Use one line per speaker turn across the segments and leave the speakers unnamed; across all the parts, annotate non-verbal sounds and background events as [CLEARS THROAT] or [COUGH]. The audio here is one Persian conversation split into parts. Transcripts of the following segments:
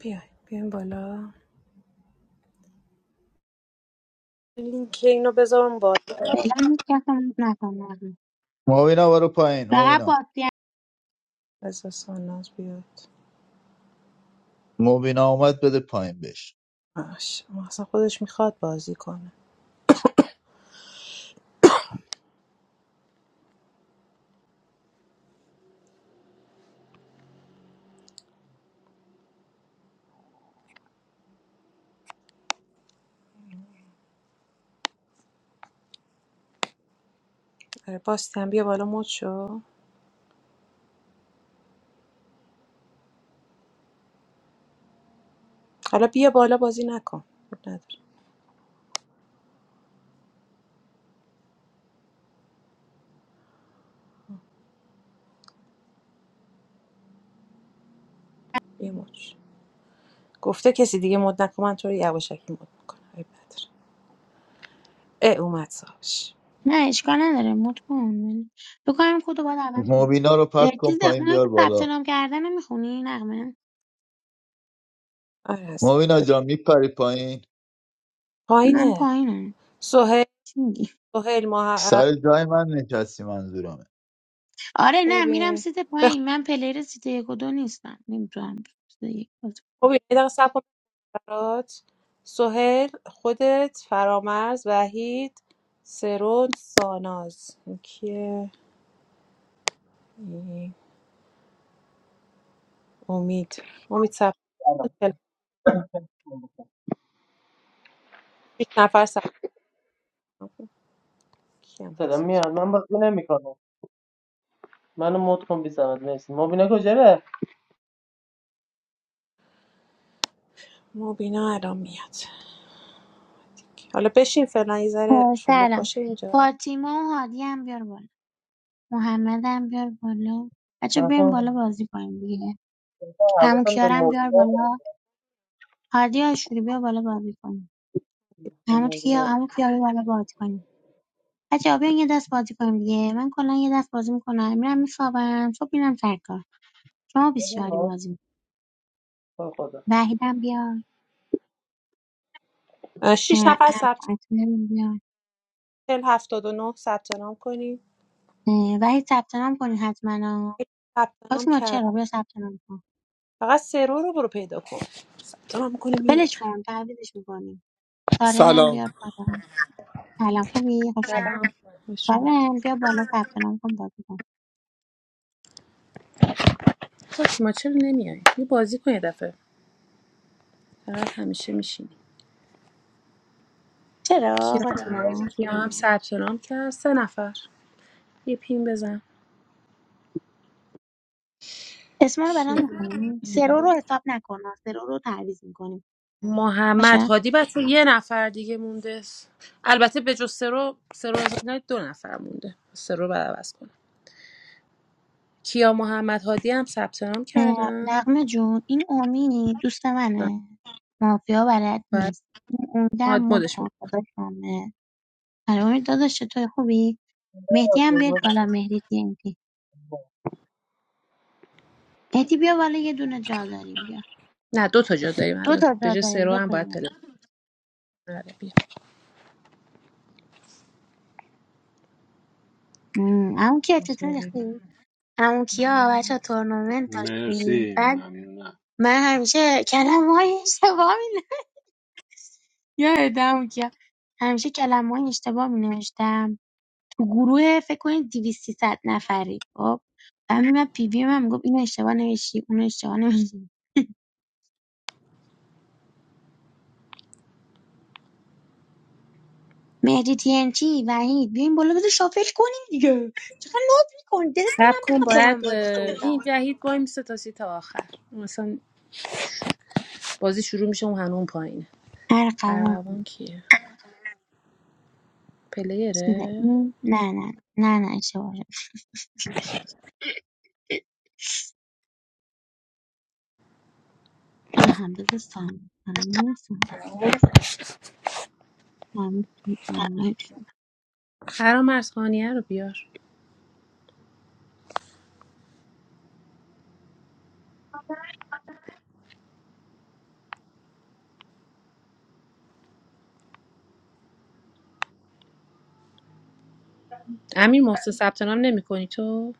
بیاین بیاین بالا لینک اینو بذارم بالا
فعلا هیچ کس رو مد نکن نقمه.
مبینا برو پایین
فقط
مبینا
با
بذار ساناز بیاد
مبینا اومد بده پایین بش
باش اون اصلا خودش میخواد بازی کنه آره باستی هم بیا بالا مد شو حالا بیا بالا بازی نکن مد نداره بیا مد شو. گفته کسی دیگه مد نکن من تو رو یواشکی مد میکنم آره نداره اه اومد صاحبش
نه اشکال نداره مد کن تو کنم خود رو باید عوض کن
مبینا رو
اه،
پرت کن
چیز
پایین
اونایی
بیار
که ثبت
بالا
نام کردن رو میخونی نقمه
آره هستم
مبینا جا میپری پایین
من
پایینه
پایینم
سهیل
چی میگی
سهیل ما
سر جای من نشستی منظورمه
آره نه میرم سیت
ببین
پایین من پلیر سیت یک و دو نیستم نمیتونم سیت یک باز
خب یه دقیقه صبر کن برات سهیل خودت فرامرز وحید سرون ساناز این کیه این امید امید صبر
سلام
کن. شیش نفر صبر کن. کیم
صدا
هست اینجا؟
من بازی نمیکنم منو مود کن بی زحمت مرسی مبینا کجا ره
مبینا الان میاد حالا بشین فعلا یه
کنم.
ذره
آه،
شلوغ
سلام
باشه اینجا
فاطیما و هادی هم بیار بالا محمد هم بیار بالا بچه بیاریم بالا
نفهم
بازی کنیم دیگه همون
حواسم به
کیارم بیار
مبینا بود.
بالا هادی آشوری بیا بالا بازی کنیم همون کیا
ببین،
همون کیا بیا بالا بازی کنیم بچه‌ها بیاین یه دست بازی کنیم دیگه من کلا یه دست بازی میکنم میرم میخوابم صبح میرم سر کار شما 24
آه،
بازی می‌کنید. وحیدم بیاد
اه،
اه،
شیش نفر
ام-
ثبت
اطهرم بیاد
چل هفتاد و نه ثبت نام کنی
اه، وحید ثبت نام کنین حتما ها.
ثبت نام
فاطیما
کرد
چرا بیا ثبت نام کن
فقط سرو رو برو پیدا کن ثبت نام کنی میره.
ولش کن تعویضش میکنیم سارنم بیاد
سلام
بالا سلام خوبی خوش اومد
سلام خوش اومدی
سارن بیا بالا ثبت نام کن بازی کن
خب ما چرا نمیای یه بازی کن یه دفعه فقط همیشه میشینی
چرا
کیا
فاطیما
کیا هم ثبت نام کرد سه نفر یه پین بزن
اسما رو برام
کیا
میخونی سرو رو حساب نکن سرو رو تعویض میکنیم باشه
محمد هادی بچه یه نفر دیگه مونده البته به جز سرو سرو از اینا دو نفر مونده سرو بعد عوض کنه کیا محمد هادی هم ثبت نام
اه،
کردن
نغمه جون این امید دوست منه مافیا بلد
بعد
نیست این امیده هم
ماد
مود
مدش
کن
میکنه
خدا کنه آره امید داداش چطوری خوبی مهدی هم بیاد
خدا
بالا مهدی تیمتی مهدی بیا بالا یه دونه جا داریم بیا
نه دو تا جا داریم
دو
الان
تا
به
جا
جز
داریم
سرو
دو
هم
تا جا
باید
داریم
تلفن آره،
مم، عمو کیا چطوری
بیا.
خوبی عمو کیا بچه تورنمنت داشتیم
مرسی
بعد
ممنونم
من همیشه کلمه های اشتباه می [LAUGHS] یادت عمو کیا همیشه کلمه های اشتباه می تو گروه فکر کنید 200 300 نفری خب بعد من پی وی من میگفت این اشتباه نوشتی اون اشتباه نوشتی مهدی تینچی وحید بیاین بالا بده شافل کنیم دیگه چقدر نوت میکنی دلتون
رب
هم
کن
بخواب با
باید
من بازی کنید
این
آه.
جهید وای میسه تا سی تا آخر مثلا بازی شروع میشه اون هنون پایینه فرقوان
ارقوان
کیه
چیزه
پلیره
این نه نه نه نه اشتباه شد. آها بذار سامی سامی سامی سامی کی آنلاین
فرام ارزخانیه رو بیار امیر محسن ثبت نام نمی کنی تو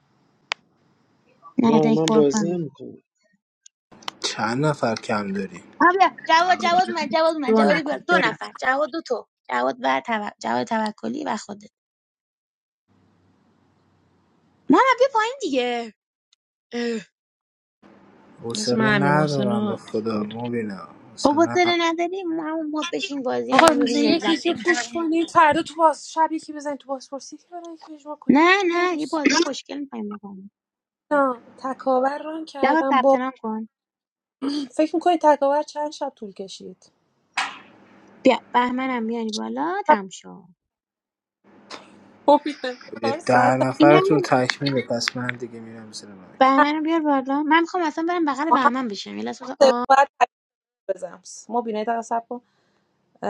نه
Yeah, I'm
دک
a
پر کنم
Brazilian
چند نفر کم داریم
آبیا جواد
اقمه
جواد من جواد من
دو
جواد بیار
نکن
دو
دو نکن
نفر جواد دو تو جواد و توک- جواد توکلی و خودت محمد بیا پایین دیگه اه.
مثل
حوصله
من امیر محسن
ندارم به
رو
خدا مبینا حوصله
بابا داره
ندارم.
نداری همون بود بشین بازی
آقا
من
روز
ببین
یک
لذت
یکی
ببین
پوش کنید فردا تو باز شب یکی بزنید تو بازپرسی که برای یکی اجماع کنید
نه
دو
نه یه
روز
بازی خوشگل می‌خوایم بکنیم
نه تکاور ران
جواد
کردم
ثبت
با
نام کن
فکر میکنید تکاور چند شب طول کشید
بیا بهمنم بیاری بالا تم شو
خوابیدم.
به
چهار
ده
ساعت
این
نفرتون
همون
تکمیله پس من دیگه میرم زیر مایکم
هم.
بهمنم بیار بالا من میخوام اصلا برم بغل بهمن بشم یه لحظه بذار- آه.
باید بزنس مبینا یه دقیقه صبر کن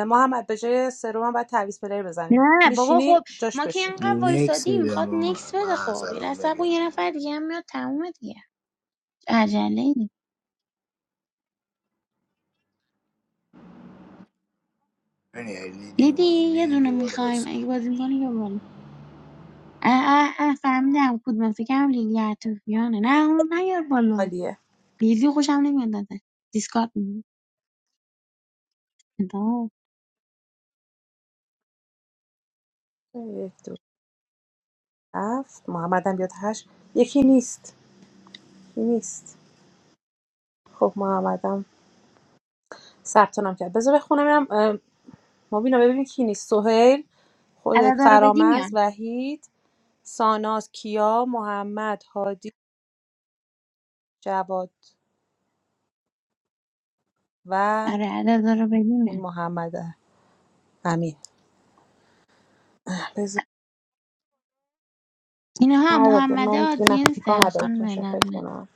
محمد به جای سرم هم باید تعویض پلیر بزنیم
نه بابا خب
میشینی جاش
ما که
بشین
اینقدر
نکس
وایسادی میخواد
میدم آقا
نکس
من
بده خب یه
نظرم
لحظه بگو
بگم
یه نفر دیگه هم میاد تموم دیگه عجله
یعنی لیدی اومد
دیدی یه
لیدی
دونه
بیا بالا
میخوایم
باز
اگه بازی میکنی اه اه اه فهمیدم کدومه فکرم لیلی عطوفیانه نه اون نیار بالا
عالیه
لیلی خوشم نمیاد ازش دیسکارد میکنه
یک دو هفت محمد هم بیاد هشت یکی نیست یکی نیست خب محمدم ثبت نام کرد بذار بخونم اینم اه، مبینا ببینیم کی نیست سهیل خودت
عددا رو بدی
فرامرز
میان
وحید ساناز کیا محمد هادی جواد و
آره عددا رو بدی
اون
میان
محمد امین بذار
اینها
عدد
محمد
من دیگه نفس
آدینس
میکنم عددتون رو
خانم
فکر
نقمه
کنم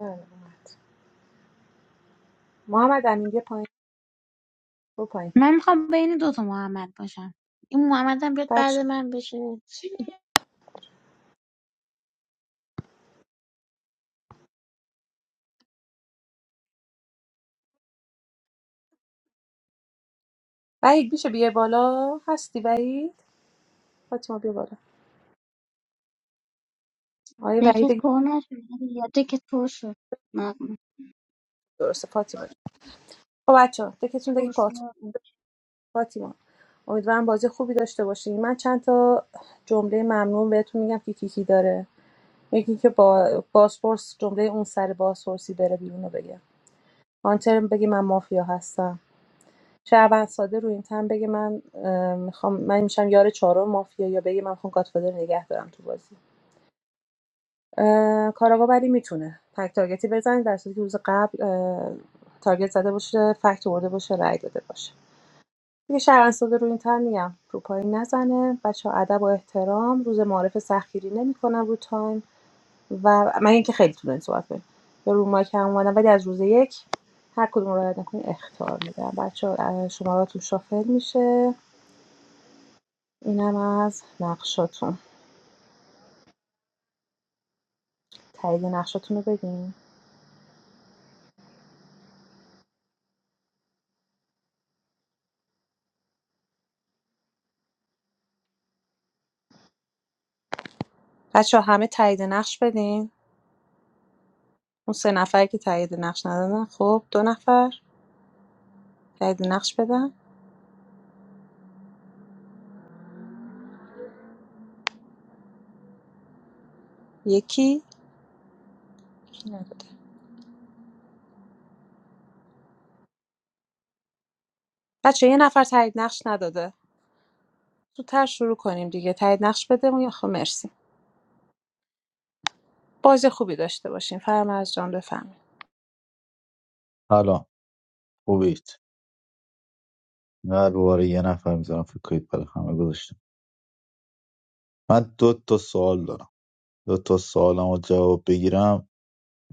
بله. محمد امین بیا پایین برو پایین
من میخوام بین دوتا محمد باشم این محمد هم بیاد بعد
بچه
من بشه
وحید میشه بیای بالا هستی وحید فاطیما بیا بالا آیا وحید
Tickets
گفت
for نشده یا تیکت پر شد نقمه
درسته فاطیما جون. خب بچه ها دکتون دیگه پات
پرسیدم
فاطیما امیدوارم بازی خوبی داشته باشین من چند تا جمله ممنون بهتون میگم که کی کی داره یکی که با باسپورس جمله اون سر باسپورسی بره بیرون رو بگه هانتر بگه من مافیا هستم شعبان ساده رو این تن بگه من اه، میخوام من میشم یار چهارم مافیا یا بگه من میخوام گاتفادر نگه دارم تو بازی اه، کاراگا ولی میتونه تک تارگتی بزنه در صورتی که روز قبل اه، تارگت زده باشه فکت ورده باشه رای داده باشه دیگه شهر ساده رو این تن میگم رو پایین نزنه بچه ها، ادب و احترام روز معارف سخیری نمیکنم رو تایم و من اینکه خیلی طولانی صحبت کنیم به رو مایک هم اومدم ولی از روز یک هر کدوم رو رعایت نکنین اختار میدم بچه ها، شماراتون شافل میشه اینم از نقشاتون تایید نقشاتون رو بدین بچه ها، همه تایید نقش بدین اون سه نفری که تایید نقش ندادن خب دو نفر تایید نقش بدن یکی کی نداده بچه یه نفر تایید نقش نداده زودتر شروع کنیم دیگه تایید نقش بده اون خب مرسی بازی خوبی داشته باشیم فرمز جان بفرمایید
سلام خوبید نه رو باره یه نفر میذارم فکر کنید برای همه گذاشتم من دو تا سوال دارم دو تا سوالم رو جواب بگیرم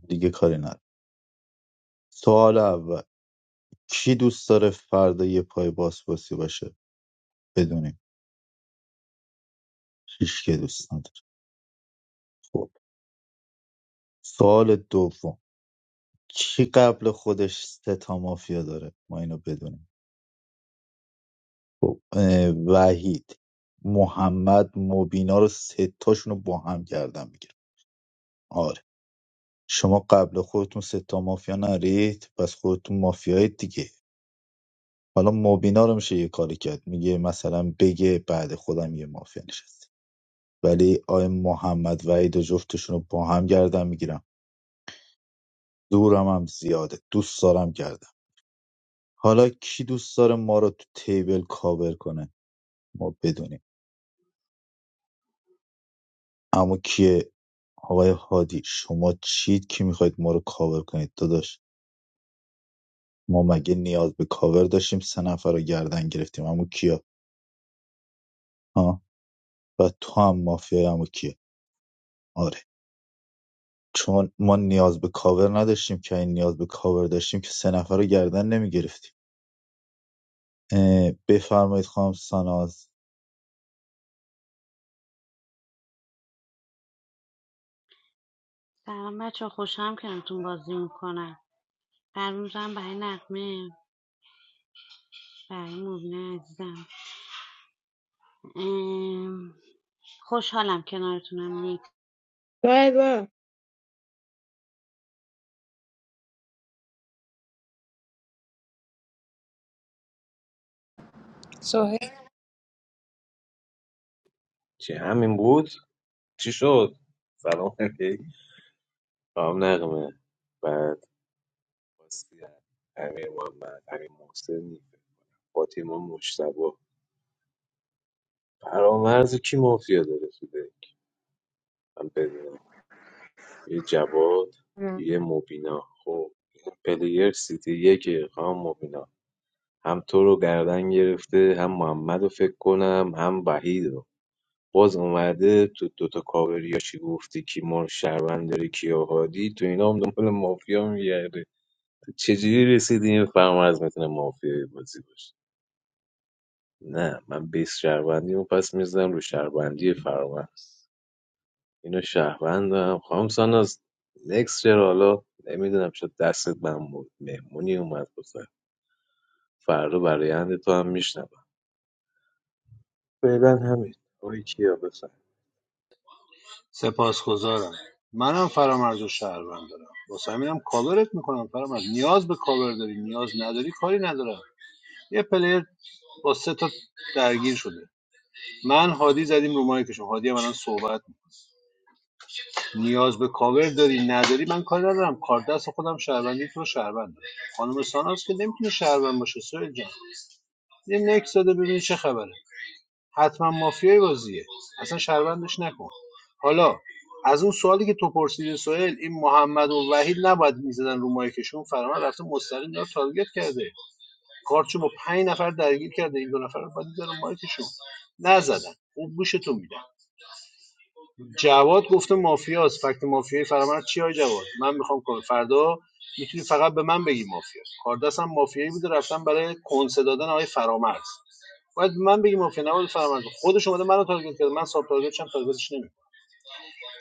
دیگه کاری ندارم سوال اول کی دوست داره فردا یه پای بازپرسی باشه بدونیم هیچ که دوست نداره خب سوال دوم کی قبل خودش سه تا مافیا داره ما اینو بدونیم خب اه، وحید محمد مبینا رو سه تاشون رو با هم گردن میگیره آره شما قبل خودتون سه تا مافیا نرید پس خودتون مافیای دیگه حالا مبینا رو میشه یه کاری کرد میگه مثلا بگه بعد خودم یه مافیا نشست ولی آی محمد وحید و جفتشون رو با هم گردن میگیرم دورم هم زیاده دوست دارم گردم حالا کی دوست داره ما رو تو تیبل کاور کنه ما بدونیم اما کیه آقای هادی شما چید که میخواید ما رو کاور کنید داداش ما مگه نیاز به کاور داشتیم سه نفر رو گردن گرفتیم اما کیا ها و تو هم مافیای اما کیه آره چون ما نیاز به کاور نداشتیم که این نیاز به کاور داشتیم که سه نفر رو گردن نمیگرفتیم بفرمایید خانم ساناز
سلام بچه خوشم کنارتون بازی میکنم قلبم برای نقمه برای مبینه عزیزم ام، خوشحالم کنارتونم نیک
وای وای
سوهل
چی همین بود چی شد سلام [LAUGHS] علیک سلام نقمه بعد واسیه امیر محمد امیر محسن فاطمه مشتبه فرامرز کی مافیا داره تو دک؟ من بدونم یه جواد یه مبینا خب این پلیر سیتی یک خام مبینا هم تو رو گردن گرفته هم محمد رو فکر کنم هم وحید رو باز اومده تو دوتا کاوریا چی گفتی کی ما رو شهروند داری کی آهادی تو اینا هم دنبال مافیا میگرده تو چجوری رسیدی این فرمرز میتونه مافیای بازی باشه نه من بیس شهروندی اون پس میزدم رو شهروندی فرمرز اینو شهروندم خواهم ساناز نکس چرا حالا نمیدونم شد دستت من بود. مهمونی اومد بزن فردا برای تو هم میشنوم فعلا همین آقای کیا بفرمایید.
سپاسگزارم منم فرامرز و شهروند دارم واسه همینم کاورت میکنم فرامرز نیاز به کاور داری نیاز نداری کاری ندارم یه پلیر با سه تا درگیر شده من هادی زدیم رو مایکشون هادی هم الان صحبت می‌کنه. نیاز به کاور داری نداری من کاری ندارم کار دست خودم شهروندی تو رو شهروند دارم خانم ساناز که نمیتونه شهروند باشه سویل جان یه نکس داده ببینی چه خبره حتما مافیای بازیه اصلا شرمندش نکن حالا از اون سوالی که تو پرسیدی سوهل این محمد و وحید نباید میزدن رو مایکشون فرمان رفته مستقیم داره تارگت کرده کارچو با پنج نفر درگیر کرده این دو نفر رو باید می‌زدن رو مایکشون نزدن اون گوشتون میدن جواد گفته مافیاست فکت مافیای فرمان چی های جواد من میخوام کار فردا میتونی فقط به من بگی مافیا کاردستم مافیایی بوده رفتم برای کنسه دادن آقای فرامرز باید من بگم مافیا نباید فرمانده خودش اومده منو تارگت کرده من ساب تارگت شم تارگتش نمیکنم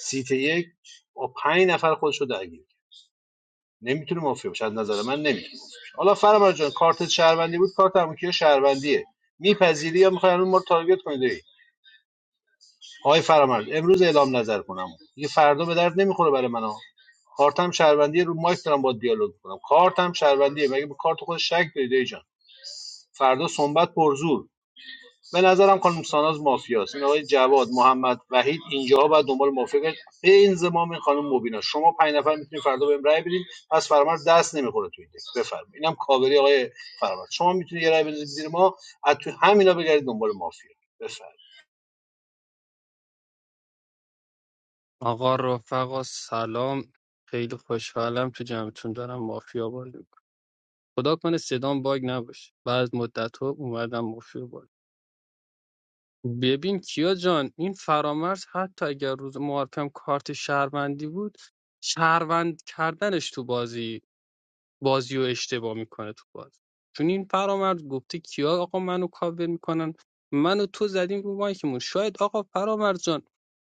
سیت یک با پنج نفر خودش رو درگیر کرد. نمیتونه مافیا باشه از نظر من نمیتونه مافیا باشه. حالا فرمان جان کارت شهروندی بود کارت اموکی شهروندیه میپذیری یا میخوای ما رو تارگت کنید های آقای فرمان امروز اعلام نظر کنم دیگه فردا به درد نمیخوره برای من ها. کارتم شهروندیه رو مایک دارم با دیالوگ کنم کارتم شهروندیه مگه به کارت خود شک دارید ای جان فردا سنبت پرزور به نظرم خانم ساناز مافیاست این آقای جواد محمد وحید اینجاها باید دنبال مافیا گشت به انضمام این خانم مبینا شما پنج نفر میتونید فردا بهم رای بدین پس فرامرز دست نمیخوره تو این دست بفرمایید اینم کاوری آقای فرامرز شما میتونید یه رای بدید زیر ما از تو همینا بگردید دنبال مافیا بفرمایید
آقا رفقا سلام خیلی خوشحالم تو جمعتون دارم مافیا بازی میکنم خدا کنه صدام باگ نباشه بعد مدت ها اومدم مافیا بازی ببین کیا جان این فرامرز حتی اگر روز معارفم کارت شهروندی بود شهروند کردنش تو بازی بازی رو اشتباه میکنه تو بازی چون این فرامرز گفته کیا آقا منو کاور میکنن منو تو زدیم رو مایکمون شاید آقا فرامرز جان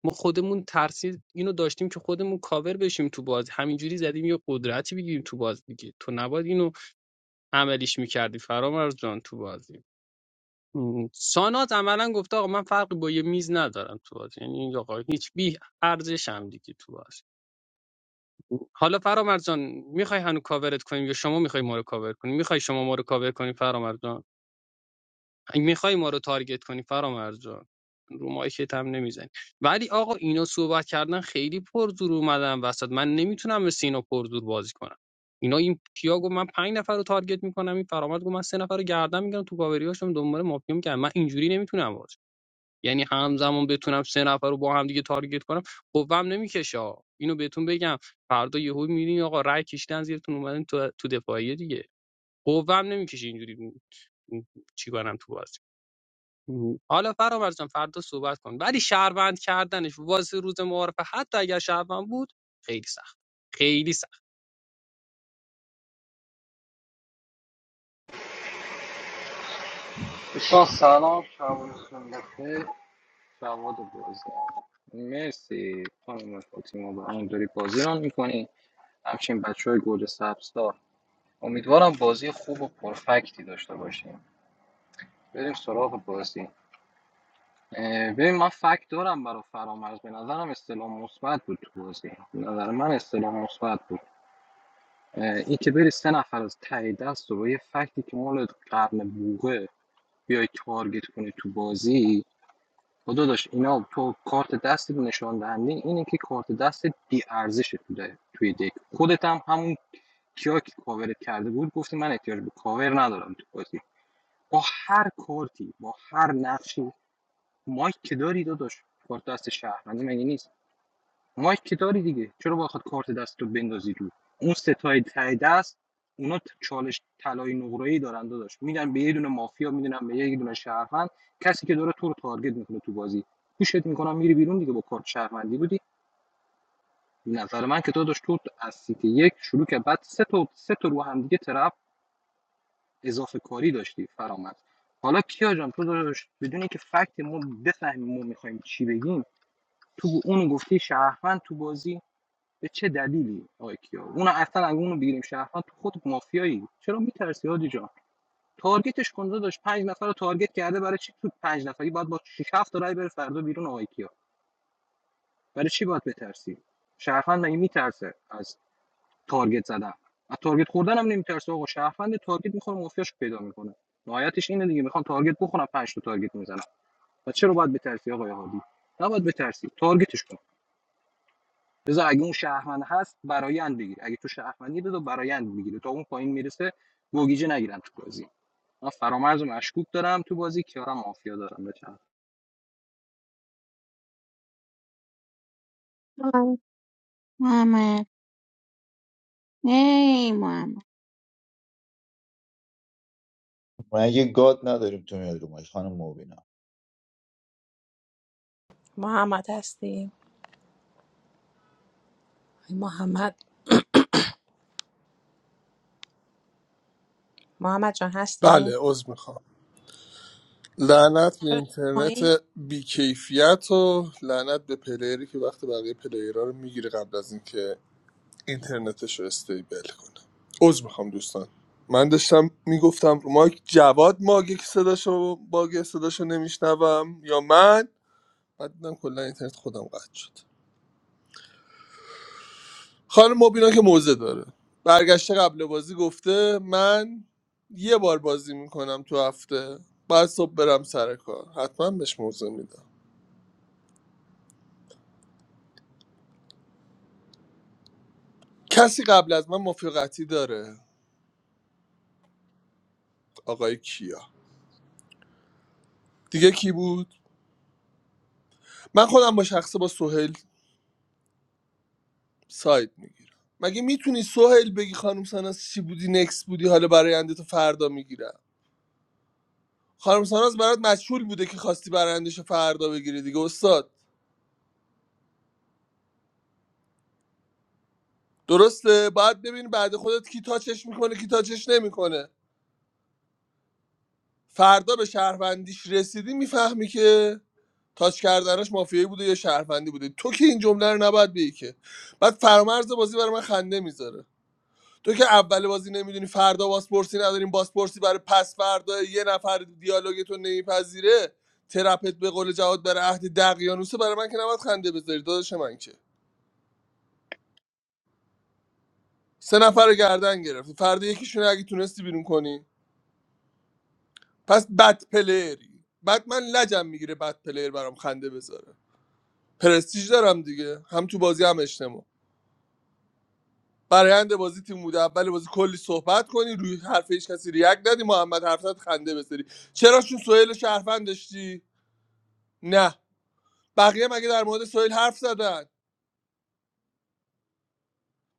ما خودمون ترسید اینو داشتیم که خودمون کاور بشیم تو بازی همینجوری زدیم یه قدرتی بگیریم تو بازی دیگه تو نباید اینو عملیش میکردی فرامرز جان تو بازی م. سانات عملا گفته آقا من فرقی با یه میز ندارم تو بازی یعنی این آقا هیچ بی ارزشم دیگه تو بازی حالا فرامرز جان میخوای هنوز کاورت کنیم یا شما میخوای ما رو کاور کنیم میخوای شما ما رو کاور کنیم فرامرز جان میخوای ما رو تارگت کنی فرامرز جان رو مایکت هم نمیزنی ولی آقا اینا صحبت کردن خیلی پرزور اومدن وسط من نمیتونم مثل اینا پرزور بازی کنم اینا این پیاگو من پنج نفر رو تارگت میکنم این فرامرز گفت من سه نفر رو گردن میگم تو کاوریاشم دنبال مافیا میگم من اینجوری نمیتونم یعنی همزمان بتونم سه نفر رو با هم دیگه تارگت کنم قوام نمیکشه ها. اینو بهتون بگم فردا یهو میبینی آقا رای کشیدن زیرتون اومدن تو تو دفاعیه دیگه قوام نمیکشه اینجوری چی کنم تو بازی حالا فرامرز جان فردا صحبت کن ولی شهروند کردنش واسه روز معارفه حتی اگر شهروند بود خیلی سخت خیلی سخت
دوستان سلام شبانتون بخیر شبات بازدارم مرسی خانم فاطیما با اینطوری بازی رو میکنی همچنین بچه های گل سبزدار امیدوارم بازی خوب و پرفکتی داشته باشیم بریم سراغ بازی اه، ببین من فکت دارم برای فرامرز به نظرم استلام مثبت بود تو بازی به نظر من استلام مثبت بود اه، این که بری سه نفر از ته دست رو با یه فکتی که مال قرن بوغه بیای تارگت کنی تو بازی خدا داشت اینا تو کارت دست نشون دهنده اینه که کارت دست بی ارزشه تو ده- توی دک خودت هم همون کیا که کاورت کرده بود گفتی من احتیاج به کاور ندارم تو بازی با هر کارتی با هر نقشی مایک که داری داداش کارت دست شهروندی مگه نیست مایک که داری دیگه چرا باید کارت دست رو بندازی رو اون ستای ته دست اونا ت- چالش طلای نقره‌ای دارن داداش میدن به یه دونه مافیا میدونن به یه دونه شهروند کسی که داره تو رو تارگت میکنه تو بازی پوشت میکنم میری بیرون دیگه با کارت شهروندی بودی به نظر من که داداش تو از سیت یک شروع که بعد سه تا سه تا رو هم دیگه طرف اضافه کاری داشتی فرامد حالا کیا جان تو داداش بدون اینکه فکت ما بفهمیم ما میخوایم چی بگیم تو اونو گفتی شهروند تو بازی به چه دلیلی آقای کیا اون اصلا اگه اونو بگیریم شرفا تو خود مافیایی چرا میترسی حاجی جان تارگتش کنده داشت پنج نفر رو تارگت کرده برای چی تو پنج نفری باید با 6 7 تا رای بره فردا بیرون آقای کیا برای چی باید بترسی شرفند مگه میترسه از تارگت زدن از تارگت خوردن هم نمیترسه آقا شرفند تارگت میخوره مافیاش پیدا میکنه نهایتش اینه دیگه میخوان تارگت بخورن پنج تا تارگت میزنن و چرا باید بترسی آقای هادی نباید بترسی تارگتش کن بذار اگه اون شهروند هست برایند بگیر اگه تو شهروندی بذار برایند بگیره تا اون پایین میرسه گوگیجه نگیرن تو بازی من فرامرز و مشکوک دارم تو بازی کیارم مافیا دارم بچم
آه، محمد ای محمد
مگه گاد نداریم تو میاد رو مایک، خانم مبینا
محمد هستیم محمد محمد جان هستیم
بله عذر میخوام لعنت به
پایین
اینترنت بیکیفیت و لعنت به پلیری که وقت بقیه پلیرها رو میگیره قبل از اینکه اینترنتش رو استیبل کنه عذر میخوام دوستان من داشتم میگفتم رو مایک جواد ماگه که صداشو باگ صداشو نمیشنوم یا من بعد دیدم کلا اینترنت خودم قطع شد خانم مبینا که موزه داره برگشته قبل بازی گفته من یه بار بازی میکنم تو هفته بعد صبح برم سر کار حتما بهش موزه میدم کسی قبل از من مفیقتی داره آقای کیا دیگه کی بود من خودم با شخصه با سهیل ساید میگیرم مگه میتونی سهیل بگی خانم ساناز چی بودی نکس بودی حالا برای تو فردا میگیرم خانم ساناز برات مجهول بوده که خواستی برندش فردا بگیری دیگه استاد درسته باید ببین بعد خودت کی تاچش میکنه کی تاچش نمیکنه فردا به شهروندیش رسیدی میفهمی که تاچ کردنش مافیایی بوده یا شهروندی بوده تو که این جمله رو نباید بگی که بعد فرامرز بازی برای من خنده میذاره تو که اول بازی نمیدونی فردا بازپرسی نداریم بازپرسی برای پس فردا یه نفر دیالوگتو نمیپذیره ترپت به قول جواد برای عهد دقیانوسه برای من که نباید خنده بذاری داداش من که سه نفر رو گردن گرفتی فردا یکیشون رو اگه تونستی بیرون کنی پس بد پلیری بعد من لجم میگیره بد پلیر برام خنده بذاره پرستیج دارم دیگه هم تو بازی هم اجتماع برایند بازی تیم بوده اول بازی کلی صحبت کنی روی حرف هیچ کسی ریاک ندی محمد حرفت خنده بذاری چرا چون سهیل شهروند داشتی نه بقیه مگه در مورد سهیل حرف زدن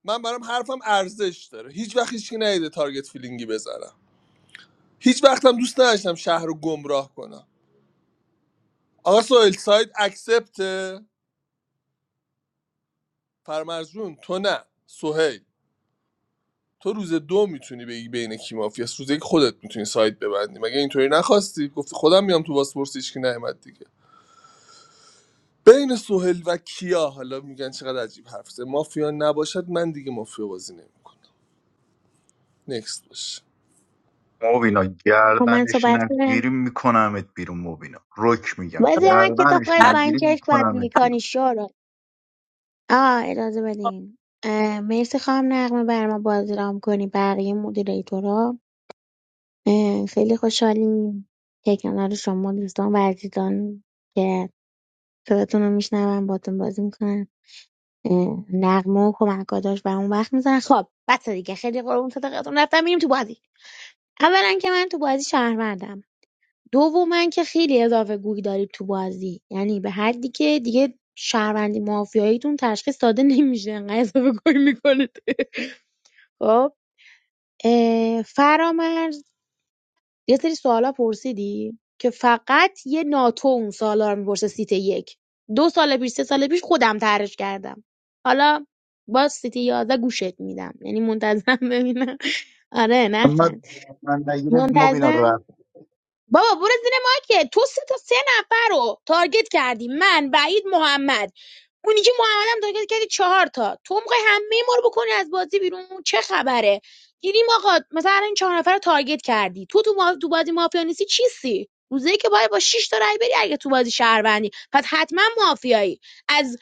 من برام حرفم ارزش داره هیچ وقت هیچکی نیده تارگت فیلینگی بزنم هیچ وقتم دوست نداشتم شهر رو گمراه کنم آقا سهیل ساید اکسپت فرمرزون تو نه سهیل تو روز دو میتونی بگی بین کی مافیاست روز یک خودت میتونی سایت ببندی مگه اینطوری نخواستی گفتی خودم میام تو بازپرسی هیچ کی نیومد دیگه بین سهل و کیا حالا میگن چقدر عجیب حرف مافیا نباشد من دیگه مافیا بازی نمیکنم نکست باشه
مبینا
با من
گردنش
صحبت کنم
نگیری میکنمت بیرون مبینا رک میگم
بازی من کتاب
گردنش
خودت با این
نگیری
چشم باید
میکنمت بیرون
میکنی آه اجازه بدین اه، مرسی خواهم نقمه بر ما بازی رام کنی بقیه مدیریتورا اه، خیلی خوشحالیم که کنار شما دوستان و عزیزان که صداتون رو میشنوم باتون بازی میکنن نقمه و کمکاداش و اون وقت میزنن خب بس دیگه خیلی قربون صدقتون رفتم میریم تو بازی اولا که من تو بازی شهروندم دوما که خیلی اضافه گویی دارید تو بازی یعنی به حدی که دیگه شهروندی مافیاییتون تشخیص داده نمیشه انقدر اضافه گویی میکنید خب اه، فرامرز یه سری سوالا پرسیدی که فقط یه ناتو اون سوالا رو میپرسه سیت یک دو سال پیش سه سال پیش خودم طرحش کردم حالا باز سیت یازده گوشت میدم یعنی منتظم ببینم [LAUGHS] آره
محمد
نخند
من نگیری مبینا
منتظم
رفت
بابا برو زیر ماکت تو سه تا سه نفر رو تارگت کردی من وحید محمد اونی که محمدم تارگت کردی چهار تا تو میخوای همه ما رو بکنی از بازی بیرون چه خبره گیریم آقا مثلا این چهار نفر رو تارگت کردی تو تو, ما... تو بازی مافیا نیستی چیستی روزه که باید با 6 تا رای بری اگه تو بازی شهروندی پس حتما مافیایی از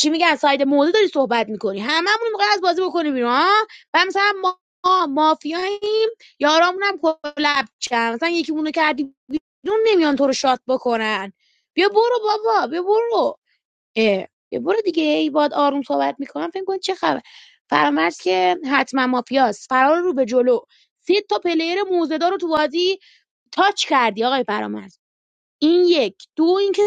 چی میگن ساید موزه داری صحبت میکنی هممون میخوای از بازی بکنی بیرون ها و مثلا ما مافیایی یارامونم کلپ کردن مثلا یکی مونو کردی بیرون نمیان تو رو شات بکنن بیا برو بابا بیا برو اه. بیا برو دیگه ای باد آروم صحبت میکنم فکر کن چه خبر فرامرز که حتما مافیاست فرار رو به جلو سه تا پلیر موزهدار رو تو بازی تاچ کردی آقای فرامرز این یک دو اینکه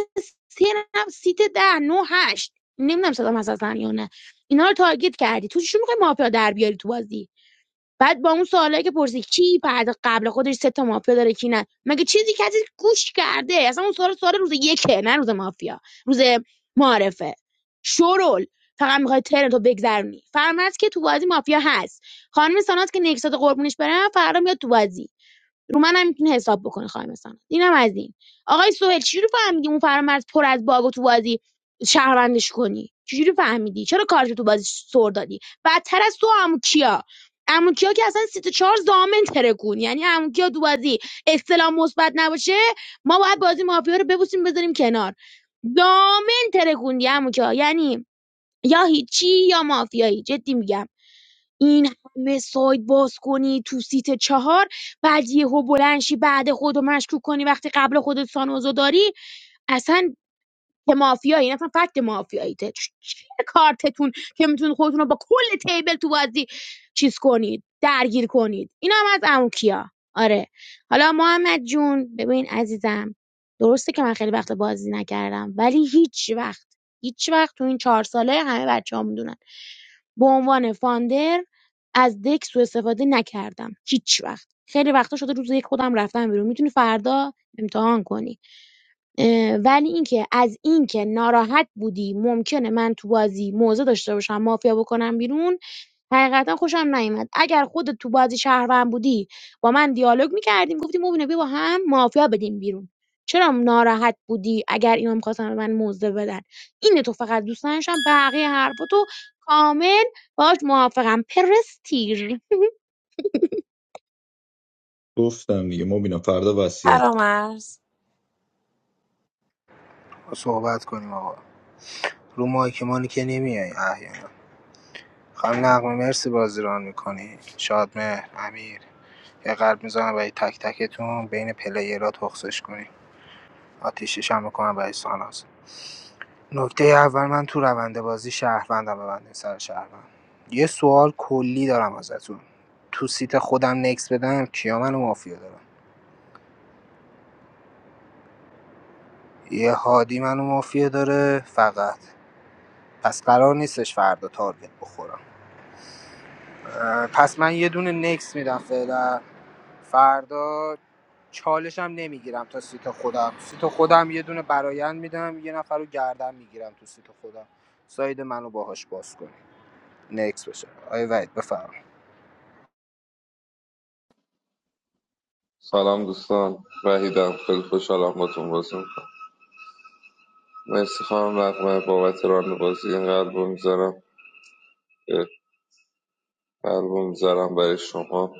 سه نفر سیت ده نه هشت نمیدونم صدام هست اصلا یا نه اینا رو تارگت کردی تو چی میخوای مافیا در بیاری تو بازی بعد با اون سوالایی که پرسی کی بعد قبل خودش سه تا مافیا داره کی نه مگه چیزی کسی گوش کرده اصلا اون سوال سوال روز یکه نه روز مافیا روز معارفه شرول فقط میخوای ترن تو بگذرونی فرمت که تو بازی مافیا هست خانم سانات که نکسات قربونش برم فردا میاد تو بازی رو منم میتونه حساب بکنه خانم ساناز اینم از این آقای سهیل چی رو فهمیدی اون فرامرز پر از باگ تو بازی شهروندش کنی چجوری فهمیدی چرا کارتو تو بازی سر دادی بدتر از تو عمو کیا عمو کیا که اصلا سیت چهار زامن ترکون یعنی عمو کیا تو بازی استلام مثبت نباشه ما باید بازی مافیا رو ببوسیم بذاریم کنار ضامن ترکوندی عمو کیا یعنی یا هیچی یا مافیایی جدی میگم این همه سایت باز کنی تو سیت چهار بعد یهو بلند شی بعد خودو مشکوک کنی وقتی قبل خودت سانوزو داری اصلا که مافیایی این اصلا فکت مافیایی مافیاییته چ- چیه کارتتون که میتونید خودتون رو با کل تیبل تو بازی چیز کنید درگیر کنید اینا هم از اموکیا آره حالا محمد جون ببین عزیزم درسته که من خیلی وقت بازی نکردم ولی هیچ وقت هیچ وقت تو این چهار ساله همه بچه ها میدونن به عنوان فاندر از دک سوء استفاده نکردم هیچ وقت خیلی وقتا شده روز یک خودم رفتم بیرون میتونی فردا امتحان کنی ولی اینکه از اینکه ناراحت بودی ممکنه من تو بازی موزه داشته باشم مافیا بکنم بیرون حقیقتا خوشم نیومد اگر خودت تو بازی شهروند بودی با من دیالوگ میکردیم گفتیم مبینه بیا با هم مافیا بدیم بیرون چرا ناراحت بودی اگر اینا میخواستن به من موزه بدن اینه تو فقط دوست نداشتم بقیه حرفاتو کامل باش موافقم پرستیر
گفتم دیگه مبینا فردا وصیت
فرامرز
[LAUGHS]
صحبت کنیم آقا رو مایک مانی که نمیای احیانا خانم نقمه مرسی بازی ران میکنی شادمهر امیر یه قلب میزنم برای تک تکتون بین پلیرها تخصش کنیم آتیشش هم میکنم برای ساناز نکته اول من تو روند بازی شهروندم ببندین سر شهروند یه سوال کلی دارم ازتون تو سیت خودم نکس بدم کیا منو مافیا دارم یه هادی منو مافیا داره فقط پس قرار نیستش فردا تارگت بخورم اه، پس من یه دونه نکس میدم فعلا فردا چالشم نمیگیرم تا سیت خودم سیت خودم یه دونه برایند میدم یه نفر رو گردن میگیرم تو سیت خودم ساید منو باهاش باز کنی نکس بشه آیه وید بفرما.
سلام دوستان وحیدم خیلی خوشحالم باتون بازی میکنم مرسی خانم نقمه بابت ران بازی این قلب رو میذارم قلب رو میذارم برای شما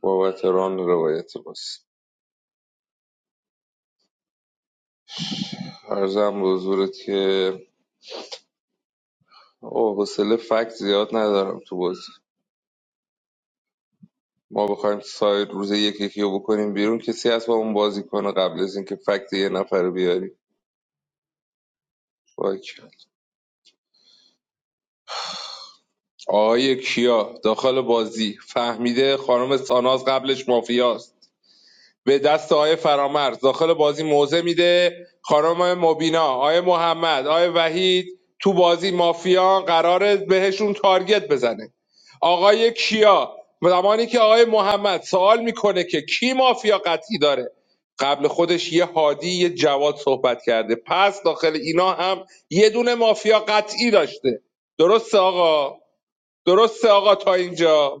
بابت ران روایت بازی عرضم به حضورت که او حوصله فکت زیاد ندارم تو بازی ما بخوایم ساید روز یک یکی رو بکنیم بیرون کسی هست با اون بازی کنه قبل از اینکه فکت یه نفر رو بیاری باشه. آقای کیا داخل بازی فهمیده خانم ساناز قبلش مافیاست به دست آقای فرامرز داخل بازی موزه میده خانم مبینا آقای محمد آقای وحید تو بازی مافیان قراره بهشون تارگت بزنه آقای کیا زمانی که آقای محمد سوال میکنه که کی مافیا قطعی داره قبل خودش یه هادی یه جواد صحبت کرده پس داخل اینا هم یه دونه مافیا قطعی داشته درسته آقا درسته آقا تا اینجا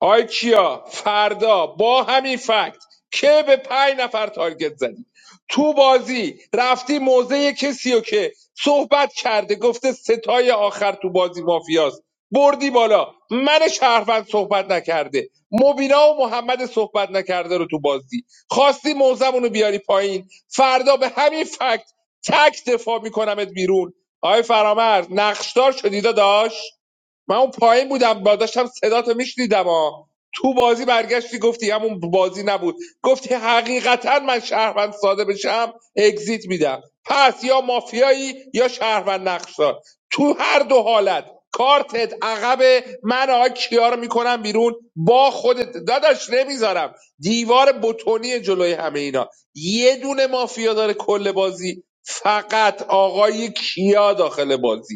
آی کیا فردا با همین فکت که به پنج نفر تارگت زدی تو بازی رفتی موزه کسی رو که صحبت کرده گفته ستای آخر تو بازی مافیاست بردی بالا من شهروند صحبت نکرده مبینا و محمد صحبت نکرده رو تو بازی خواستی موزمون رو بیاری پایین فردا به همین فکت تک دفاع میکنمت بیرون آقای فرامرز نقشدار شدی داداش من اون پایین بودم با داشتم صداتو میشنیدم ها تو بازی برگشتی گفتی همون بازی نبود گفتی حقیقتا من شهروند ساده بشم اگزیت میدم پس یا مافیایی یا شهروند نقشدار تو هر دو حالت کارتت عقب من آقای کیا رو میکنم بیرون با خودت داداش نمیذارم دیوار بتونی جلوی همه اینا یه دونه مافیا داره کل بازی فقط آقای کیا داخل بازی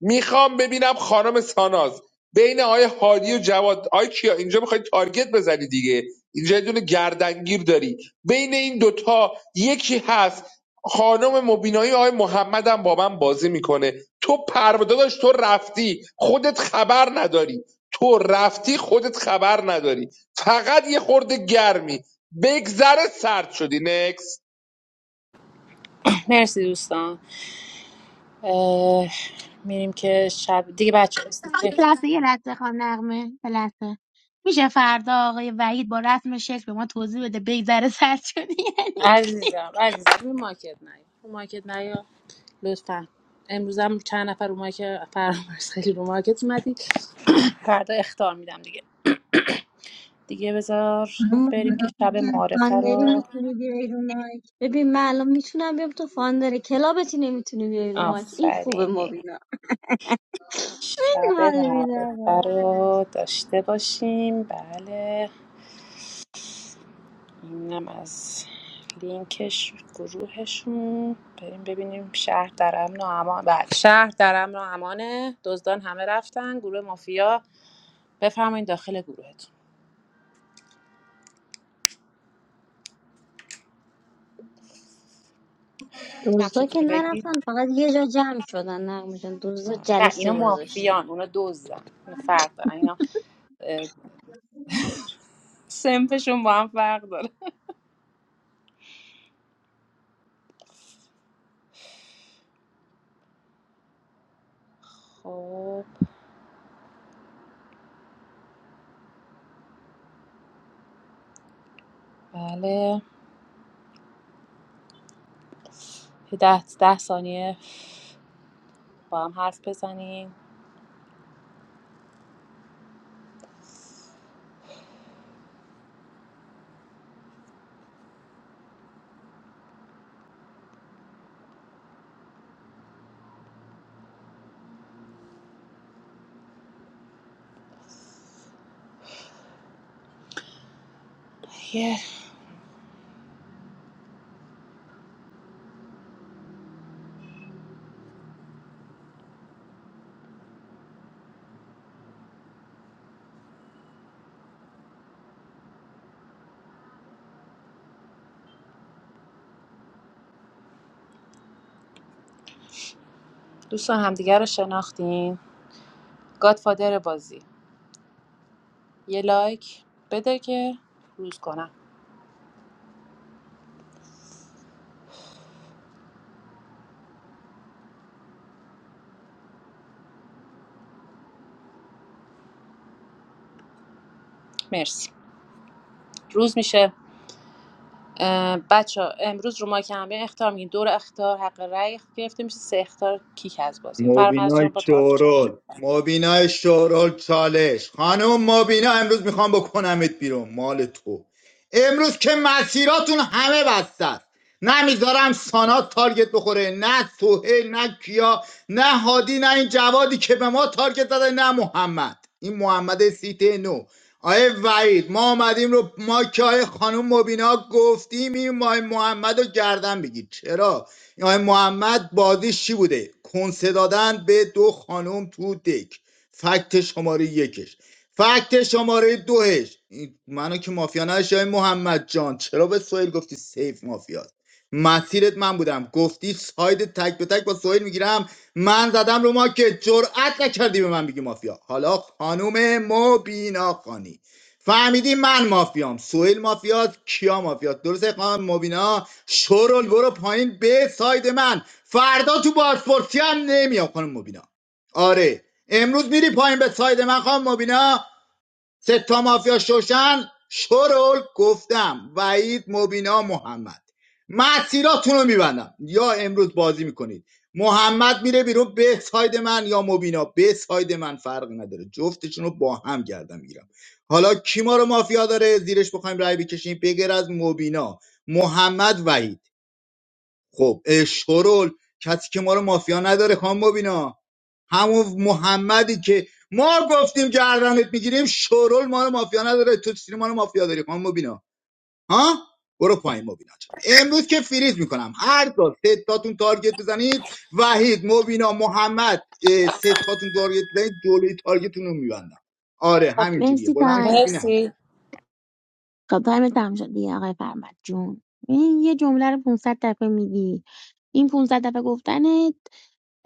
میخوام ببینم خانم ساناز بین آقای هادی و جواد آقای کیا اینجا میخوای تارگت بزنی دیگه اینجا یه دونه گردنگیر داری بین این دوتا یکی هست خانم مبینایی آقای محمد هم با من بازی میکنه تو پروداداش تو رفتی خودت خبر نداری تو رفتی خودت خبر نداری فقط یه خورده گرمی بگذره سرد شدی نکس
مرسی دوستان اه، میریم که شب دیگه بچه
آقای پلسه یه لحظه خانم نقمه پلسه میشه فردا آقای وحید با رسم شکل به ما توضیح بده بیزره سر شدی یعنی چی؟
عزیزم عزیزم روی ماکت نیا رو ماکت نیا لطفا امروز هم چند نفر اومد که فرامرز خیلی رو مارکت اومدی فردا اختار میدم دیگه دیگه بذار
اما
بریم
بینا
که شب
فکر
معارفه
فاندری
رو
میتونی بیای رو مایک ببین من الان میتونم بیام تو فاندر کلابتی نمیتونی بیای رو مایک این خوبه
آفرین
مبینا این
شب
حال میده میدم
معارفه رو داشته باشیم بله اینم از لینکش گروهشون بریم ببینیم شهر در امن و امان بله شهر در امن و امانه دزدان همه رفتن گروه مافیا بفرمایید داخل گروهتون
دوزدا
نقشتون
که
رو بگید
نرفتن فقط یه جا جمع شدن نقمه جان دوزدا
و
جلسه
اینا
گذاشتن
مافیان اونا دزدن اینا فرق دارن اینا اه، سنفشون با هم فرق داره خب بله یه ده, ده ثانیه با هم حرف بزنیم یه دوستان همدیگه رو شناختین گادفادر بازی یه لایک بده که روز کنم مرسی روز میشه بچه امروز رو ما که همه اختار میگیم دور اختار حق رأی گرفته میشه سه اختار کیک از بازی فرمز جان
مبینای
با طرف چالش
شورول مبینای شورول چالش خانم مبینا امروز میخوام بکنمت بیرون مال تو امروز که مسیراتون همه بسته است نمیذارم سانات تارگت بخوره نه سهیل نه کیا نه هادی نه این جوادی که به ما تارگت داده نه محمد این محمد سیت نو آیه وحید ما آمدیم رو ما که آیه خانم مبینا گفتیم این ماه محمد رو گردن بگیر چرا این محمد بازیش چی بوده کنسه دادن به دو خانم تو دک فکت شماره یکش فکت شماره دوهش منو که مافیا نداشتی آقای محمد جان چرا به سویل گفتی سیف مافیاست مسیرت من بودم گفتی ساید تک به تک با سویل میگیرم من زدم رو ما که جرأت نکردی به من بگی مافیا حالا خانوم مبینا خانی فهمیدی من مافیام سویل مافیاست کیا مافیاست درسته خانم مبینا شورول برو پایین به ساید من فردا تو بازپرسی هم نمیام خانم مبینا آره امروز میری پایین به ساید من خانم مبینا ستا مافیا شوشن شورول گفتم وعید مبینا محمد مسیراتون رو میبندم یا امروز بازی میکنید محمد میره بیرون به ساید من یا مبینا به ساید من فرقی نداره جفتشون رو با هم گردم میگیرم حالا کی ما رو مافیا داره زیرش بخوایم رای بکشیم بگر از مبینا محمد وحید خب اه، کسی که ما رو مافیا نداره خان مبینا همون محمدی که ما گفتیم گردنت میگیریم شورول ما رو مافیا نداره تو چی ما رو مافیا داری خان مبینا ها برو پایین مبینا جان. امروز که فریز میکنم هر دو سه تاتون تارگت بزنید وحید مبینا محمد اه، سه تاتون تارگت بزنید جلوی تارگتتون رو میبندم آره
خب
همینجوریه
مرسی
بلند
تایم
شید ببینم.
مرسی
خب تایم تمام شد دیگه آقای فرمد جون این یه جمله رو 500 دفعه میگی این 500 دفعه گفتنت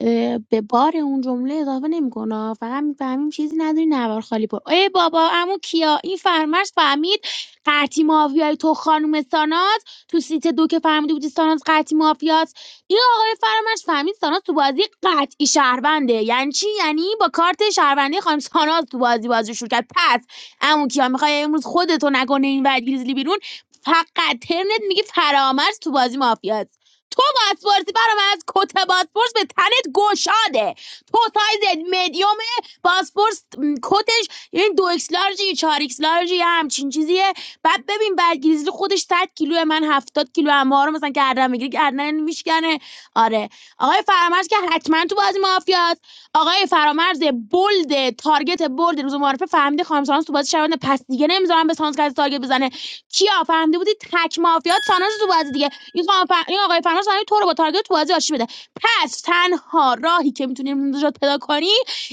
اه، به بار اون جمله اضافه نمیکنه فقط میفهمیم چیزی نداری نوار خالی پر ای بابا امو کیا این فرمش فهمید قطی مافیای تو خانم ساناز تو سیت دو که فهمیده بودی ساناز قطی مافیاست این آقای فرمش فهمید ساناز تو بازی قطعی شهرونده یعنی چی یعنی با کارت شهروندی خانم ساناز تو بازی بازی شروع کرد پس عمو کیا میخوای امروز خودتو نکنه این ور گریزلی بیرون فقط ترنت میگی فرامرز تو بازی مافیاست تو باسپورسی برام از کت باسپورس به تنت گشاده تو سایزت مدیوم باسپورس م، کتش این دو ایکس لارجی چهار ایکس لارجی یه همچین چیزیه بعد ببین برگریزلی خودش 100 کیلو من 70 کیلو اما رو مثلا گردن میگیره گردن میشکنه آره آقای فرامرز که حتما تو بازی مافیاست آقای فرامرز بولد تارگت بولد روز معارفه فهمیده خانم سانوس تو بازی شونده پس دیگه نمیذارم به سانوس کسی تارگت بزنه کیا فهمیده بودی تک مافیات سانوس تو بازی دیگه این خانم فر... این آقای فرامرز فهمید تو رو با تارگت تو بازی آشتی بده پس تنها راهی که میتونیم نجات پیدا کنی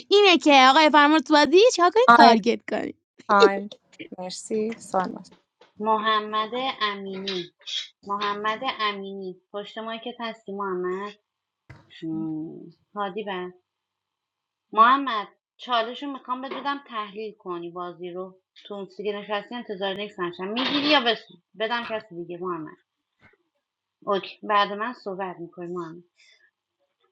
اینه که آقای فرامرز تو بازی چیکار کنی تارگت کنی
تایم مرسی سانوس
محمد امینی محمد امینی پشت مایی که هستی محمد مم. هادی بر محمد چالش رو میخوام بهت بدم تحلیل کنی بازی رو تو اون سیگه نشستی انتظار نیست نشم میگیری یا بس بدم کسی دیگه محمد اوکی بعد من صحبت میکنی محمد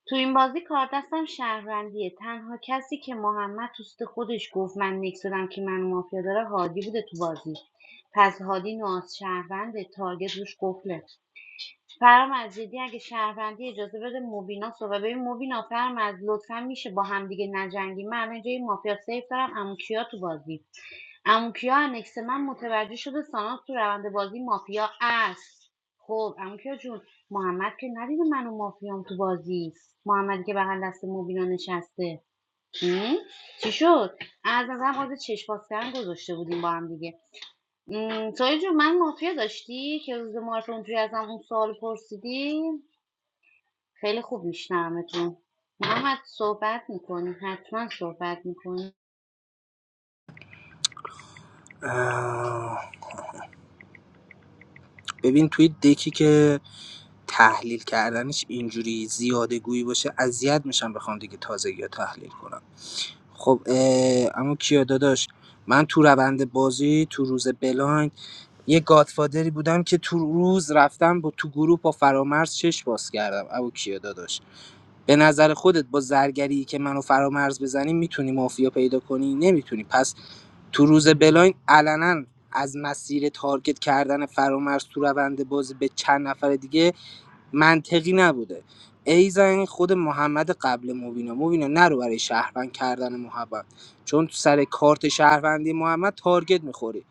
تو این بازی کار دستم شهروندیه تنها کسی که محمد توست خودش گفت من نکس که منو مافیا داره هادی بوده تو بازی پس هادی ناز شهرونده تارگت روش قفله فرام از جدی اگه شهروندی اجازه بده موبینا صحبت ببین موبینا فرام از لطفا میشه با همدیگه نجنگی من الان اینجا یه مافیا سیف دارم عمو کیا تو بازی اموکیا انکس من متوجه شده ساناز تو روند بازی مافیا است خب اموکیا جون محمد که ندیده من و مافیام تو بازی محمدی که بغل دست مبینا نشسته چی شد از نظر قاضی چشم باز کردن گذاشته بودیم با هم دیگه سایه جون من مافیا داشتی که روز معرف اونجوری ازم اون سوال پرسیدی خیلی خوب میشنومتون محمد صحبت میکنی حتما صحبت میکنی
ببین توی دکی که تحلیل کردنش اینجوری زیاده گویی باشه اذیت میشم بخوام دیگه تازگی ها تحلیل کنم خب اما کیا داداش من تو روند بازی تو روز بلایند یه گادفادری بودم که تو روز رفتم با تو گروه با فرامرز چش باز کردم ابو کیا داداش به نظر خودت با زرگری که منو فرامرز بزنی میتونی مافیا پیدا کنی نمیتونی پس تو روز بلاین علنا از مسیر تارگت کردن فرامرز تو روند بازی به چند نفر دیگه منطقی نبوده ایزن خود محمد قبل مبینا مبینا نرو برای شهروند کردن محمد چون تو سر کارت شهروندی محمد تارگت میخوری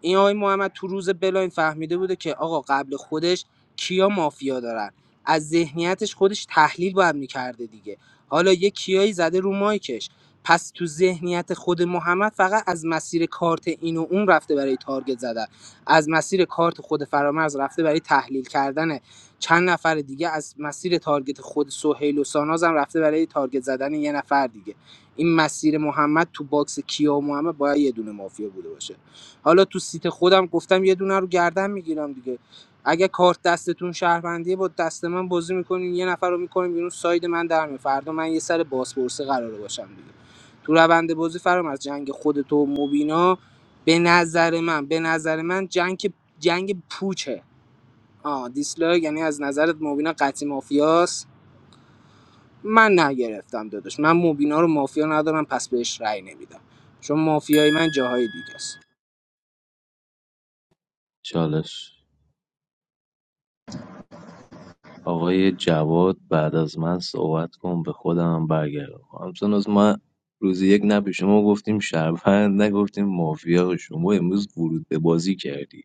این آقای محمد تو روز بلاین فهمیده بوده که آقا قبل خودش کیا مافیا دارن از ذهنیتش خودش تحلیل باید میکرده دیگه حالا یه کیایی زده رو مایکش پس تو ذهنیت خود محمد فقط از مسیر کارت این و اون رفته برای تارگت زدن از مسیر کارت خود فرامرز رفته برای تحلیل کردن چند نفر دیگه از مسیر تارگت خود سهیل و ساناز هم رفته برای تارگت زدن یه نفر دیگه این مسیر محمد تو باکس کیا و محمد باید یه دونه مافیا بوده باشه حالا تو سیت خودم گفتم یه دونه رو گردن میگیرم دیگه اگه کارت دستتون شهروندیه با دست من بازی میکنین یه نفر رو میکنین بیرون ساید من در میاد. فردا من یه سر بازپرسه قراره باشم دیگه تو روند بازی فرام از جنگ خود تو مبینا به نظر من به نظر من جنگ جنگ پوچه آ دیسلایک یعنی از نظرت مبینا قطعی مافیاست من نگرفتم داداش من مبینا رو مافیا ندارم پس بهش رأی نمیدم چون مافیای من جاهای دیگه است.
چالش آقای جواد بعد از من صحبت کن به خودم هم برگردم همچون از ما روز یک نه به شما گفتیم شهروند نگفتیم مافیا شما امروز ورود به بازی کردی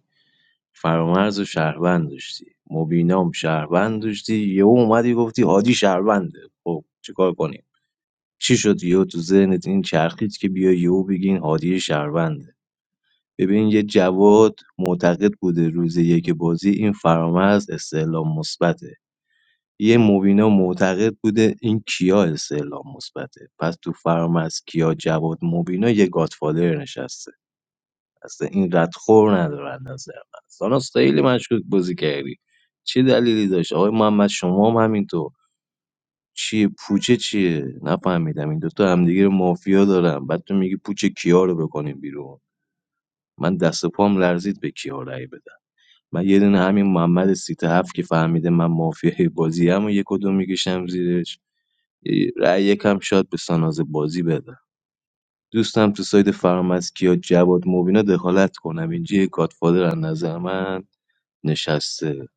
فرامرز و شهروند داشتی مبینام شهروند داشتی یهو اومدی گفتی هادی شهرونده خب چیکار کنیم چی شد یهو تو ذهنت این چرخید که بیا یهو بگی این هادی شهرونده ببین یه جواد معتقد بوده روز یک بازی این فرامرز استعلام مثبته یه مبینا معتقد بوده این کیا استعلام مثبته پس تو فرم از کیا جواد مبینا یه گادفادر نشسته اصلا این ردخور ندارن نظر من ساناس خیلی مشکوک بازی کردی چه دلیلی داشت آقای محمد شما هم همینطور چیه پوچه چیه نفهمیدم این دوتا همدیگه رو مافیا دارن. بعد تو میگی پوچه کیا رو بکنیم بیرون من دست و پام لرزید به کیا رأی بدم من یه دونه همین محمد سیت هفت که فهمیده من مافیای بازی هم و یه کدوم میکشم زیرش رأی یکم شاید به ساناز بازی بدم دوستم تو سایت فرامسکیا جواد مبینا دخالت کنم اینجا یه گادفادر از نظر من نشسته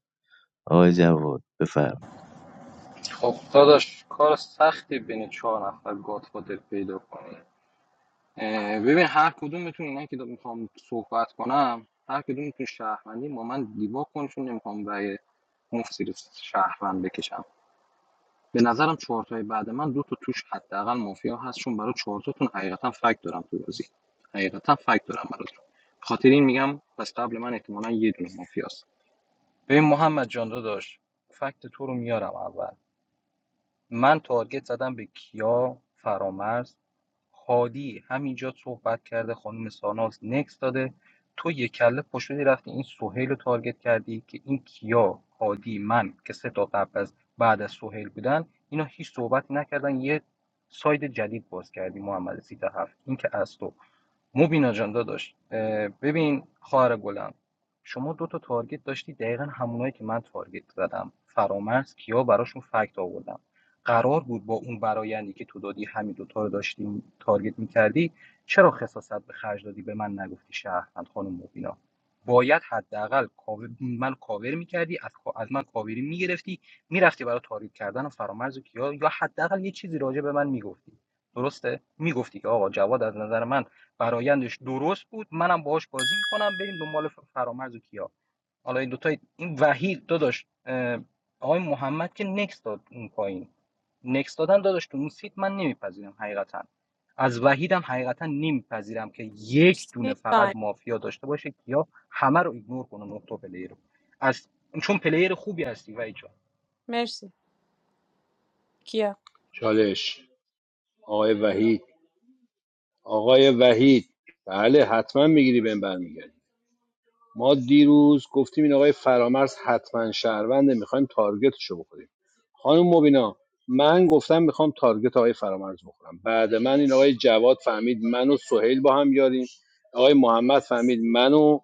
آقای جواد بفرما
خب داداش کار سختی بین چهار نفر گاتفادر پیدا کنی ببین هر کدومتون اینا که میخوام صحبت کنم هر کدومتون شهروندی با من دیبا کن چون نمیخوام برای مفت زیر شهروند بکشم به نظرم چهارتای بعد من دو تا توش حداقل مافیا هست چون برای چهارتاتون حقیقتا فکت دارم تو بازی حقیقتا فکت دارم براتون خاطر این میگم پس قبل من احتمالا یه دونه مافیاست ببین محمد جان داداش فکت تو رو میارم اول من تارگت زدم به کیا فرامرز هادی همینجا صحبت کرده خانم ساناز نکس داده تو یک کله پشتی رفتی این سهیل رو تارگت کردی که این کیا هادی من که سه تا قبل از بعد از سهیل بودن اینا هیچ صحبت نکردن یه ساید جدید باز کردی محمد سیت هفت این که از تو مبینا جان داداش ببین خواهر گلم شما دو تا تارگت داشتی دقیقا همونایی که من تارگت زدم فرامرز کیا براشون فکت آوردم قرار بود با اون برایندی که تو دادی همین دوتا رو داشتی تارگت میکردی چرا خصاصت به خرج دادی به من نگفتی شهروند خانم مبینا باید حداقل کاور- من کاور میکردی از, کا- از من کاوری میگرفتی میرفتی برای تارگت کردن و فرامرز و کیا یا حداقل یه چیزی راجع به من میگفتی درسته میگفتی که آقا جواد از نظر من فرایندش درست بود منم باهاش بازی میکنم بریم دنبال فرامرز و کیا حالا این دوتا این وحید داداش آقای محمد که نکس داد اون پایین نکس دادن داداش تو اون سیت من نمیپذیرم حقیقتا از وحیدم حقیقتا نمیپذیرم که یک
مرسی
دونه فقط
تایم
مافیا داشته باشه کیا همه رو ایگنور کنه نقطه پلیر رو از چون پلیر خوبی هستی وحید جان
مرسی کیا
چالش آقای وحید آقای وحید بله حتما میگیری بهم برمیگردی ما دیروز گفتیم این آقای فرامرز حتما شهرونده میخوایم تارگتشو بکنیم خانم مبینا من گفتم میخوام تارگت آقای فرامرز بخورم بعد من این آقای جواد فهمید من و سهیل با هم یاریم آقای محمد فهمید من و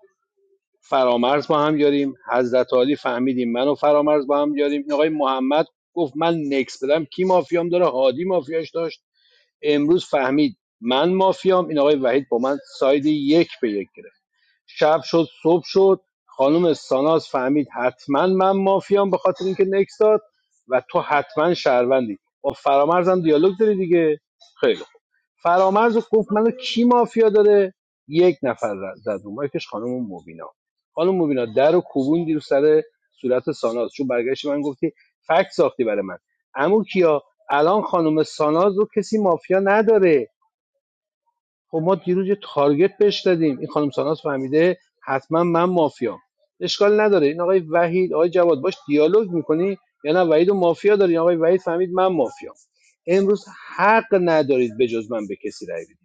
فرامرز با هم یاریم حضرت علی فهمیدیم من و فرامرز با هم یاریم این آقای محمد گفت من نکس بدم کی مافیام داره هادی مافیاش داشت امروز فهمید من مافیام این آقای وحید با من ساید یک به یک گرفت شب شد صبح شد خانم ساناز فهمید حتما من مافیام به خاطر اینکه نکس داد و تو حتما شهروندی با فرامرزم دیالوگ داری دیگه خیلی خوب فرامرز رو گفت منو کی مافیا داره یک نفر ر- زد رو مایکش خانم مبینا خانم مبینا در رو کوبوندی رو سر صورت ساناز چون برگشت من گفتی فکت ساختی برای من امو کیا الان خانم ساناز رو کسی مافیا نداره خب ما دیروز یه تارگت بهش دادیم این خانم ساناس فهمیده حتما من مافیام اشکال نداره این آقای وحید آقای جواد باش دیالوگ میکنی یا نه وحید و مافیا داری آقای وحید فهمید من مافیام امروز حق ندارید به جز من به کسی رأی بدید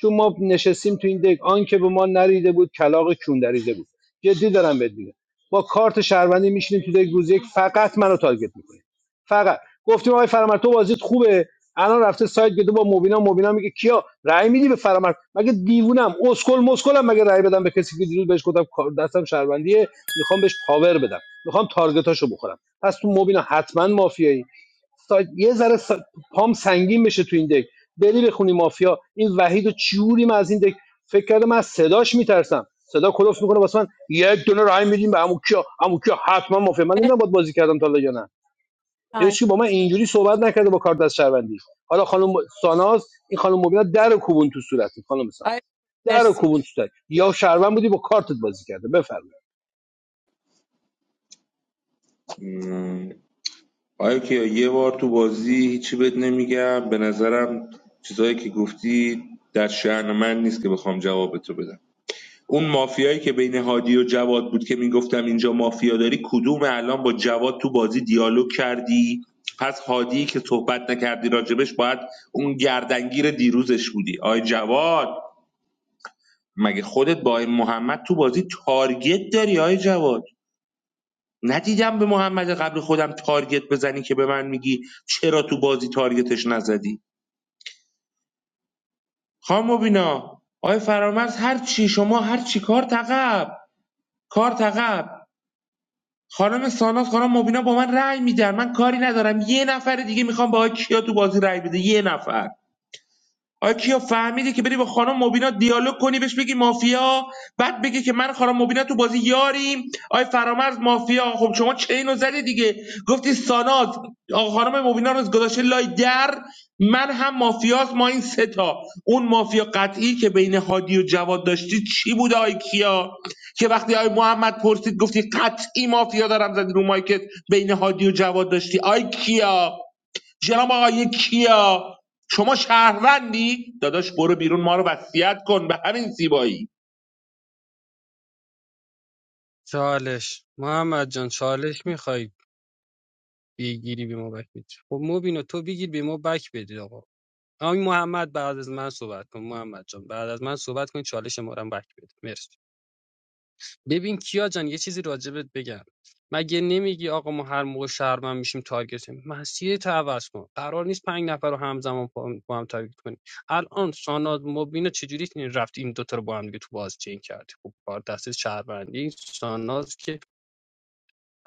چون ما نشستیم تو این دک آن که به ما نریده بود کلاغ کون دریده بود جدی دارم بهت میگم با کارت شهروندی میشینیم تو دک روز یک فقط منو تارگت میکنی فقط گفتیم آقای فرامرد تو بازیت خوبه الان رفته سایت گرفته با مبینا مبینا میگه کیا رأی میدی به فرامرد مگه دیوونم اسکل مسکلم مگه رأی بدم به کسی که دیروز بهش گفتم کار- دستم شهروندیه میخوام بهش پاور بدم میخوام تارگتاشو بخورم پس تو مبینا حتما مافیایی سایت یه ذره سا... پام سنگین بشه تو این دک بری بخونی مافیا این وحید و چوری من از این دک فکر کردم من از صداش میترسم صدا کلوف میکنه واسه من یک دونه رای میدیم به عمو کیا عمو کیا حتما مافیا من نمیدونم
مرسی
باید بازی کردم تا حالا یا نه.
تایم
هیچکی با من اینجوری صحبت نکرده با کارت از شهروندی حالا خانم ساناز این خانم مبینا در و کوبون تو صورت خانم ساناز
آی
در و
مرسی
کوبون تو صورت یا شهروند بودی با کارتت بازی کرده بفرمایید
آیا کیا یه بار تو بازی هیچی بهت نمیگم به نظرم چیزایی که گفتی در شعن من نیست که بخوام جواب تو بدم اون مافیایی که بین هادی و جواد بود که میگفتم اینجا مافیا داری کدوم الان با جواد تو بازی دیالوگ کردی پس هادی که صحبت نکردی راجبش باید اون گردنگیر دیروزش بودی آی جواد مگه خودت با این محمد تو بازی تارگت داری آی جواد ندیدم به محمد قبل خودم تارگت بزنی که به من میگی چرا تو بازی تارگتش نزدی خام مبینا آقای فرامرز هر چی شما هر چی کار تقب کار تقب خانم ساناس خانم مبینا با من رأی میدن من کاری ندارم یه نفر دیگه میخوام با کیا تو بازی رأی بده یه نفر آیا کیا فهمیدی که بری با خانم مبینا دیالوگ کنی بهش بگی مافیا بعد بگی که من خانم مبینا تو بازی یاریم آیا فرامرز مافیا خب شما چین رو زدی دیگه گفتی ساناز آقا خانم مبینا رو گذاشته لای در من هم مافیاست ما این سه تا اون مافیا قطعی که بین هادی و جواد داشتی چی بود آی کیا که وقتی آی محمد پرسید گفتی قطعی مافیا دارم زدی رو مایکت بین هادی و جواد داشتی آی کیا جناب آقای کیا شما شهروندی داداش برو بیرون ما رو وصیت کن به همین زیبایی
چالش محمد جان چالش میخوای بگیری به ما بک بدی خب مبینا تو بگیر به ما بک بدی آقا آقای محمد بعد از من صحبت کن محمد جان بعد از من صحبت کن چالش ما رو هم بک بده مرسی ببین کیا جان یه چیزی راجبت بگم مگه نمیگی آقا ما هر موقع شهرمن میشیم تارگت می‌کنیم؟ مسیر تو عوض کن قرار نیست پنج نفر رو همزمان با با هم تارگت کنیم الان ساناز مبینا چجوری رفت این دوتا رو با هم دیگه تو باز چین کرد خب کار دست شهروندی ساناز که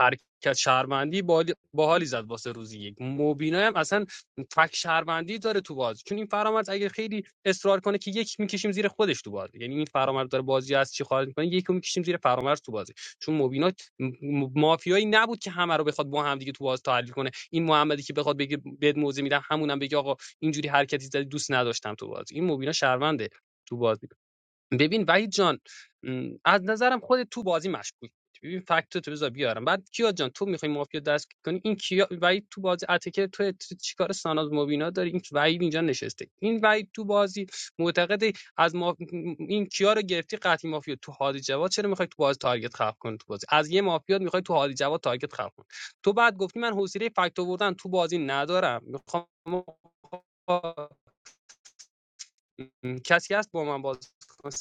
حرکت شهروندی باحالی باحالی زد واسه روزی یک موبینا هم اصلا فک شهروندی داره تو باز چون این فرامرز اگه خیلی اصرار کنه که یک میکشیم زیر خودش تو بازی یعنی این فرامرز داره بازی از چی خارج میکنه یک میکشیم زیر فرامرز تو بازی چون موبینا م- مافیایی نبود که همه رو بخواد با هم دیگه تو باز تحلیل کنه این محمدی که بخواد بگه بد موزه میدم همونم بگه آقا اینجوری حرکتی زدی دوست نداشتم تو بازی این موبینا شهرونده تو بازی ببین وحید جان م، از نظرم خود تو بازی مشکوک بود. ببین فکت تو بذار بیارم بعد کیا جان تو میخوای مافیا دست کنی این کیا وحید تو بازی اتکر تو تو چیکار ساناز مبینا داری این وحید اینجا نشسته این وحید تو بازی معتقد از ما... این کیا رو گرفتی قطعی مافیا تو هادی جواد چرا میخوای تو بازی تارگت خلق کنی تو بازی از یه مافیا میخوای تو هادی جواد تارگت خلق کنی تو بعد گفتی من حوصله فکت آوردن تو بازی ندارم میخوام م، کسی هست با من بازی کنه؟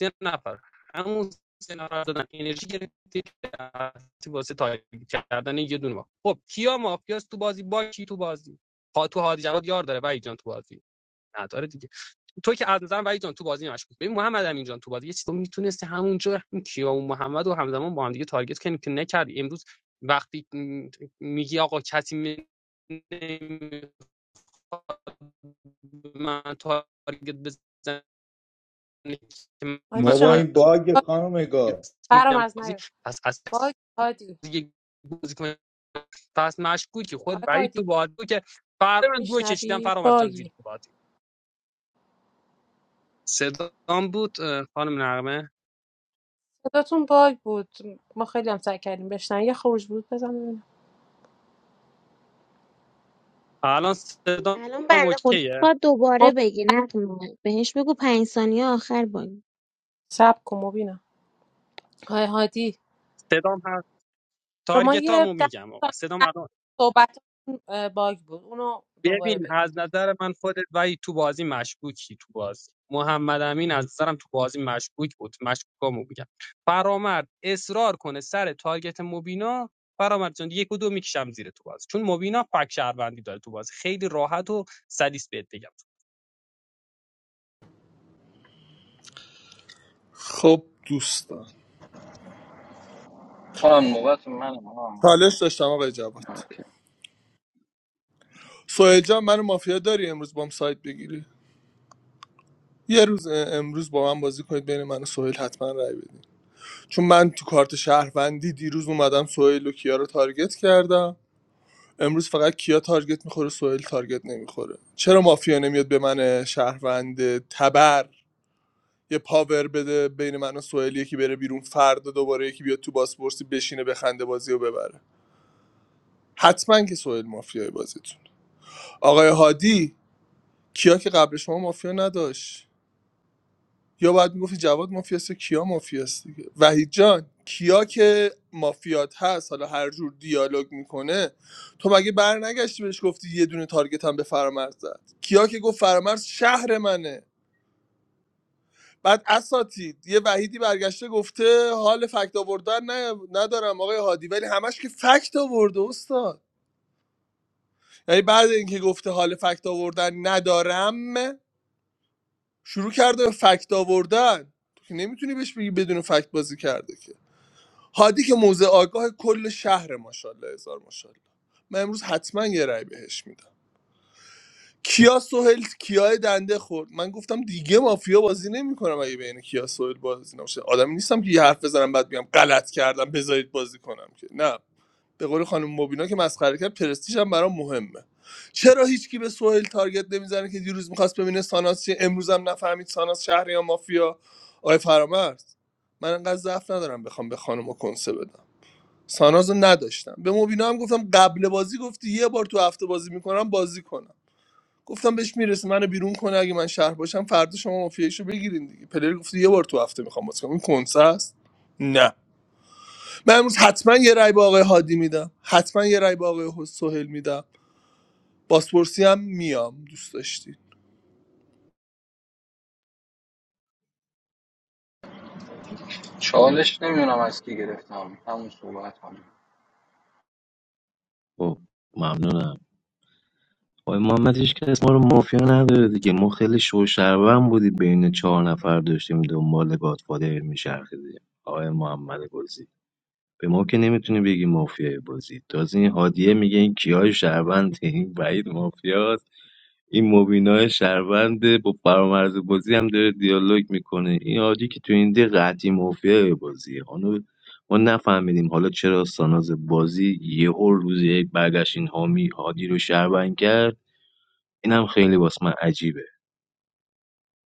سه نفر همون سه نفر دادن انرژی گرفتی رفتی واسه تایید کردن یه دونه ما خب کیا مافیاست تو بازی با کی تو بازی ها تو هادی جواد یار داره وحید جان تو بازی نداره دیگه تو که از نظرم وحید جان تو بازی مشکوک ببین محمد امین جان تو بازی یه چیزی میتونستی همونجا این کیا و محمد و همزمان با هم دیگه تارگت کنی که نکردی امروز وقتی م، میگی آقا کسی می- نمیخواد به من تارگت بزنه nicht
هادی
ما
man
جان
با
یه
hat.
این
Also,
باگ
بار
خانم نگار
برام از نیار
پس از
باگ هادی
دیگه بازیکن پس مشکوکی
آی
خود برای تو
هادی
بازی که فردا من دو کشیدم
میشنوی
فرامرز جان زیر
باگی
تو بازی صدام بود خانم نغمه
صداتون باگ بود ما خیلی هم سعی کردیم بشنن یه خروج بود بزن ببینم
الان صدام اوکیه
خب سب کن مبینم آی هادی
صدام هست
شما
تارگتامو
یه ده
میگم آقا
ثانیه
صدام
از
الان
صحبتتون اه، باگ بود اونو دوباره
ببین از
بگید
نظر من خودت ولی تو بازی مشکوکی تو بازی محمد امین از نظرم تو بازی مشکوک بود مشکوکامو میگم فرامرد اصرار کنه سر تارگت مبینا فرامرد جان یک و دو میکشم زیر تو بازی چون مبینا فک شهروندی داره تو بازی خیلی راحت و سلیس بهت بگم
خب دوستان
کنم نوبت منم آقا احمد جان.
چالش داشتم آقای جواد سهل جان منو مافیا داری امروز بام سایت بگیری یه روز امروز با من بازی کنید بین من و سهیل حتما رای بدید چون من تو کارت شهروندی دیروز اومدم سهیل و کیا رو تارگت کردم امروز فقط کیا تارگت میخوره سوئیل تارگت نمیخوره چرا مافیا نمیاد به من شهروند تبر یه پاور بده بین من و سوئیل یکی بره بیرون فردا دوباره یکی بیاد تو بازپرسی بشینه بخنده بازی رو ببره حتما که سوئیل مافیای بازیتون آقای هادی کیا که قبل شما مافیا نداشت یا باید میگفتی جواد مافیاست یا کیا مافیاست دیگه وحید جان کیا که مافیات هست حالا هر جور دیالوگ میکنه تو مگه بر نگشتی بهش گفتی یه دونه تارگت هم به فرامرز زد کیا که گفت فرامرز شهر منه بعد اساتید یه وحیدی برگشته گفته حال فکت آوردن نه ندارم آقای هادی ولی همش که فکت آورده استاد یعنی بعد اینکه گفته حال فکت آوردن ندارم شروع کرده به فکت آوردن تو که نمیتونی بهش بگی بدون فکت بازی کرده که هادی که موزه آگاه کل شهر ماشاءالله هزار ماشاءالله من امروز حتما یه رأی بهش میدم کیا سهل کیای دنده خورد من گفتم دیگه مافیا بازی نمیکنم اگه بین کیا سهل بازی نمیشه آدمی نیستم که یه حرف بزنم بعد بیام غلط کردم بذارید بازی کنم که نه به قول خانم مبینا که مسخره کرد پرستیژ هم برام مهمه چرا هیچکی به سهل تارگت نمیزنه که دیروز میخواست ببینه ساناس چیه امروز هم نفهمید ساناس شهر یا مافیا آقای فرامرز من انقدر ضعف ندارم بخوام به خانم کنسه بدم ساناز رو نداشتم به مبینا هم گفتم قبل بازی گفتی یه بار تو هفته بازی میکنم بازی کنم گفتم بهش میرسه منو بیرون کنه اگه من شهر باشم فردا شما مافیایشو بگیرین دیگه پلر گفتی یه بار تو هفته میخوام بازی کنم این کنسه است نه من امروز حتما یه رای به آقای هادی میدم حتما یه رای به آقای سهیل میدم باسپورسی هم میام دوست داشتی
چالش نمیدونم از کی گرفتم همون صحبت
خب، ممنونم آقای محمد هیچ کس ما رو مافیا نداره دیگه ما خیلی شوشربن بودیم بین چهار نفر داشتیم دنبال گادفادر می‌چرخیدیم آقای محمد گلزی به ما که نمیتونی بگی مافیای بازی تازه این هادیه میگه این کیای شهروند این بعید مافیاست این مبینا شهرونده با فرامرز بازی هم داره دیالوگ میکنه این عادی که تو این دی قطعی مافیای بازیه خانم ما نفهمیدیم حالا چرا ساناز بازی یهو روز یک برگشت این حامی هادی رو شهروند کرد این هم خیلی واسه من عجیبه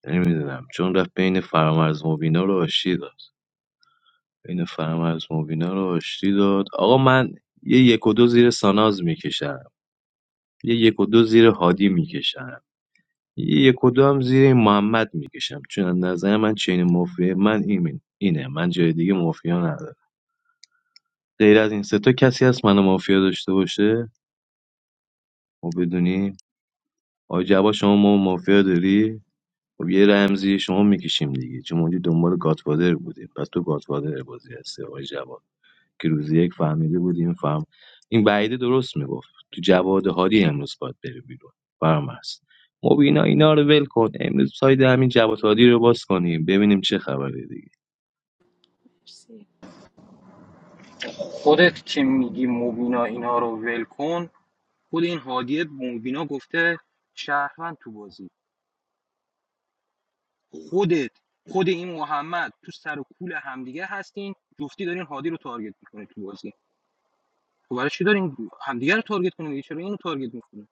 نمیدونم چون رفت بین فرامرز مبینا رو آشتی داد بین فرامرز مبینا رو آشتی داد آقا من یه یک و دو زیر ساناز میکشم یه یک و دو زیر هادی میکشم یک و دو هم زیر این محمد میکشم چون از نظر من چین مافیا من این اینه من جای دیگه مافیا ندارم غیر از این سه تا کسی هست منو مافیا داشته باشه ما بدونیم آقا جواد شما ما مافیا داری خب یه رمزی شما میکشیم دیگه چون ما اونجا دنبال گاتفادر بودیم پس تو گاتفادر بازی هستی آقای جواد که روزی یک فهمیده بودیم فهم این بعیده درست میگفت تو جواد هادی امروز باید بره بیرون برام هست مبینا اینا رو ول کن امروز ساید همین جواد هادی رو باز کنیم ببینیم چه خبره دیگه
مرسی
خودت که میگی مبینا اینا رو ول کن خود این هادی مبینا گفته شهروند تو بازی خودت خود این محمد تو سر و کول همدیگه هستین جفتی دارین هادی رو تارگت میکنید تو بازی تو برای چی دارین همدیگه رو تارگت کنید دیگه؟ چرا اینو تارگت میکنید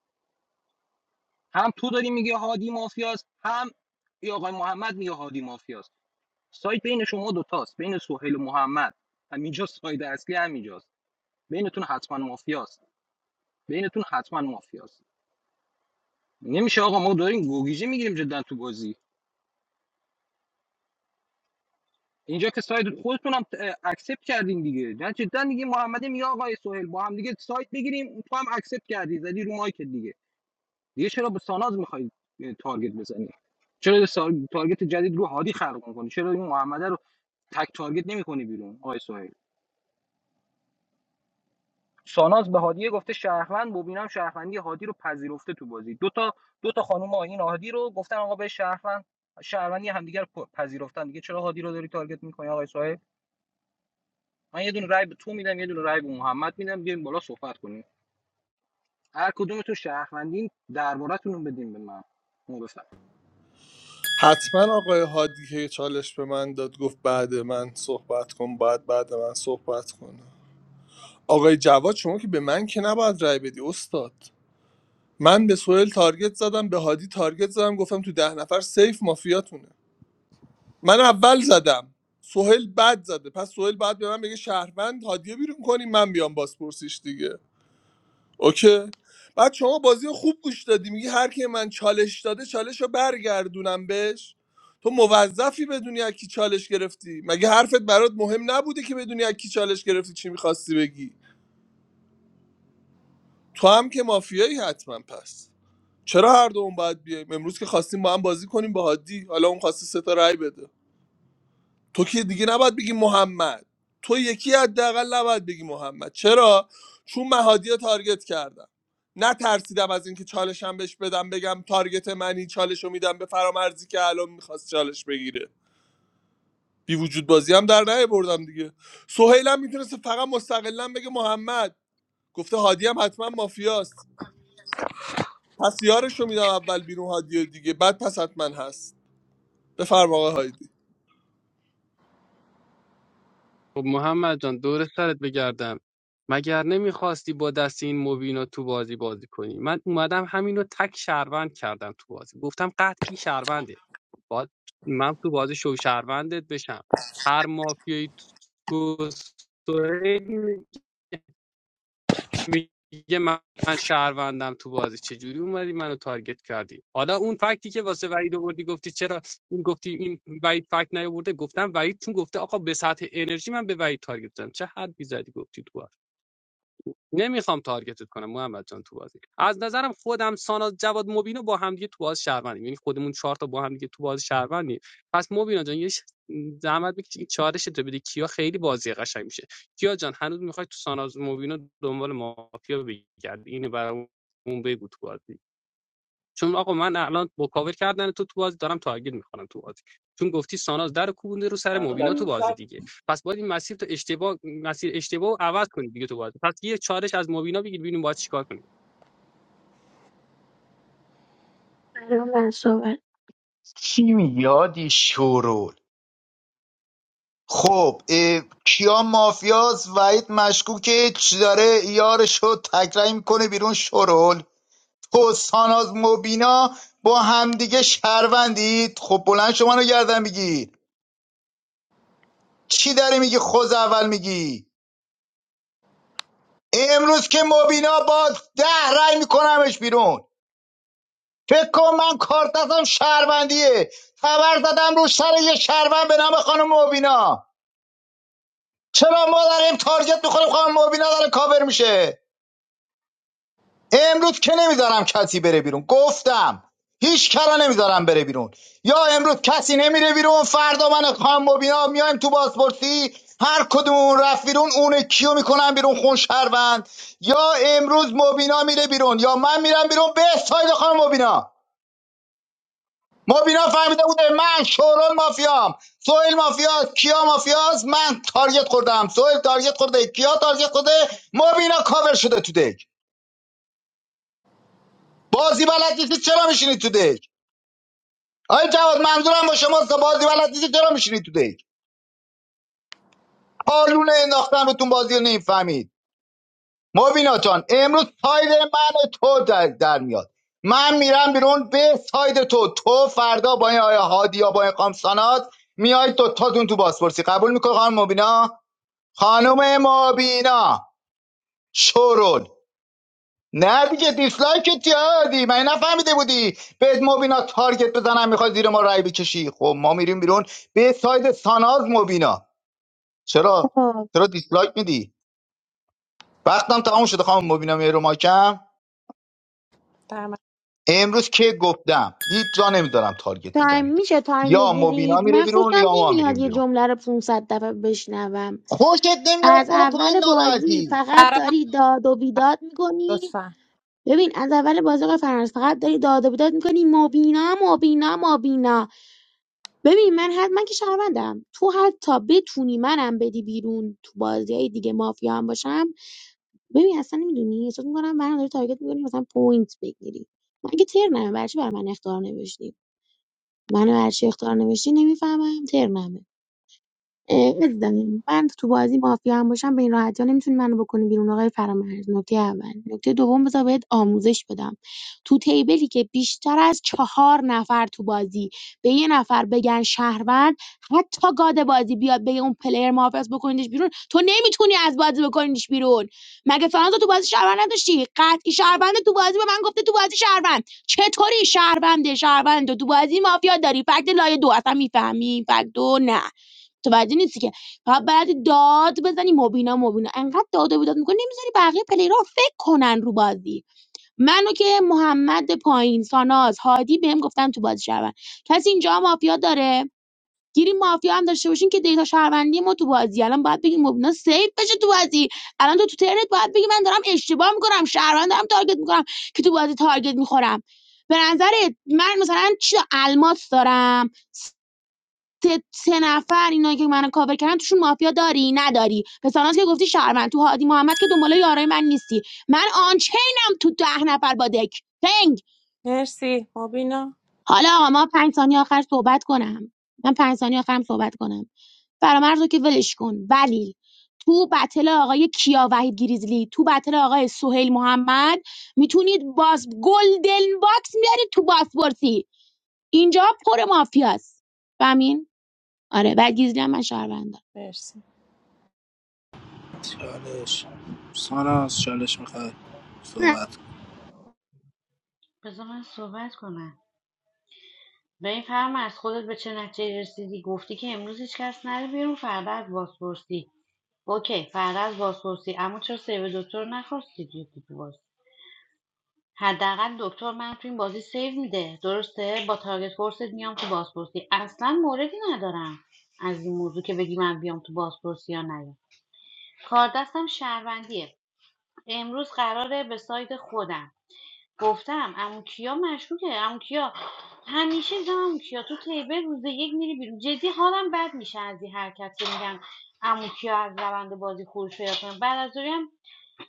هم تو داری میگه هادی مافیاست هم این آقای محمد میگه هادی مافیاست سایت بین شما دو دوتاست بین سهیل و محمد همینجا ساید اصلی همینجاست بینتون حتما مافیاست بینتون حتما مافیاست نمیشه آقا ما داریم گوگیجه میگیریم جدا تو بازی اینجا که ساید خودتون هم اکسپت کردین دیگه نه جدا دیگه محمد میگه آقای سهیل با هم دیگه ساید بگیریم تو هم اکسپت کردی زدی رو مایک دیگه دیگه چرا به ساناز میخواید تارگت بزنی چرا سا- تارگت جدید رو هادی خلق میکنی چرا این محمد رو تک تارگت نمیکنی بیرون آقای سهیل ساناز به هادیه گفته شهروند مبینم شهروندی هادی رو پذیرفته تو بازی دو تا دو تا خانم آیین هادی رو گفتن آقا به شهروند شهروندی همدیگر پ- پذیرفتن دیگه چرا هادی رو داری تارگت میکنی آقای صاحب من یه دونه رای به تو میدم یه دونه رای به محمد میدم بیایم بالا صحبت کنیم هر کدومتون شهروندین دربارتون رو بدین به من مو بفرم
حتما آقای هادی که چالش به من داد گفت بعد من صحبت کن بعد بعد من صحبت کنم آقای جواد شما که به من که نباید رای بدی استاد من به سوهل تارگت زدم به هادی تارگت زدم گفتم تو ده نفر سیف مافیاتونه من اول زدم سوهل بعد زده پس سوهل بعد به من بگه شهروند هادیه بیرون کنیم من بیام بازپرسیش دیگه اوکی بعد شما بازی رو خوب گوش دادی میگی هر کی من چالش داده چالش رو برگردونم بهش تو موظفی بدونی از کی چالش گرفتی مگه حرفت برات مهم نبوده که بدونی از کی چالش گرفتی چی میخواستی بگی تو هم که مافیایی حتما پس چرا هر دوم باید بیایم امروز که خواستیم با هم بازی کنیم با هادی حالا اون خواسته سه تا رأی بده تو که دیگه نباید بگی محمد تو یکی حداقل نباید بگی محمد چرا چون من هادی رو تارگت کردم نترسیدم از اینکه چالشم بهش بدم بگم تارگت منی چالش رو میدم به فرامرزی که الان میخواست چالش بگیره بی وجود بازی هم در نهی بردم دیگه سهیلم میتونست فقط مستقلا بگه محمد گفته هادی هم حتما مافیاست پس یارش رو میدم اول بیرون هادی رو دیگه بعد پس حتما هست بفرما آقا هایدی
خب محمد جان دور سرت بگردم مگر نمیخواستی با دست این مبینا تو بازی بازی کنی من اومدم همینو تک شهروند کردم تو بازی گفتم قطعی شهرونده باید من تو بازی شو شهروندت بشم هر مافیایی تو میگه من من شهروندم تو بازی چجوری اومدی منو تارگت کردی حالا اون فکتی که واسه وحید آوردی گفتی چرا این گفتی این وحید فکت نیاورده گفتم وحید چون گفته آقا به سطح انرژی من به وحید تارگت زدم چه حد بیزدی گفتی تو نمیخوام تارگتت کنم محمد جان تو بازی از نظرم خودم ساناز جواد مبینو با همدیگه تو باز شهروندیم یعنی خودمون چهار تا با همدیگه تو باز شهروندیم پس مبینا جان یه ش- زحمت بکشی چالش تو بدی کیا خیلی بازی قشنگ میشه کیا جان هنوز میخوای تو ساناز مبینو دنبال مافیا بگردی اینو برامون بگو تو بازی چون آقا من الان با کاور کردن تو تو بازی دارم تارگت میخورم تو بازی چون گفتی ساناز در کوبنده رو سر مبینا تو بازی دیگه پس باید این مسیر تو اشتباه مسیر اشتباه رو عوض کنی دیگه تو بازی پس یه چالش از مبینا بگیر ببینیم باید چیکار کنیم
الان من صحبت
چی میادی هادی خب اه، کیا مافیاس وحید مشکوکه چی داره یارش رو تکرای میکنه بیرون شرول تو ساناز مبینا با همدیگه شهروندید خب بلند شما رو گردن میگی چی داری میگی خوز اول میگی امروز که مبینا با ده رای میکنمش بیرون فکر کن من کارت دستم شهروندیه خبر دادم رو سر یه شهروند به نام خانم مبینا چرا ما داریم تارگت میخوریم خانم مبینا داره کاور میشه امروز که نمیذارم کسی بره بیرون گفتم هیچ کرا نمیذارم بره بیرون یا امروز کسی نمیره بیرون فردا من خام مبینا میایم تو بازپرسی هر کدومون اون رفت بیرون اون کیو میکنم بیرون خون شهروند یا امروز مبینا میره بیرون یا من میرم بیرون به ساید خانم مبینا مبینا فهمیده بوده من شورال مافیام سوئیل مافیاست کیا مافیاست من تارگت خوردم سوئیل تارگت خورده کیا تارگت خورده مبینا کاور شده تو دک بازی بلد نیستی چرا میشینی تو دک آی جواد منظورم با شما بازی بلد نیستی چرا میشینی تو دیگ پالونه انداختن روتون بازی رو نمیفهمید مبینا جان امروز ساید من و تو در, در میاد من میرم بیرون به ساید تو تو فردا با این آیا هادی یا با این قامسانات میای تو تاتون تو بازپرسی قبول میکنه خانم مبینا خانم مبینا شورل نه دیگه دیسلایک تیادی من نفهمیده بودی به مبینا تارگت بزنم میخوای زیر ما رای بکشی خب ما میریم بیرون به ساید ساناز مبینا چرا
آه،
چرا دیسلایک میدی وقتم تمام شده خانم مبینا مهرو ماکم
در من
امروز که گفتم هیچ جا نمیذارم تارگت
تایم
بزنید
میشه تایم
یا مبینا
بگیرید
میره
من
بیرون
خوشم
یا ما
نمیاد
میریم
یه
بیرون
جمله رو 500 دفعه بشنوم
خوشت نمیاد
از
برو پایین
اول بازی
ناراحتی
فقط
برا من
داری داد و بیداد میکنی
لطفا
ببین از اول بازی آقای فرانس فقط داری داد و بیداد میکنی مبینا مبینا مبینا ببین من حد من که شهروندم تو حتی بتونی منم بدی بیرون تو بازی های دیگه مافیا هم باشم ببین اصلا نمیدونی احساس میکنم منم داری تارگت میکنی مثلا پوینت بگیری من که ترنمه برچی بر من اختار نوشتی منو برچی اختار نوشتی نمیفهمم ترنمه عزیزم من تو بازی مافیا هم باشم به این راحتی ها نمیتونی منو بکنی بیرون آقای فرامرز نکته اول نکته دوم بذار بهت آموزش بدم تو تیبلی که بیشتر از چهار نفر تو بازی به یه نفر بگن شهروند حتی گاد بازی بیاد بگه اون پلیر محافظ بکنیدش بیرون تو نمیتونی از بازی بکنیدش بیرون مگه فرانزا تو بازی شهروند نداشتی قطعی شهروند تو بازی به من گفته تو بازی شهروند چطوری شهرونده شهروند تو تو بازی مافیا داری فکت لایه دو اصلا میفهمی فکت دو نه متوجه نیستی که فقط باید داد بزنی مبینا مبینا انقدر داد و بیداد میکنی نمیذاری بقیه پلیرها فکر کنن رو بازی منو که محمد پایین ساناز هادی بهم گفتن تو بازی شهروند کسی اینجا مافیا داره گیریم مافیا هم داشته باشین که دیتا شهروندی ما تو بازی الان باید بگیم مبینا سیف بشه تو بازی الان تو تو ترنت باید بگی من دارم اشتباه میکنم شهروند دارم تارگت میکنم که تو بازی تارگت میخورم به نظرت من مثلا چی الماس دارم سه, سه نفر اینایی که منو کاور کردن توشون مافیا داری نداری پسرانات که گفتی شهروند تو هادی محمد که دنبال یارای من نیستی من آنچینم تو ده نفر با دک پنگ
مرسی مبینا
حالا آقا ما پنج ثانیه آخر صحبت کنم من پنج ثانیه آخرم صحبت کنم فرامرز رو که ولش کن ولی تو بتل آقای کیا وحید گریزلی تو بتل آقای سهیل محمد میتونید باز گلدن باکس میارید تو باسپورسی اینجا پر مافیاست فهمین آره و گریزلی هم من شهروندم
مرسی
چالش ساناس چالش میخواد
نه
صحبت کن.
بذار من صحبت کنم و این فرم از خودت به چه نتیجه رسیدی گفتی که امروز هیچ کس نره بیرون فردا از بازپرسی اوکی فردا از بازپرسی اما چرا سیو دکتر رو نخواستی توی تو باز حداقل دکتر من تو این بازی سیو میده درسته با تارگت فورست میام تو بازپرسی اصلا موردی ندارم از این موضوع که بگی من بیام تو بازپرسی یا نیام کار دستم شهروندیه امروز قراره به سایت خودم گفتم عمو کیا مشکوکه عمو کیا همیشه میگم عمو کیا تو تیبل روز یک میری بیرون جدی حالم بد میشه از این حرکت که میگن عمو کیا از روند بازی خروج پیدا کنه بعد از ظهری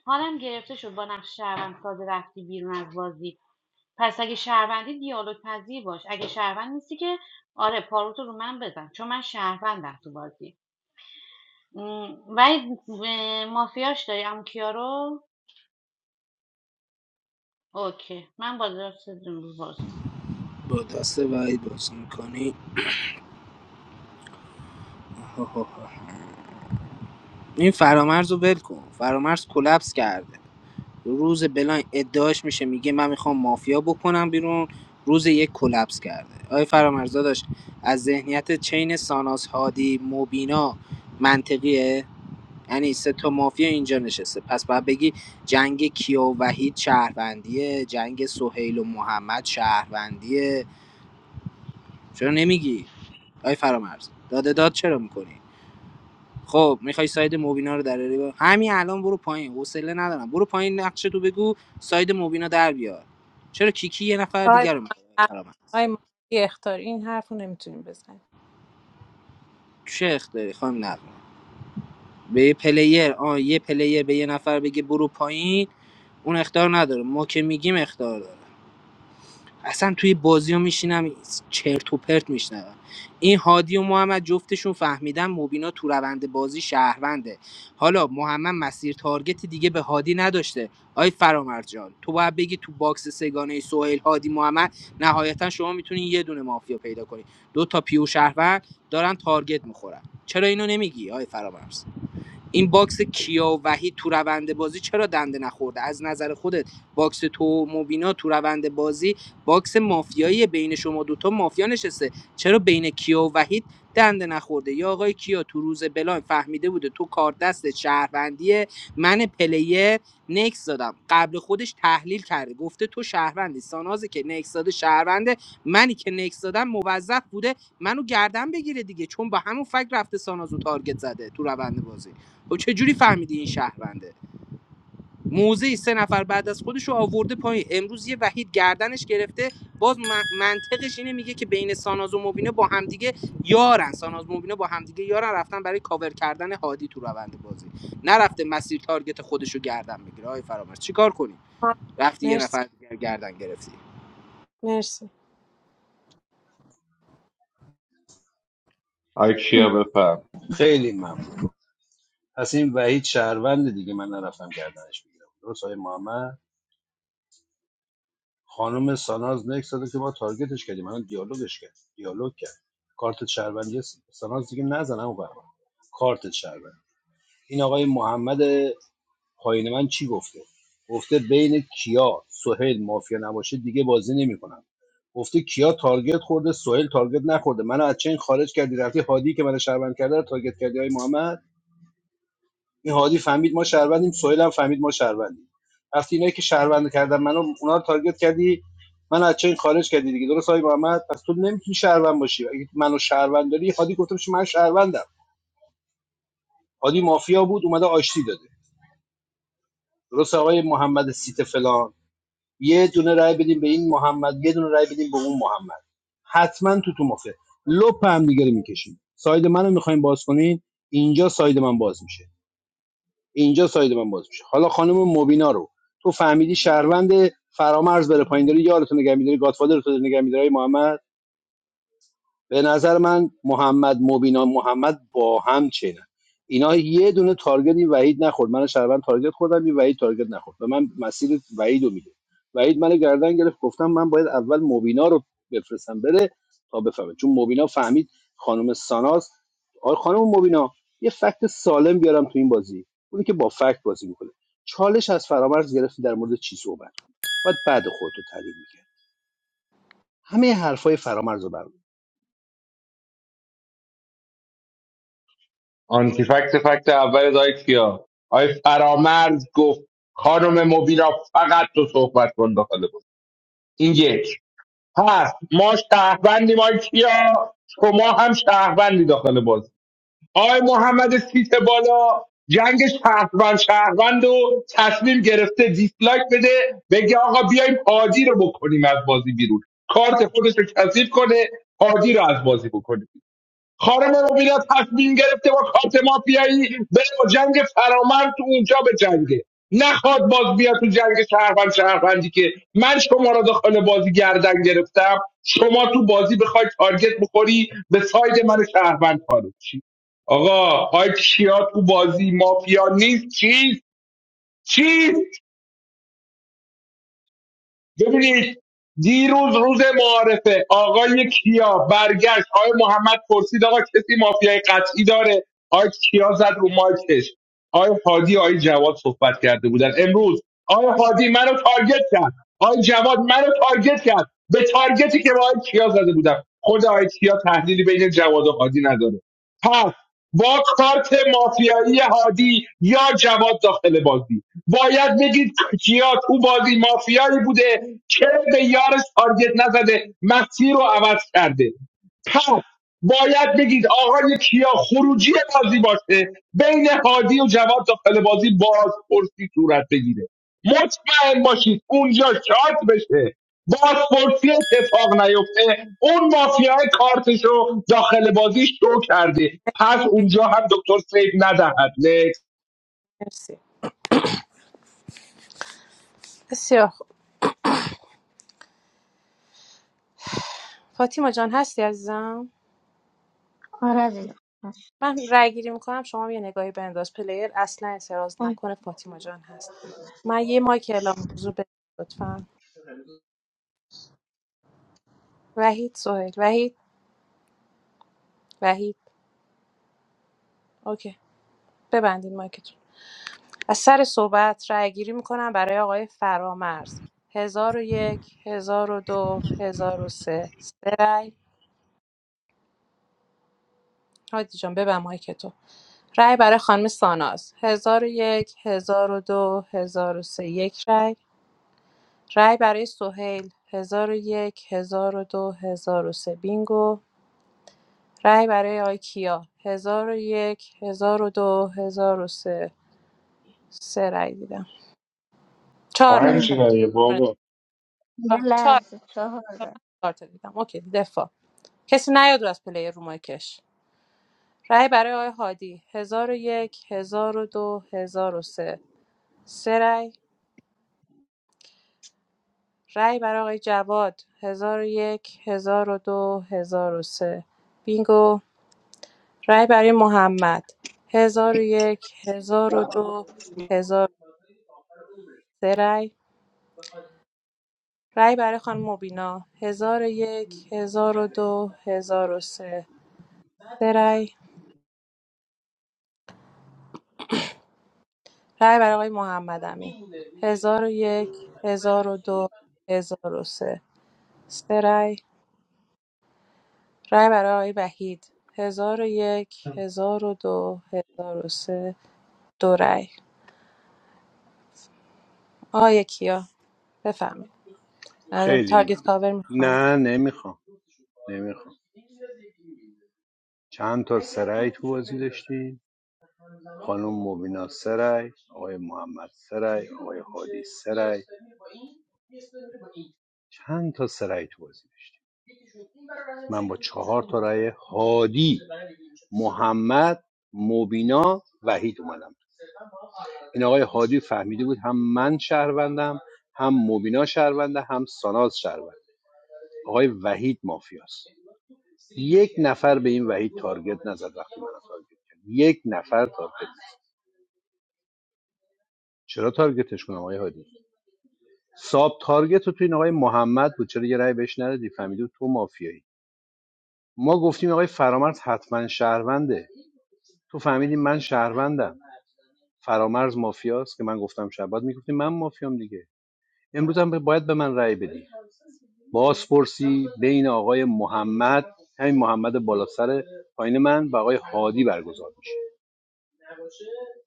حالم گرفته شد با نقش شهروند ساده رفتی بیرون از بازی پس اگه شهروندی دیالوگ پذیر باش اگه شهروند نیستی که آره پاروتو رو من بزن چون من شهروندم تو بازی م، ولی مافیاش داری عمو کیا رو اوکی من با درست روز بازی
با دست وحید بازی میکنی این فرامرز رو ول کن فرامرز کلپس کرده روز بلاین ادعاش میشه میگه من میخوام مافیا بکنم بیرون روز یک کلپس کرده آیا فرامرز داداش از ذهنیت چین ساناس هادی مبینا منطقیه یعنی سه تا مافیا اینجا نشسته پس باید بگی جنگ کیا و وحید شهروندیه جنگ سهیل و محمد شهروندیه چرا نمیگی آی فرامرز داده داد چرا میکنی خب میخوای ساید مبینا رو دراری با همین الان برو پایین حوصله ندارم برو پایین نقشه تو بگو ساید مبینا در بیار چرا کیکی یه نفر
آقای
دیگر رو میخواد
محمد
فرامرز
آقای محمد بی این حرف رو نمیتونیم بزنیم
چه اختیاری خانم نقمه به یه پلیر آه یه پلیر به یه نفر بگه برو پایین اون اختیار نداره ما که میگیم اختیار داره اصلا توی بازی ها میشینم چرت و پرت میشنوم این هادی و محمد جفتشون فهمیدن مبینا تو روند بازی شهرونده حالا محمد مسیر تارگت دیگه به هادی نداشته آی فرامرز جان تو باید بگی تو باکس سگانه سهیل هادی محمد نهایتا شما میتونین یه دونه مافیا پیدا کنی دو تا پیو شهروند دارن تارگت میخورن چرا اینو نمیگی آی فرامرز این باکس کیا و وحید تو روند بازی چرا دنده نخورده از نظر خودت باکس تو و مبینا تو روند بازی باکس مافیایی بین شما دوتا مافیا نشسته چرا بین کیا و وحید دنده نخورده یا آقای کیا تو روز بلاین فهمیده بوده تو کار دست شهروندیه من پلیر نکس دادم قبل خودش تحلیل کرده گفته تو شهروندی سانازی که نکس داده شهرونده منی که نکس دادم موظف بوده منو گردن بگیره دیگه چون با همون فکر رفته سانازو تارگت زده تو روند بازی و چه جوری فهمیدی این شهرونده موزه سه نفر بعد از خودش رو آورده پایین امروز یه وحید گردنش گرفته باز من- منطقش اینه میگه که بین ساناز و مبینه با همدیگه یارن ساناز مبینه با همدیگه یارن رفتن برای کاور کردن هادی تو روند بازی نرفته مسیر تارگت خودش رو گردن بگیره آی فرامرز چیکار کنی
آه،
رفتی یه
مرسی
نفر دیگر گردن گرفتی
مرسی
آی کیا بفهم
خیلی ممنون پس این وحید شهروند دیگه من نرفتم گردنش بگیرم درست آقای محمد خانم ساناز نکس داده که ما تارگتش کردیم من دیالوگش کرد دیالوگ کرد کارت شهروندی ساناز دیگه نزنم و برام کارت شهروند این آقای محمد پایین من چی گفته گفته بین کیا سهیل مافیا نباشه دیگه بازی نمیکنم گفته کیا تارگت خورده سهیل تارگت نخورده منو از چین خارج کردی رفتی هادی که منو شهروند کرده رو تارگت کردی های محمد این هادی فهمید ما شهروندیم سهیل هم فهمید ما شهروندیم وقتی اینایی که شهروند کردن منو اونا رو تارگت کردی من از چین خارج کردی دیگه درست های محمد پس تو نمیتونی شهروند باشی اگه منو شهروند داری هادی گفته من شهروندم هادی مافیا بود اومده آشتی داده درست آقای محمد سیت فلان یه دونه رای بدیم به این محمد یه دونه رای بدیم به اون محمد حتما تو تو مفه لپ هم دیگه رو میکشیم ساید منو میخوایم باز کنین اینجا ساید من باز میشه اینجا ساید من باز میشه حالا خانم مبینا رو تو فهمیدی شهروند فرامرز بره پایین داری یارتو نگه میداری گادفادر تو نگه میداری محمد به نظر من محمد مبینا محمد با هم چینن اینا یه دونه تارگت این وحید نخورد من شربن تارگت خوردم این وحید تارگت نخورد و من مسیر وحید رو میده وحید من گردن گرفت گفتم من باید اول مبینا رو بفرستم بره تا بفهمه چون مبینا فهمید خانم ساناز آ خانم مبینا یه فکت سالم بیارم تو این بازی اونی که با فکت بازی میکنه چالش از فرامرز گرفتی در مورد چی صحبت کنی. باید بعد خودتو تعریف میکنه. همه حرفای فرامرز رو
آنتی فکت فکت اول آی کیا آی فرامرز گفت خانم مبینا فقط تو صحبت کن داخل بود این یک پس ما شهروندیم آی کیا شما هم شهروندی داخل بازی آقای محمد سیت بالا جنگ شهروند شهروند و تصمیم گرفته دیسلایک بده بگه آقا بیایم هادی رو بکنیم از بازی بیرون کارت خودش رو کثیف کنه هادی رو از بازی بکنه خانم مبینا تصمیم گرفته با کارت مافیایی بره با جنگ فرامرز تو اونجا به جنگه نخواد باز بیا تو جنگ شهروند شهروندی که من شما را داخل بازی گردن گرفتم شما تو بازی بخواید تارگت بخوری به ساید من شهروند خارج چی آقا های کیا تو بازی مافیا نیست چیست چیست ببینید دیروز روز معارفه آقای کیا برگشت آقای محمد پرسید آقا کسی مافیای قطعی داره آقای کیا زد رو مایکش آقای حادی آقای جواد صحبت کرده بودن امروز آقای حادی منو تارگت کرد آقای جواد منو تارگت کرد به تارگتی که با آقای کیا زده بودم خود آقای کیا تحلیلی بین جواد و حادی نداره پس با کارت مافیایی هادی یا جواد داخل بازی باید بگید کیا تو بازی مافیایی بوده که به یارش تارگت نزده مسیر رو عوض کرده پس باید بگید آقای کیا خروجی بازی باشه بین هادی و جواد داخل بازی بازپرسی صورت بگیره مطمئن باشید اونجا شاد بشه بازپرسی اتفاق نیفته اون مافیای کارتش رو داخل بازی شو کرده پس
مرسی
اونجا هم دکتر سیف ندهد نه.
مرسی. بسیار خوب فاطیما جان هستی عزیزم
آره دیدم بس.
من رأی گیری میکنم شما یه نگاهی بنداز پلیر اصلا اعتراض
اون
نکنه فاطیما جان هست من یه مایک اعلام موضوع به لطفا وحید سهیل وحید وحید اوکی ببندید مایکتون از سر صحبت رأی گیری میکنم برای آقای فرامرز هزار و یک هزار و دو هزار و سه سه رأی هادی جان ببند مایکتو رای برای خانم ساناز هزار و یک هزار و دو هزار و سه یک رأی رای برای سهیل ۱۰۰۱ ۱۰۰۲ ۱۰۰۳ بینگو رای برای آقای کیا ۱۰۰۱ ۱۰۰۲ ۱۰۰۳ سه سه رای دیدم ۴ رای
پنج
نه
۴
برای
رای
بابا
یه
۴
لحظه چهار
تا دیدم اوکی دفاع کسی نیاد رو از پلی رو مایکش رای برای آقای هادی ۱۰۰۱ ۱۰۰۲ ۱۰۰۳ سه سه رای رای برای آقای جواد ۱۰۰۱ ۱۰۰۲ ۱۰۰۳ بینگو رای برای محمد هزار و یک هزار 1002 1003 رای رای برای خانم مبینا 1001 هزار 1003 سه سه رای رای برای آقای محمد امین 1001 هزار 1003 سه سه رای رای برای آقای وحید هزار 1002 1003 دو هزار و سه دو رای آقای کیا بفهمید
خیلی
تارگت
ممنون
کاور میخوان
نه نمیخوام نمیخوام چند تا سرای تو بازی داشتیم خانم مبینا سرای آقای محمد سرای آقای حادی سرای چند تا سرای تو بازی داشتیم من با چهار تا رأی هادی محمد مبینا وحید اومدم این آقای هادی فهمیده بود هم من شهروندم هم مبینا شهرونده هم ساناز شهرونده آقای وحید مافیاست یک نفر به این وحید تارگت نزد وقتی من تارگت کرد یک نفر تارگت نزد چرا تارگتش کنم آقای هادی ساب تارگت رو تو این آقای محمد بود چرا یه رأی بهش ندادی فهمیدی تو مافیایی ما گفتیم آقای فرامرز حتما شهرونده تو فهمیدی من شهروندم فرامرز مافیاست که من گفتم شبات میگفتیم من مافیام دیگه امروز هم باید به من رأی بدی بازپرسی بین آقای محمد همین محمد بالا سر پایین من و آقای هادی برگزار میشه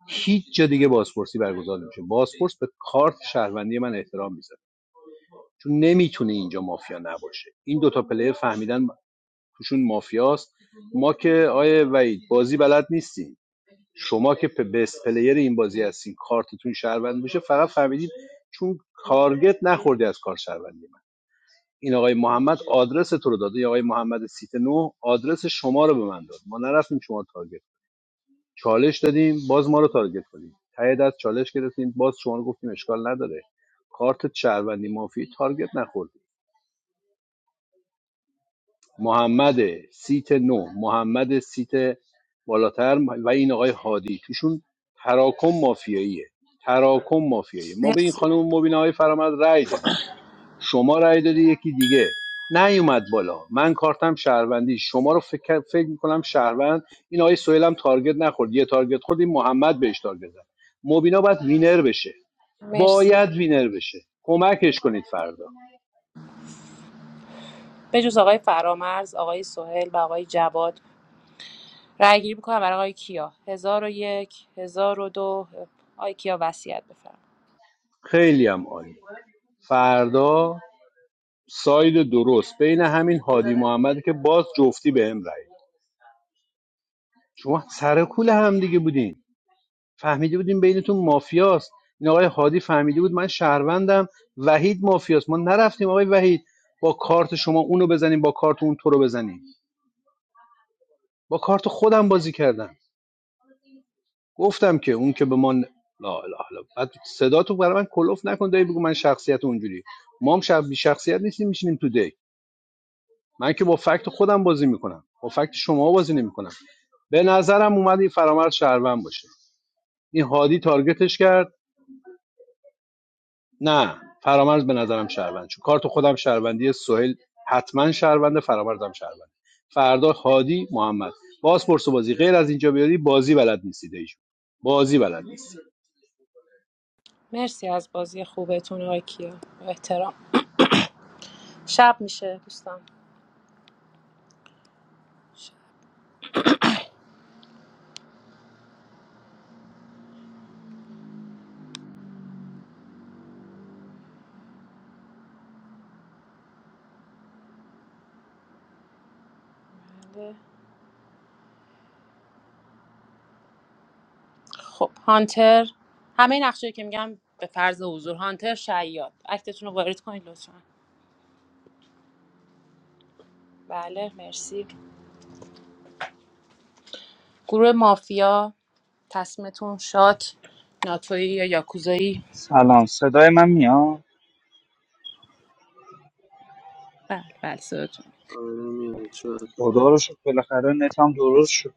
هیچ جا دیگه بازپرسی برگزار نمیشه بازپرس به کارت شهروندی من احترام میذاره چون نمیتونه اینجا مافیا نباشه این دوتا پلیر فهمیدن توشون مافیاست ما که آیه وحید بازی بلد نیستیم شما که پ- بست پلیر این بازی هستین کارتتون شهروند میشه فقط فهمیدید چون تارگت نخوردی از کار شهروندی. این آقای محمد آدرس تو رو داده این آقای محمد سیت نو آدرس شما رو به من داد ما نرفتیم شما تارگت چالش دادیم باز ما رو تارگت کنیم ته دست چالش گرفتیم باز شما رو گفتیم اشکال نداره کارت شهروندی مافی تارگت نخوردیم محمد سیت نو محمد سیت بالاتر و این آقای هادی توشون تراکم مافیاییه تراکم مافیاییه ما به این
مرسی
خانم مبینه های فرامد رأی دادیم شما رأی دادی یکی دیگه نیومد بالا من کارتم شهروندی شما رو فکر فکر میکنم شهروند این آقای سهیل هم تارگت نخورد یه تارگت خورد این محمد بهش تارگت زد مبینا باید وینر بشه
مرسی
باید وینر بشه کمکش کنید فردا
به جز آقای فرامرز، آقای سهیل و آقای جواد رأی گیری میکنم برای آقای کیا هزار و یک هزار و دو آقای کیا وصیت بفرم
خیلی هم عالی فردا ساید درست بین همین هادی محمدی که باز جفتی به هم رأی داد. شما سر کول هم دیگه بودین فهمیده بودیم بینتون مافیاست این آقای هادی فهمیده بود من شهروندم وحید مافیاست ما نرفتیم آقای وحید با کارت شما اونو بزنیم با کارت اون تو رو بزنیم با کارت خودم بازی کردم گفتم که اون که به من ن- لا اله الا بعد صدا تو برای من کلوف نکن دایی بگو من شخصیت اونجوری ما هم شب بی شخصیت نیستیم میشینیم تو دی من که با فکت خودم بازی میکنم با فکت شما بازی نمیکنم به نظرم اومد این فرامرز شهروند باشه این هادی تارگتش کرد نه فرامرز به نظرم شهروند چون کارت خودم شهروندی سهیل حتما شهرونده فرامرزم شهروند فردا هادی محمد باز پرس و بازی غیر از اینجا بیاری بازی بلد نیستید ایشون بازی بلد نیست
مرسی از بازی خوبتون آقای کیا با احترام شب میشه دوستان شبه. خب هانتر همه نقشه که میگم به فرض حضور هانتر شیاد اکتتون رو وارد کنید لطفا بله مرسی گروه مافیا تصمیمتون شات ناتوی یا یاکوزایی
سلام صدای من میاد
بله بله صداتون
too.
خدا رو شکر بالاخره نتم درست شد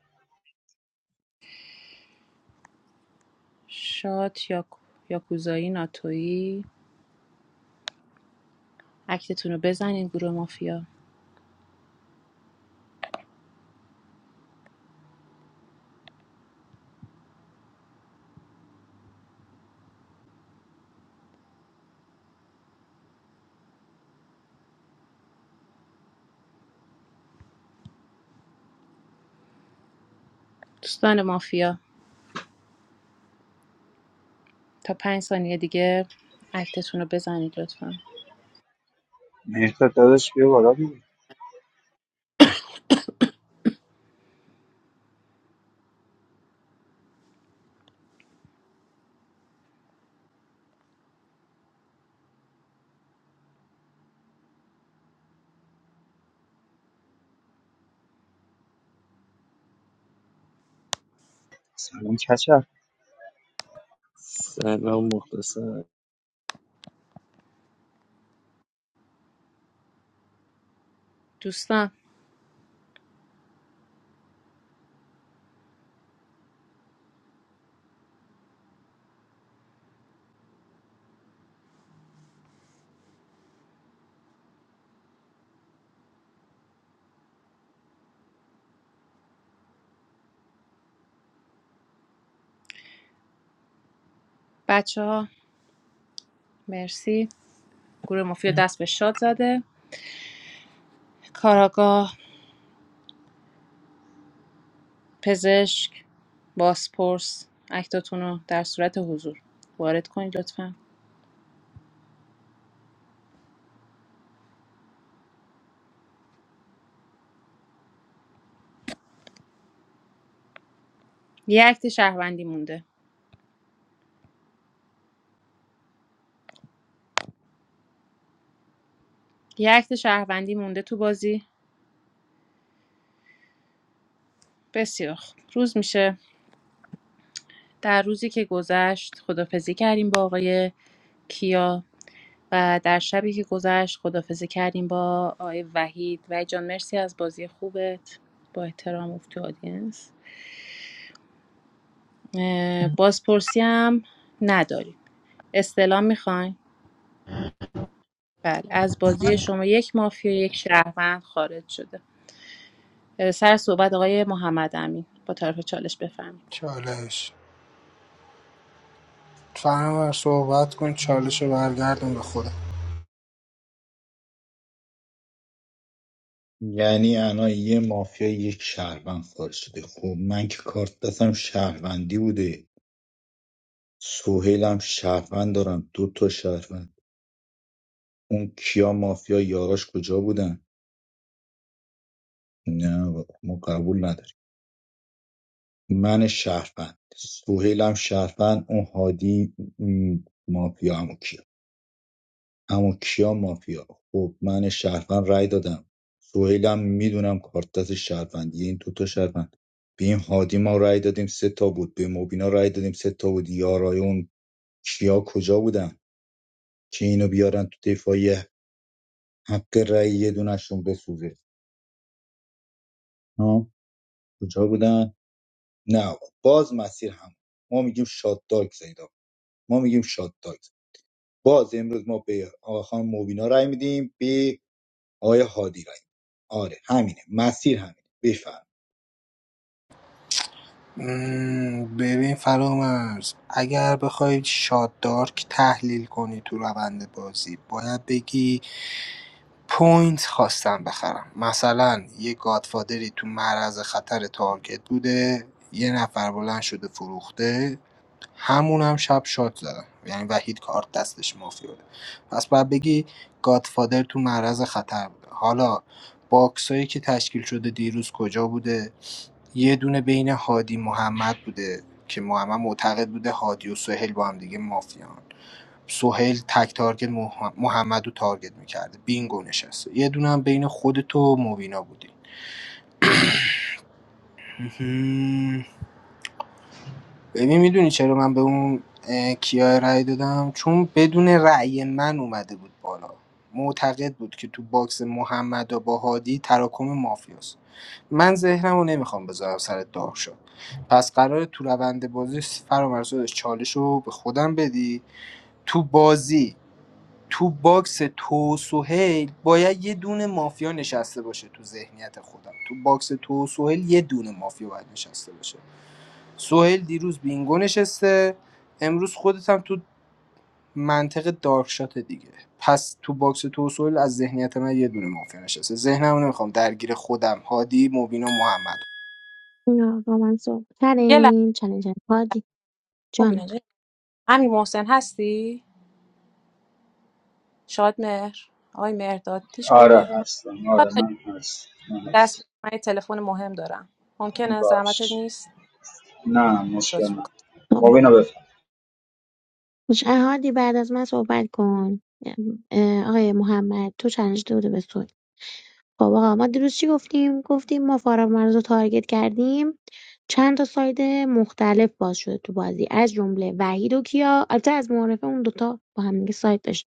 شات یا یاکوزایی ناتویی اکتتون رو بزنین گروه مافیا دوستان مافیا تا پنج ثانیه دیگه اکتتون رو بزنید لطفا
مهداد داداش بیا بالا دیگه سلام کچر
سلام مخلصم
دوستان بچه ها مرسی گروه مافیا دست به شاد زده کاراگاه پزشک باسپورس اکتتون رو در صورت حضور وارد کنید لطفا یه اکت شهروندی مونده یه اکت شهروندی مونده تو بازی بسیار روز میشه در روزی که گذشت خدافزی کردیم با آقای کیا و در شبی که گذشت خدافزی کردیم با آقای وحید وحید جان مرسی از بازی خوبت با احترام افتی آدینس اه، بازپرسی هم نداریم استلام میخواین بله از بازی شما یک مافیا یک شهروند خارج شده اه، سر صحبت آقای محمد امین با طرف چالش بفهمید
چالش فرامرز صحبت کن چالش رو برگردون به خودت
یعنی الان یه مافیا یک شهروند خارج شده خب من که کارت دستم شهروندی بوده سوهیلم شهروند دارم دو تا شهروند اون کیا مافیا یاراش کجا بودن نه بابا، ما قبول نداریم من شهروند سوهیلم شهروند اون هادی م، مافیا امو کیا امو کیا مافیا خب من شهروند رای دادم سوهیلم میدونم کارت دست شهروندی این دوتا شهروند به این هادی ما رای دادیم سه تا بود به مبینا رای دادیم سه تا بود یارای اون کیا کجا بودن که اینو بیارن تو دفاعیه حق رای یه دونشون بسوزه ها کجا بودن نه آقا. باز مسیر هم ما میگیم شاد داگ زیدا ما میگیم شاد باز امروز ما به آقا خانم مبینا رای میدیم به آقای هادی رای می‌دیم. آره همینه مسیر همینه بفرم
مم، ببین فرامرز اگر بخوای شاددارک تحلیل کنی تو روند بازی باید بگی پوینت خواستم بخرم مثلا یه گادفادری تو معرض خطر تارگت بوده یه نفر بلند شده فروخته همون هم شب شاد زدن یعنی وحید کارت دستش مافی بوده پس باید بگی گادفادر تو معرض خطر بوده حالا باکسایی که تشکیل شده دیروز کجا بوده یه دونه بین هادی محمد بوده که محمد معتقد بوده هادی و سهیل با هم دیگه مافیان سهیل تک تارگت مح- محمد رو تارگت میکرده بینگو نشسته یه دونه هم بین خودت و مبینا بودی مهم. ببین میدونی چرا من به اون اه، کیا رأی دادم چون بدون رأی من اومده بود بالا معتقد بود که تو باکس محمد و با هادی تراکم مافیاست من ذهنمو نمیخوام بذارم سر داغ شه پس قراره تو روند بازی فرامرز چالش رو به خودم بدی تو بازی تو باکس تو و سهیل باید یه دونه مافیا نشسته باشه تو ذهنیت خودم تو باکس تو و سهیل یه دونه مافیا باید نشسته باشه سهیل دیروز بینگو نشسته امروز خودت هم تو منطقه دارکشات دیگه پس تو باکس تو و سهیل از ذهنیت من یه دونه مافیا نشسته ذهنمو نمیخوام درگیر خودم هادی مبینا محمد
اینا با من صحبت
یه لحظه
کردین چلنجر هادی
خب
جانم
اینا جا- امیر محسن هستی شادمهر آقای مهرداد هیچ
آره
کدوم
هستم آره من هست من
دست بگیر
هست
من یه تلفن مهم دارم ممکنه زحمتت
باش
نیست
نه مشکل
لطف
نه
میکنم
خب.
مبینا بفر
پیشنهادی بعد از من صحبت کن اه، آقای محمد تو چالش داده به سوی خب آقا ما دیروز چی گفتیم گفتیم ما فارغ مرز رو تارگت کردیم چند تا ساید مختلف باز شده تو بازی از جمله وحید و کیا البته از معارفه اون دوتا با هم دیگه ساید داشت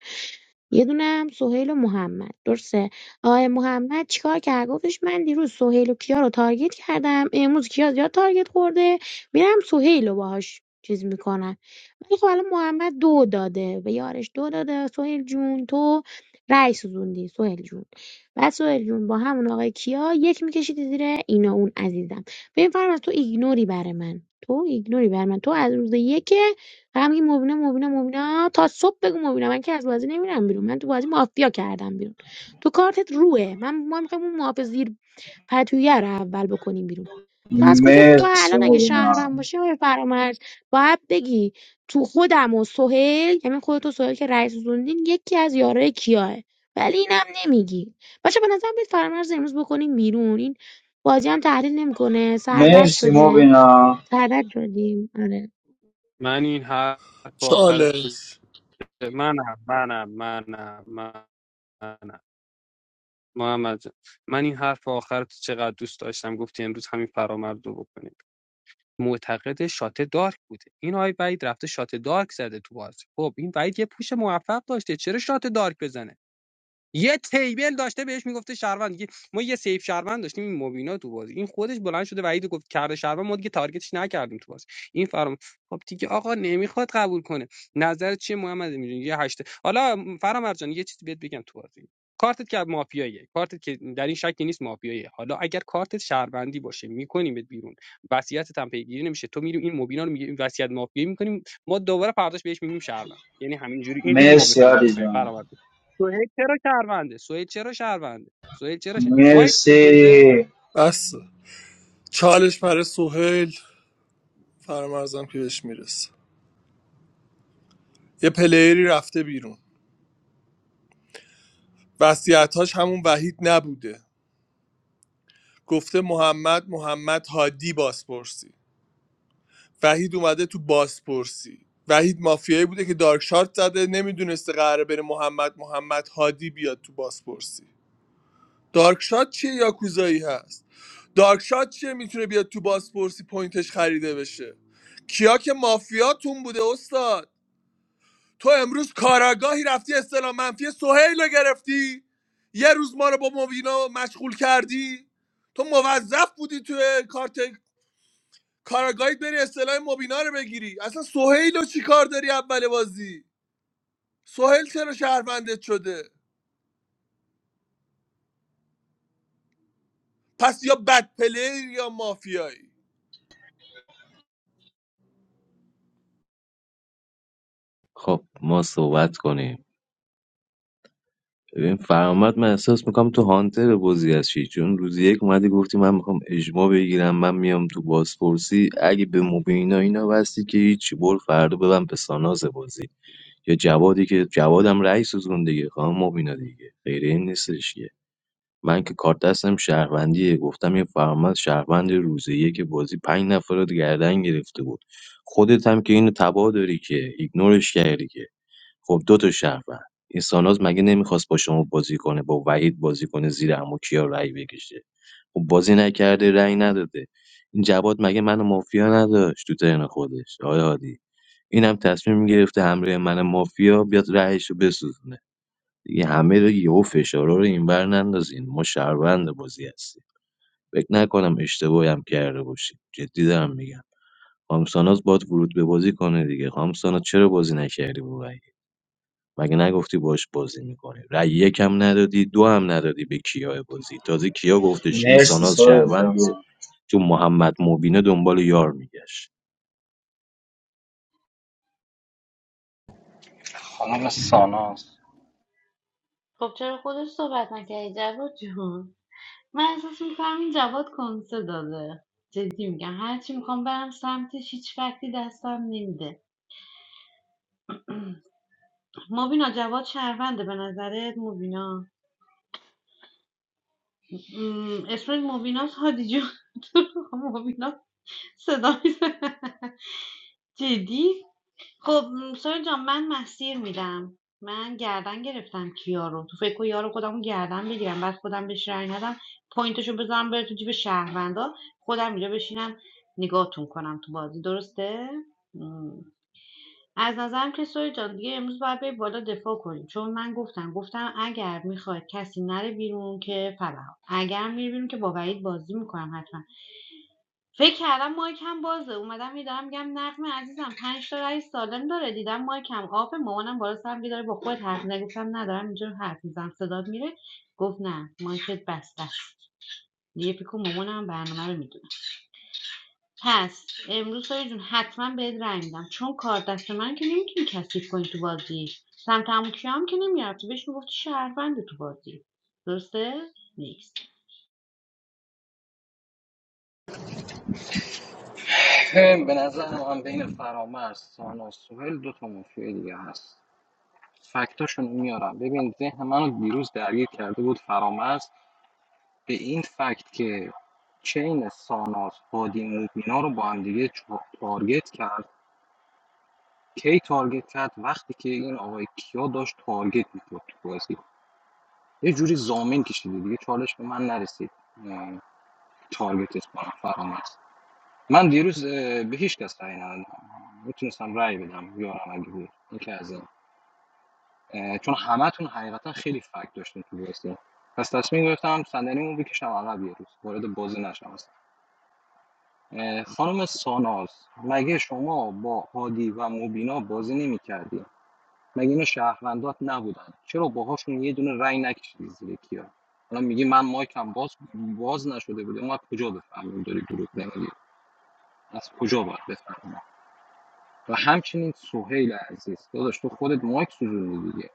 یه دونه هم سهیل و محمد درسته آقای محمد چیکار کرد گفتش من دیروز سهیل و کیا رو تارگت کردم امروز کیا زیاد تارگت خورده میرم سهیل رو باهاش چیز میکنم ولی خب الان محمد دو داده به یارش دو داده سهیل جون تو رأی سوزوندی سهیل جون و سهیل جون با همون آقای کیا یک میکشیدی زیر اینا اون عزیزم ببین فرما تو ایگنوری برای من تو ایگنوری برای من تو از روز یک فقط میگی مبینا مبینا مبینا تا صبح بگو مبینا من که از بازی نمیرم بیرون من تو بازی مافیا کردم بیرون تو کارتت روه من ما میخوایم اون پتویه رو اول بکنیم بیرون تو از کجا تو
مرسی
الان اگه
مبینا
شهرم باشی آقای فرامرز باید بگی تو خودم و سهیل یعنی خودت و سهیل که رئیس زوندین یکی از یارای کیاه ولی اینم نمیگی باشه به نظرم بیت فرامرز امروز بکنیم بیرون این بازی هم تحلیل نمیکنه سردرد
مرسی
شده
مبینا
سردرد شدیم آره
من این حرف آخر تو
چالش
که- منم منم منم منم محمد جان، من این حرف آخر تو چقدر دوست داشتم گفتی امروز همین فرامرز رو بکنیم معتقد شات دارک بوده این آقای وحید رفته شات دارک زده تو بازی خب این وحید یه پوش موفق داشته چرا شات دارک بزنه یه تیبل داشته بهش میگفته شهروند دیگه ما یه سیف شهروند داشتیم این مبینا تو بازی این خودش بلند شده وحید گفت کرده شهروند ما دیگه تارگتش نکردیم تو بازی این فرام خب دیگه آقا نمیخواد قبول کنه نظر چیه محمد میدون یه هشت حالا فرام ارجان یه چیزی بهت بگم تو بازی کارتت که مافیاییه کارتت که در این شکی نیست مافیاییه حالا اگر کارتت شهروندی باشه میکنیمت بیرون وصیتت هم پیگیری نمیشه تو میری این مبینا رو میگی این وصیت مافیایی میکنیم ما دوباره فرداش بهش میگیم شهروند یعنی همینجوری اینجوری ما
مرسی
میخوایم بازی
علی
کنیم
جان
فرام سهیل چرا شهرونده سهیل چرا شهرونده سهیل چرا شه- مایک سوزونده
مرسی
بس چالش برای سوهل فرمازم که بهش میرسه یه پلیری رفته بیرون وصیتاش همون وحید نبوده گفته محمد محمد هادی بازپرسی وحید اومده تو بازپرسی وحید مافیایی بوده که دارک شارت زده نمیدونسته قراره بره محمد محمد هادی بیاد تو بازپرسی دارک شات چیه یاکوزایی هست دارک شات چیه میتونه بیاد تو بازپرسی پوینتش خریده بشه کیا که مافیاتون بوده استاد تو امروز کاراگاهی رفتی استلام منفی سهیل رو گرفتی یه روز ما رو با مبینا مشغول کردی تو موظف بودی تو کارت کاراگاهی بری استلام مبینا رو بگیری اصلا سهیل رو چی کار داری اول بازی سهیل چرا شهروندت شده پس یا بد پلیر یا مافیایی
خب ما صحبت کنیم ببین فرامد من احساس میکنم تو هانتر بازی هستی چون روز یک اومدی گفتی من میخوام اجماع بگیرم من میام تو بازپرسی اگه به مبینا اینا بستی که هیچ بر فردا ببن به ساناز بازی یا جوادی که جوادم رئیس سوزون دیگه خانم مبینا دیگه غیر این نیستش که من که کارت دستم شهروندیه گفتم یه فرمد شهروند روزیه که بازی پنج نفر رو گردن گرفته بود خودت هم که اینو تبا داری که ایگنورش کردی که خب دو تا شهروند این ساناز مگه نمیخواست با شما بازی کنه با وحید بازی کنه زیر عمو کیا رأی بکشه خب بازی نکرده رأی نداده این جواد مگه منو مافیا نداشت تو ترن خودش آیا هادی اینم تصمیم گرفته همراه من مافیا بیاد رأیش رو بسوزونه دیگه همه رو یهو فشارا رو اینور نندازین ما شهروند بازی هستیم فکر نکنم اشتباهی هم کرده باشیم جدی دارم میگم خانم ساناز باید ورود به بازی کنه دیگه خانم ساناز چرا بازی نکردی با وحید مگه نگفتی باش بازی میکنی رأی یکم ندادی دو هم ندادی به کیا بازی تازه کیا گفتش این
مرسی
ساناز
سویل جان
شهرونده تو محمد مبینه دنبال یار میگشت
خانم ساناز
خب چرا خودش صحبت نکردی جواد جون من احساس میکنم این جواد کنسه داده جدی میگم هرچی میخوام برم سمتش هیچ فکتی دستم نمیده مبینا جواد شهرونده به نظرت مبینا م، اسم مبیناست هادی جون [LAUGHS] مبینا صدا میزنه جدی خب م، سویل جان من مسیر میدم من گردن گرفتم کیا رو تو فکر و یارو خودم گردن بگیرم بعد خودم بهش رأی ندم پوینتشو بذارم بره تو جیب شهروندا خودم اینجا بشینم نگاهتون کنم تو بازی درسته م. از نظرم که سویل جان دیگه امروز باید بری بالا دفاع کنیم چون من گفتم گفتم اگر میخواد کسی نره بیرون که فبها اگر میره بیرون که با وحید بازی میکنم حتما فکر کردم مایکم بازه اومدم میدارم میگم نقمه عزیزم پنج تا رای سالم داره دیدم مایکم آب مامانم بالا سرم بیداره با خود حرف می‌زنه. گفتم ندارم اینجور حرف میزنم صدات میره گفت نه مایکت بسته است دیگه فکر کن مامانم برنامه رو میدونه پس امروز سایه جون حتما بهت رای میدم چون کار دست من که نمیتونی کثیف کنی تو بازی سمت عمو کیا هم که نمیرفتی بهش میگفتی شهروند تو بازی درسته نیکس.
به نظر من بین فرامرز ساناز سوهل دو تا مافیا دیگه هست فکتاشون میارم ببین ذهن منو دیروز درگیر کرده بود فرامرز به این فکت که چین ساناس هادی موبینا رو با هم دیگه تارگت کرد کی تارگت کرد وقتی که این آقای کیا داشت تارگت می‌کرد تو بازی یه جوری زامین کشیده دیگه چالش به من نرسید اه، تارگتش کنم فرامرز من دیروز به هیچ کس رأی ندادم میتونستم رأی بدم یارم اگه بود این که از این اه، چون همتون حقیقتا خیلی فکت داشتین تو بازی پس تصمیم گرفتم صندلیمو بکشم عقب یه روز وارد بازی نشم اه، خانم ساناز مگه شما با هادی و مبینا بازی نمی کردی؟ مگه اینا شهروندات نبودن چرا باهاشون یه دونه رأی نکشیدی زیر کیا الان میگی من مایکم باز باز نشده بوده ما از کجا بفهمیم داری دروغ نمیگی از کجا باید بفهمیم و همچنین سهیل عزیز داداش تو خودت مایک سوزوندی دیگه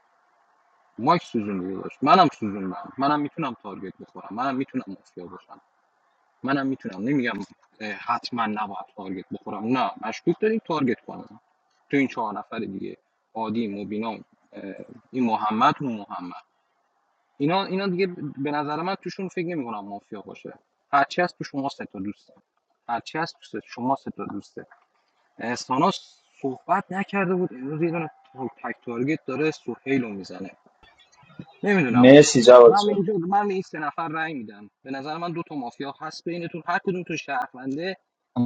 مایک سوزوندی داداش منم سوزوندم منم میتونم تارگت بخورم منم میتونم مافیا باشم منم میتونم نمیگم حتما نباید تارگت بخورم نه مشکوک داریم تارگت کنم تو این چهار نفر دیگه عادی مبینا اه، این محمد اون محمد اینا اینا دیگه به نظر من توشون فکر نمی‌کنم مافیا باشه هرچی هست تو شما سه تا دوسته هرچی هست تو سه- شما سه تا دوسته احسانا صحبت نکرده بود امروز یه دونه تک تارگت داره سهیل میزنه نمیدونم
مرسی جواد
من به
جان
اینجا من به این سه نفر رأی میدم به نظر من دو تا مافیا هست بینتون هر کدوم تو شهرونده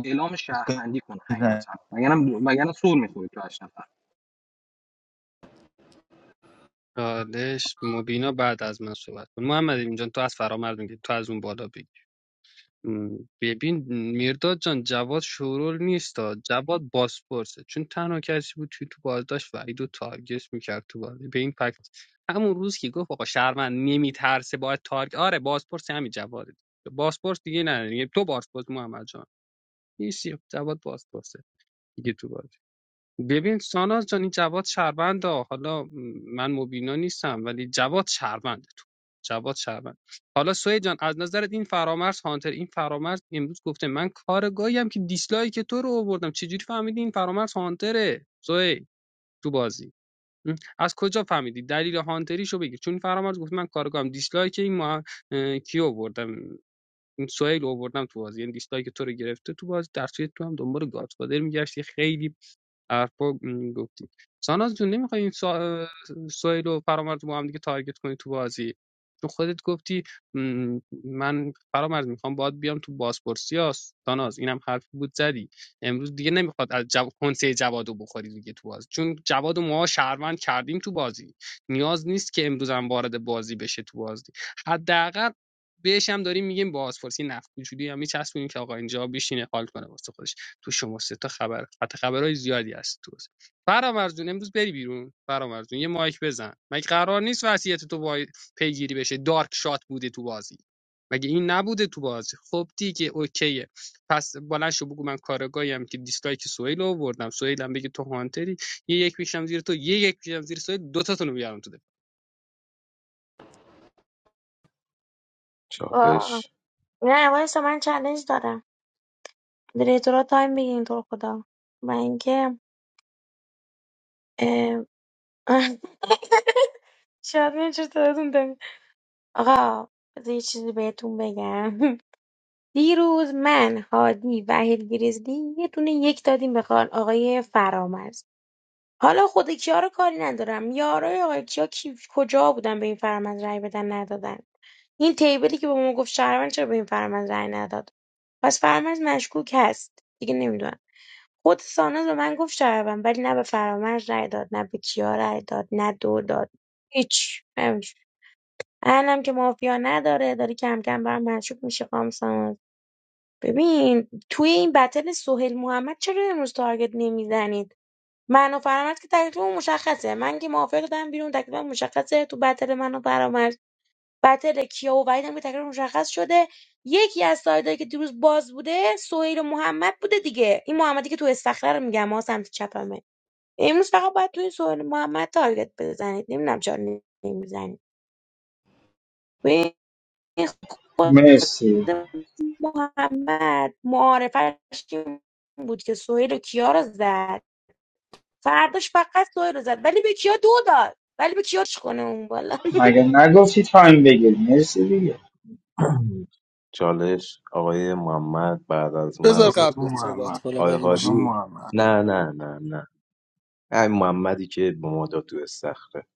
اعلام شهروندی کنه حقیقتا مگر مگر سر میخوری تو هشت نفر
چالش مبینا بعد از من صحبت کن محمد امین جان تو از فرامرز میگی تو از اون بالا بگی م، ببین میرداد جان جواد شورول نیست تا جواد باسپورسه چون تنها کسی بود که تو بازداشت وعید و تارگت میکرد تو بازی به این فکت همون روز که گفت آقا شهرمند نمیترسه باید تارگت آره باسپورس همین جواد باسپورس دیگه نه دیگه تو باسپورس محمد جان نیستی جواد باسپورسه دیگه تو بازی ببین ساناز جان این جواد شهروند ها. حالا م، من مبینا نیستم ولی جواد شهروند تو جواد شهروند حالا سوی جان از نظرت این فرامرز هانتر این فرامرز امروز گفته من کارگاهی هم که دیسلایک تو رو آوردم چجوری فهمیدی این فرامرز هانتره سوی تو بازی م؟ از کجا فهمیدی دلیل هانتریشو بگیر چون این فرامرز گفت من کارگاهم دیسلایک این ما کی آوردم این سوهیل رو آوردم تو بازی یعنی دیسلایک تو رو گرفته تو بازی در صورتی که تو هم دنبال گادفادر میگشتی خیلی حرفا گفتی ساناز جون نمیخوای این سا... سویل و فرامرز رو با هم دیگه تارگت کنی تو بازی تو خودت گفتی م، من فرامرز میخوام باید بیام تو بازپرسی ها ساناز اینم حرفی بود زدی امروز دیگه نمیخواد از جو... کنسه جوادو بخوری دیگه تو بازی چون جواد و ما شهروند کردیم تو بازی نیاز نیست که امروز هم وارد بازی بشه تو بازی حداقل بهش هم داریم میگیم بازپرسی نفت وجودی هم میچسبونیم که آقا اینجا بشینه حال کنه واسه خودش تو شما سه تا خبر قطع خبرهای زیادی هست تو فرامرزون امروز بری بیرون فرامرزون یه مایک بزن مگه قرار نیست وصیت تو وای- پیگیری بشه دارک شات بوده تو بازی مگه این نبوده تو بازی خب دیگه اوکیه پس بلند شو بگو من کارگاهیم که دیسلایک سهیل رو آوردم سهیل هم بگه تو هانتری یه یک میشم زیر تو یه یک میشم زیر سهیل دو تاتون رو بیارم تو دفاع.
آه.
چالش
نه وایسا من چالش دارم دیریتورا تایم بگیرین تو رو خدا و اینکه اه، [LAUGHS] شاید من چطورتون آقا بذار یه چیزی بهتون بگم [LAUGHS] دیروز من هادی وحید گریزلی یه دونه یک دادیم به خان- آقای فرامرز حالا خود کیا رو کاری ندارم یارای آقای کیا کی کجا بودن به این فرامرز رأی بدن ندادن این تیبلی که به ما گفت شهروند چرا به این فرامرز رأی نداد پس فرامرز مشکوک هست دیگه نمیدونم خود ساناز به من گفت شهروند ولی نه به فرامرز رأی داد نه به کیا رأی داد نه دو داد هیچ الانم که مافیا نداره داری کم کم برام مشکوک میشه خام ببین توی این بتل سهیل محمد چرا امروز تارگت نمیزنید من و فرامرز که تکلیفمون مشخصه من که موافق دادم بیرون تکلیفم مشخصه تو بتل من و فرامرز بتل کیا و وحید هم که تکلیف مشخص شده یکی از سایدایی که دیروز باز بوده سهیل و محمد بوده دیگه این محمدی که تو استخره رو میگم ها سمت چپمه امروز فقط باید توی سهیل محمد تارگت بزنید نمیدونم چرا نمیزنید خود
مرسی
محمد معارفش این بود که سهیل و کیا رو زد فرداش فقط سهیل رو زد ولی به کیا دو داد ولی به کیا چش کنه اون بالا
مگه نگفتی تایم بگیر مرسی دیگه
چالش آقای محمد بعد از من
بذار
صحبت
کدوم
کن
قبلت صحبت
محمد
کنم
آقای
اگه میشه
کدوم
هادی
محمد
نه نه نه نه ای محمدی که با ما داد تو استخره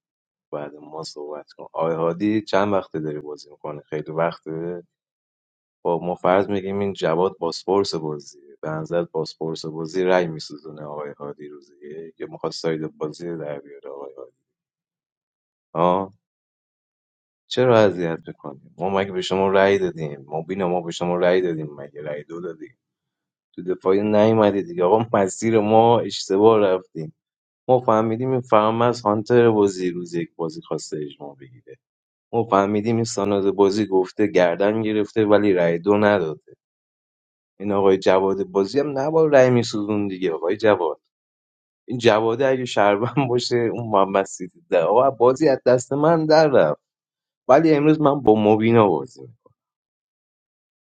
بعد ما صحبت کن آقای هادی چند وقته داری بازی میکنه خیلی وقته با ما فرض میگیم این جواد باسپورس بازی به نظر باسپورس بازی رای میسوزونه آقای هادی روزیه که میخواد ساید بازی رو در بیاره آقای هادی آه چرا اذیت میکنیم ما مگه به شما رأی دادیم ما بینا ما به شما رأی دادیم مگه رأی دو دادیم تو دفاعی نیومدی دیگه آقا مسیر ما اشتباه رفتیم ما فهمیدیم این فرامرز هانتر بازی روز یک بازی خواسته اجماع بگیره ما فهمیدیم این ساناز بازی گفته گردن گرفته ولی رای دو نداده این آقای جواد بازی هم نباید رای میسوزون دیگه آقای جواد این جواده اگه شربن باشه اون محمد سیدی ده آقا بازی از دست من در رفت ولی امروز من با مبینا بازی میکنم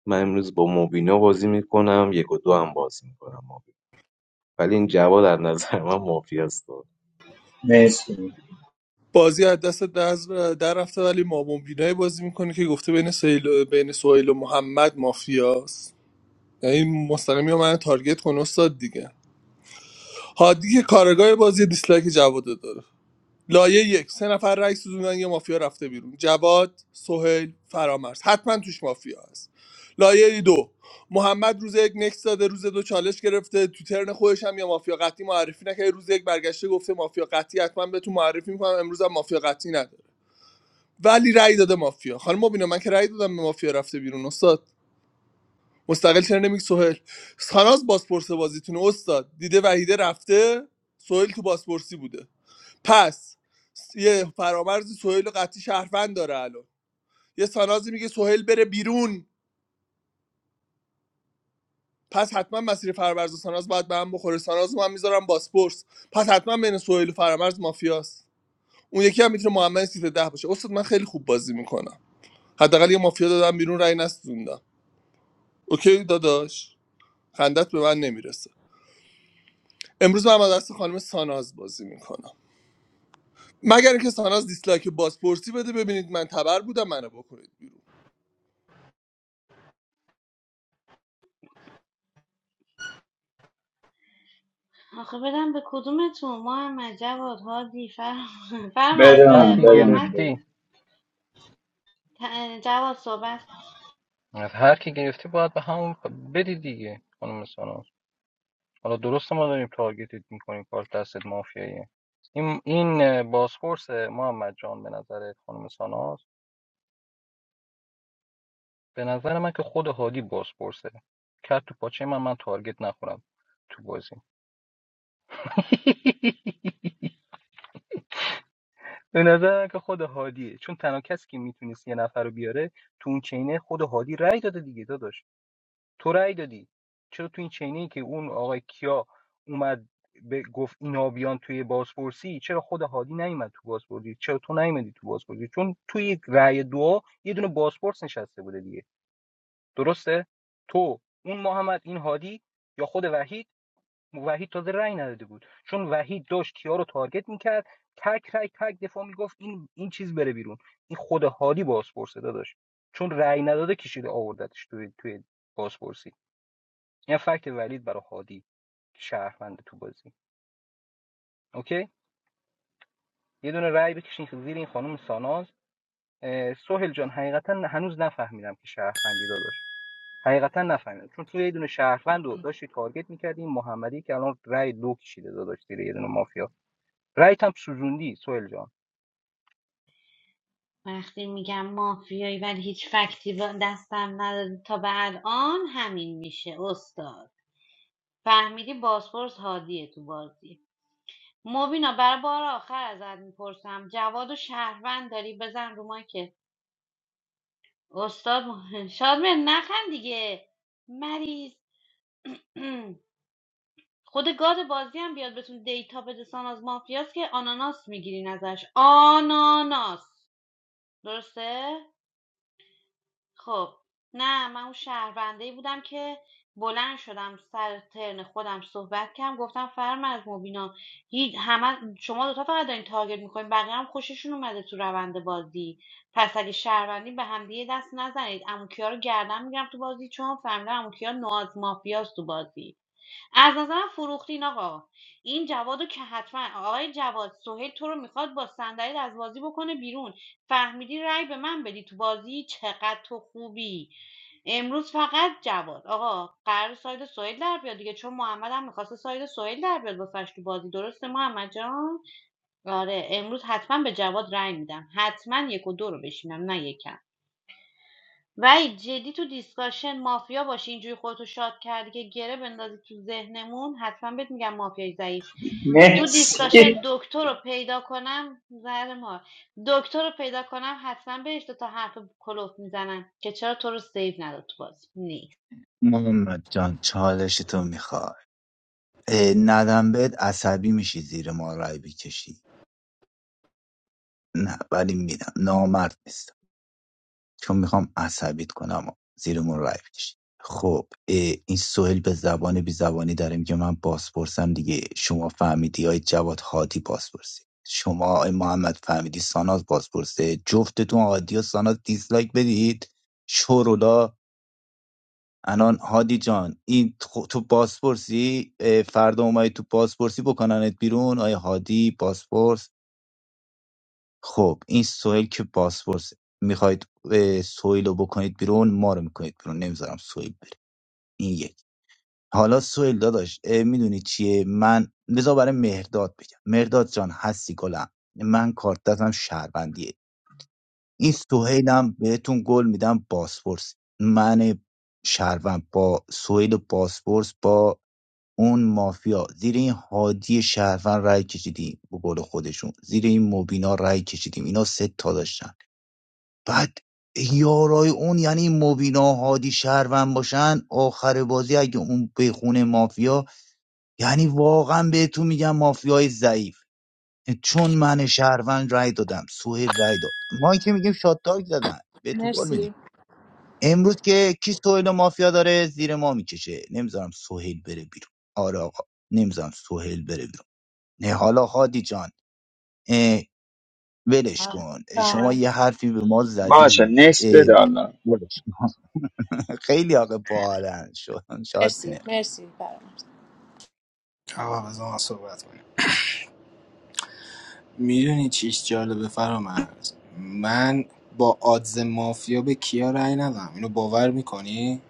من امروز با مبینا بازی میکنم یک و دو هم بازی میکنم مبینا. ولی این جواد از نظر من مافیاست
مرسی
بازی از دست در, در رفته ولی مامون بینایی بازی میکنه که گفته بین سهیل بین سهیل و محمد مافیاست یعنی مستقیم یا من تارگت کن استاد دیگه هادی که کارگاه بازی دیسلایک جواد داره لایه یک سه نفر رئیس سوزوندن یه مافیا رفته بیرون جواد سهیل فرامرز حتما توش مافیا هست لایه دو محمد روز یک نکس داده روز دو چالش گرفته تو ترن خودش هم یا مافیا قطعی معرفی نکرده روز یک برگشته گفته مافیا قطعی حتما بهتون معرفی میکنم امروز هم مافیا قطعی نداره ولی رأی داده مافیا خانم مبینا من که رأی دادم به مافیا رفته بیرون استاد مستقل چرا نمیگی سهل خلاص بازپرس بازیتون استاد دیده وحیده رفته سهل تو بازپرسی بوده پس یه فرامرز سهیل و قطعی شهروند داره الان یه سانازی میگه سهیل بره بیرون پس حتما مسیر فرامرز و ساناز باید به هم بخوره ساناز رو من میذارم باسپورس پس حتما بین سهیل و فرامرز مافیاست اون یکی هم میتونه محمد سیت ده باشه استاد من خیلی خوب بازی میکنم حداقل یه مافیا دادم بیرون رأی نسوزوندم اوکی داداش خندت به من نمیرسه امروز من با دست خانم ساناز بازی میکنم مگر اینکه ساناز دیسلایک بازپرسی بده ببینید من تبر بودم منو بکنید بیرون
آخه بدم به کدومتون محمد جواد هادی فرم فرم [LAUGHS]
از
بده
از
هر
به
من
کی
بده من
محمد
بده
گرفتی
من.
ت- جواد صحبت
از هر کی گرفتی باید به همون بدی دیگه خانم ساناز حالا درسته ما داریم تارگتت میکنیم کار دستت مافیاییه این این بازپرس محمد جان به نظر به نظر من که خود هادی بازپرسه کاش من من تارگت نخورم تو بازی به نظرم که خود هادیه چون تنها کسی که میتونست یه نفر رو بیاره تو اون چینه خود هادی رأی داده دیگه داداش تو رأی دادی چرا تو این چینه ای که اون آقای کیا اومد به گنابیان توی کرسی چرا خود هادی نیومد تو بازپرسی چرا تو نیومدی تو بازپرسی چون توی رأی دو یه دونه بازپرس نشسته بوده دیگه درسته تو اون محمد این هادی یا خود وحید وحید تازه رأی نداده بود چون وحید داشت کیا رو تارگت میکرد تک رأی تک دفاع میگفت این این چیز بره بیرون این خود هادی بازپرسه داداش چون رأی نداده کشیده آوردتش توی توی بازپرسی این فکت ولید برای هادی که تو بازی اوکی یه دونه رأی بکشین که زیر این خانم ساناز اه، سهیل جان حقیقتا هنوز نفهمیدم که شهروندی داداش حقیقتا نفهمیدم چون توی یه دونه شهروند رو داشتی تارگت میکردی محمدی که الان رأی دو کشیده داداش زیر یه دونه مافیا رایت هم سوزوندی سوهل جان
وقتی میگم مافیایی ولی هیچ فکتی دستم نداری تا به الان همین میشه استاد فهمیدی بازپرس هادیه تو بازی مبینا برای بار آخر ازت میپرسم جواد و شهروند داری بزن رو که استاد مه- [LAUGHS] شادمهر نخند دیگه مریض [CLEARS THROAT] خود گاد بازی هم بیاد بهتون دیتا بده سان از مافیاس که آناناس میگیرین ازش آناناس درسته؟ خب نه من اون شهرونده بودم که بلند شدم سر ترن خودم صحبت کردم گفتم فرم از مبینا همه شما دوتا فقط دارین تارگت میکنین بقیه هم خوششون اومده تو روند بازی پس اگه شهروندی به هم دیگه دست نزنید اموکیا رو گردن میگم تو بازی چون فهمیدم اموکیا نواز مافیاست تو بازی از نظرم فروختین آقا این جوادو که حتما آقای جواد سهیل تو رو میخواد با صندلیت از بازی بکنه بیرون فهمیدی رأی به من بدی تو بازی چقدر تو خوبی امروز فقط جواد آقا قرار ساید سهیل در بیاد دیگه چون محمد هم میخواسته ساید سهیل در بیاد واسش تو بازی درسته محمد جان آره امروز حتما به جواد رأی میدم حتما یک و دو رو بشینم نه یکم وای جدی تو دیسکاشن مافیا باشی اینجوری خودتو شاد کردی که گره بندازی تو ذهنمون حتما بهت میگم مافیای ضعیف تو
مرسی
دیسکاشن دکتر رو پیدا کنم زهر ما دکتر رو پیدا کنم حتما بهش دو تا حرف کلوف میزنم که چرا تو رو سیو نداد تو بازی نیکس
محمد جان چالش تو میخوای ندم بهت عصبی میشی زیر ما رای بکشی نه ولی میدم نامرد نیست. چون میخوام عصبیت کنم و زیرمون رای بکشید خب این سوهل به زبان بی زبانی داره میگه من بازپرسم دیگه شما فهمیدی های جواد هادی بازپرسی شما آقای محمد فهمیدی ساناز بازپرسه جفتتون هادی و ساناز دیسلایک بدید شورولا الان هادی جان این تو بازپرسی اه، فردا اومدی تو بازپرسی بکننت بیرون آیا هادی بازپرس خب این سویل که بازپرس میخواید اه، سویل رو بکنید بیرون ما رو میکنید بیرون نمیذارم سویل بره این یک حالا سویل داداش میدونی چیه من بذار برای مهرداد بگم مهرداد جان هستی گلم من کارت دستم شهروندیه این سوهیلم بهتون گل میدم بازپرس من شهروند با سویل بازپرس با اون مافیا زیر این هادی شهروند رای کشیدیم به قول خودشون زیر این مبینا رای کشیدیم اینا سه تا داشتن بعد یارای اون یعنی مبینا هادی شهروند باشن آخر بازی اگه اون بخونه مافیا یعنی واقعا بهتون میگم مافیای ضعیف چون من شهروند رای دادم سهیل رای داد ما که میگیم شات تاک زدن بهتون قول
مرسی
میدیم امروز که کی سهیل و مافیا داره زیر ما میکشه نمیذارم سهیل بره بیرون آره آقا نمیذارم سهیل بره بیرون نه حالا هادی جان اه، ولش
آه.
کن شما
آه.
یه حرفی به ما
باشه
زدید
نکس
اه،
بده حالا
ولش کن خیلی آقا بالند شد شاد
مرسی
مهر
مرسی برام
آقا بذار من صحبت کنم میدونی چیش جالبه فرامرز من با آدز مافیا به کیا رأی ندم اینو باور میکنی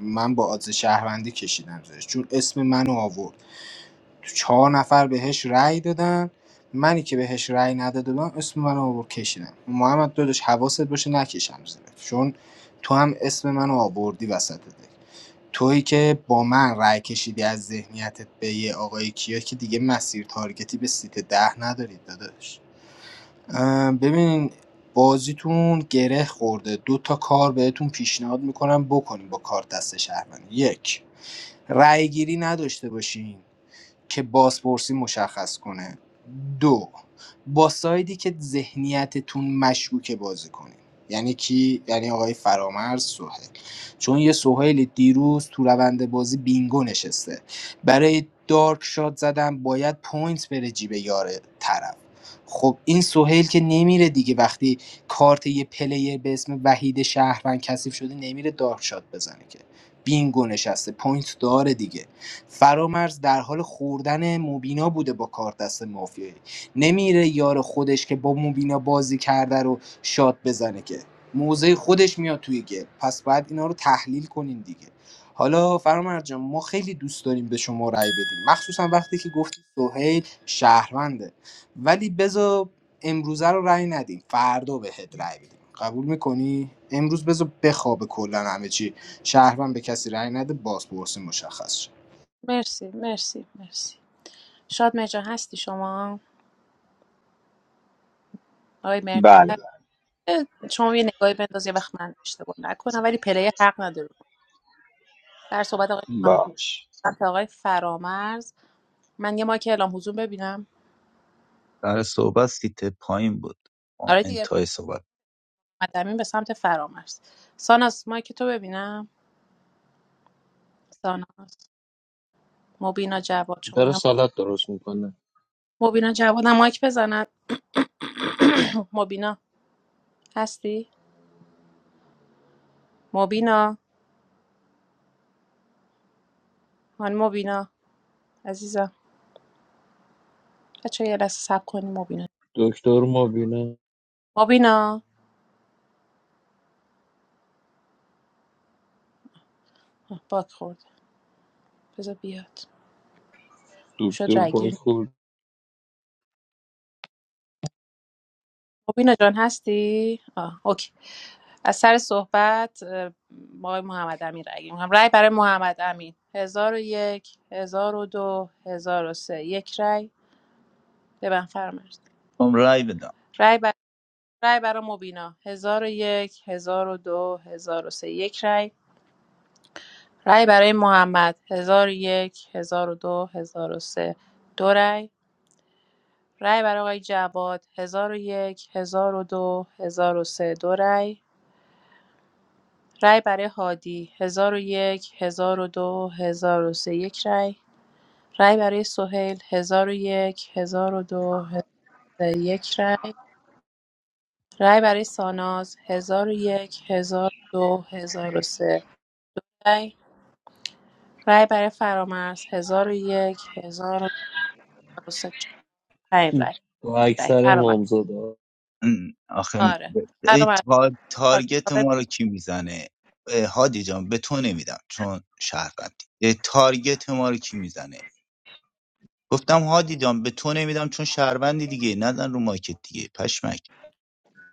من با آدز شهروندی کشیدم زیرش چون اسم منو آورد تو چهار نفر بهش رأی دادن منی که بهش رأی نداده بودم اسم منو آورد کشیدم محمد داداش حواست باشه نکشم زیرش چون تو هم اسم منو آوردی وسط دک تویی که با من رای کشیدی از ذهنیتت به یه آقای کیا که دیگه مسیر تارگتی به سیت ده ندارید داداش ببین بازیتون گره خورده دو تا کار بهتون پیشنهاد میکنم بکنیم با کارت دست شهروندی یک رای گیری نداشته باشین که بازپرسی مشخص کنه دو با سایدی که ذهنیتتون مشکوکه بازی کنید یعنی کی یعنی آقای فرامرز سهیل چون یه سهیل دیروز تو روند بازی بینگو نشسته برای دارک شات زدن باید پوینت بره جیب یار طرف خب این سهیل که نمیره دیگه وقتی کارت یه پلیر به اسم وحید شهروند کثیف شده نمیره دارک شات بزنه که بینگو نشسته پوینت داره دیگه فرامرز در حال خوردن مبینا بوده با کارت دست مافیایی نمیره یار خودش که با مبینا بازی کرده رو شاد بزنه که موزه خودش میاد توی گل پس باید اینا رو تحلیل کنین دیگه حالا فرامرز جان ما خیلی دوست داریم به شما رأی بدیم مخصوصا وقتی که گفتی سهیل شهرونده ولی بذار امروزه رو رأی ندیم فردا بهت رأی بدیم قبول میکنی امروز بذار بخوابه کلا همه چی شهروند به کسی رأی نده بازپرسی مشخص شه.
مرسی مرسی مرسی شاد مجا هستی شما آقای
بله بله
مرسی شما یه نگاهی بنداز یه وقت من اشتباه نکنم ولی پلی حق نداره سر صحبت آقای
باش
سمت آقای فرامرز من یه مایک اعلام حضور ببینم
در صحبت سیت پایین بود آه،
آره دیگه
انتهای صحبت
مدمین به سمت فرامرز ساناس مایک تو ببینم ساناس مبینا جواد شما
داره سالت درست میکنه
مبینا جوادم مایک بزند [COUGHS] مبینا هستی مبینا هان مبینا عزیزم بچه یه لحظه سب کنی مبینا
دکتر مبینه
مبینا آه، باک خورد بذار بیاد شد
دکتر
رگیر
بایخور
مبینا جان هستی آه اوکی از سر صحبت اه، آقای محمد امین رای گیری رای برای محمد امین هزار و یک هزار و دو هزار و سه یک رای به من فرمایید
هم رای بدم
رای رای برای مبینا 1001 1002 سه یک رای رای برای محمد 1001 1002 1003 دو هزار و سه دو رای رای برای آقای جواد 1001 1002 1003 دو هزار و سه، دو رای رای برای هادی 1001 1002 سه یک رای رای برای سهیل 1001 1002 سه یک رای رای برای ساناز 1001 1002 1003 رای برای فرامرز 1001 1003 5 رای
با
رای
اکثر
فرامرز
مامزادا
ام، آخه
آره
ای
فرامرز
تار
آره.
تارگت
آره.
ما رو کی میزنه اه، هادی جان به تو نمیدم چون شهروندی اه، تارگت ما رو کی میزنه گفتم هادی جان به تو نمیدم چون شهروندی دیگه نزن رو مایکت دیگه پشمک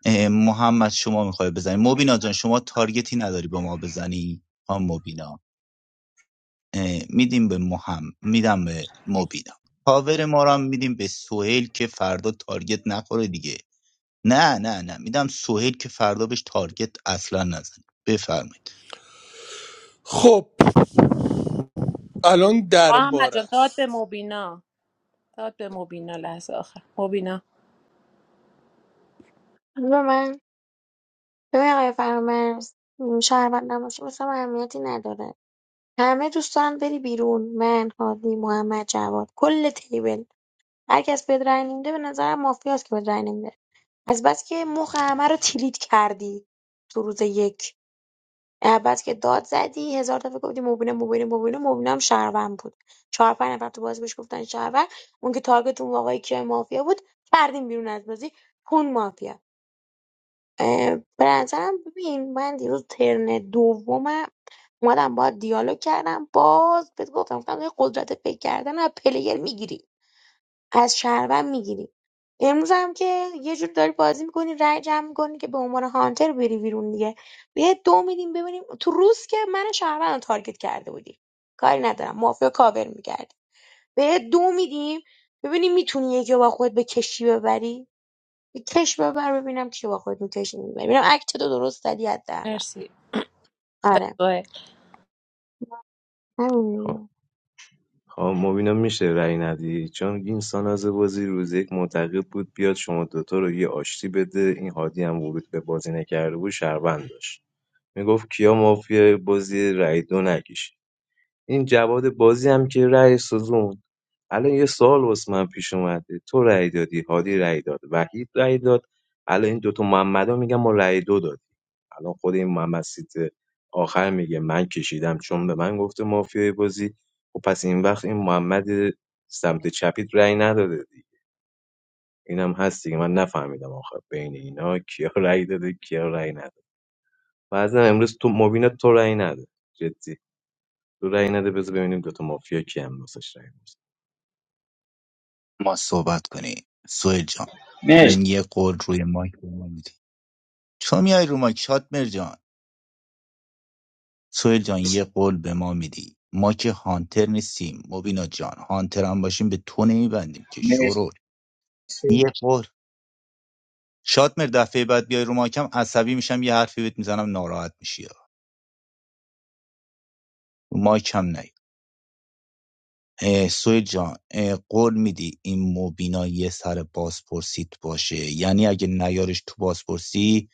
اه، محمد شما میخوای بزنی مبینا جان شما تارگتی نداری به ما بزنی هم مبینا میدیم به مهم، میدم به مبیدم پاور ما رو هم میدیم به سهیل که فردا تارگت نخوره دیگه نه نه نه میدم سهیل که فردا بهش تارگت اصلا نزن بفرمایید
خب الان
محمد
درباره
جان داد به
است
مبینا داد به مبینا لحظه آخر مبینا
حالا من ببین آقای فرامرز شهروند نباشه واسه من اهمیتی نداره همه دوستان بری بیرون من هادی محمد جواد کل تیبل هر کس به رأی نمیده به نظرم مافیاست که به رأی نمیده از بس که مخ همه رو تیلیت کردی تو روز یک اول که داد زدی هزار دفعه گفتی مبینا مبینا مبینا مبینا هم شهروند بود چهار پنج نفر تو بازی بهش گفتن شهروند اون که تارگت اون آقای کیای مافیا بود کردیم بیرون از بازی خون مافیا اه، به نظرم ببین من دیروز ترن دومم اومدم با دیالوگ کردم باز بهت گفتم گفتم یه قدرت فکر کردن از پلیر میگیری از شهروند میگیری امروز هم که یه جور داری بازی میکنی رای جمع میکنی که به عنوان هانتر بری بیرون دیگه یه دو میدیم ببینیم تو روز که من شهروند رو تارگت کرده بودی کاری ندارم مافیا کاور میکردی به دو میدیم ببینیم میتونی یکی رو با خود به کشی ببری به کش ببر ببینم کی با خود میکشی میبری ببینم اکت تو درست زدی حداقل
مرسی
آره
دوه
همین دیگه.
خب مبینا میشه رأی ندی چون این ساناز بازی روز یک معتقد بود بیاد شما دوتا رو یه آشتی بده این هادی هم ورود به بازی نکرده بود شهروند داشت میگفت کیا مافیا بازی رأی دو نکش این جواد بازی هم که رأی سوزون الان یه سوال واسه من پیش اومده تو رأی دادی هادی رأی داد وحید رأی داد الان این دوتا محمدا میگن ما رأی دو دادیم الان خود این محمد سیت آخر میگه من کشیدم چون به من گفته مافیای بازی و پس این وقت این محمد سمت چپیت رأی نداده دیگه اینم هست دیگه من نفهمیدم آخر بین اینا کیا [LAUGHS] رأی داده کیا رأی نداده بعضی امروز تو مبینا تو رأی نده جدی تو رأی نده بذار ببینیم دوتا مافیا کی هم واسش رأی می‌ذاره.
ما صحبت کنیم سهیل جان
مرسی
یه قول روی مایک به ما میدی چون میای رو مایک شاد جان سهیل جان یه قول به ما میدی ما که هانتر نیستیم مبینا جان هانتر هم باشیم به تو نمیبندیم که شروع
مرسی
یه قول شادمهر دفعه بعد بیای رو مایکم عصبی میشم یه حرفی بهت میزنم ناراحت میشی رو مایکم نی سوی جان قول میدی این مبینا یه سر بازپرسیت باشه یعنی اگه نیارش تو بازپرسی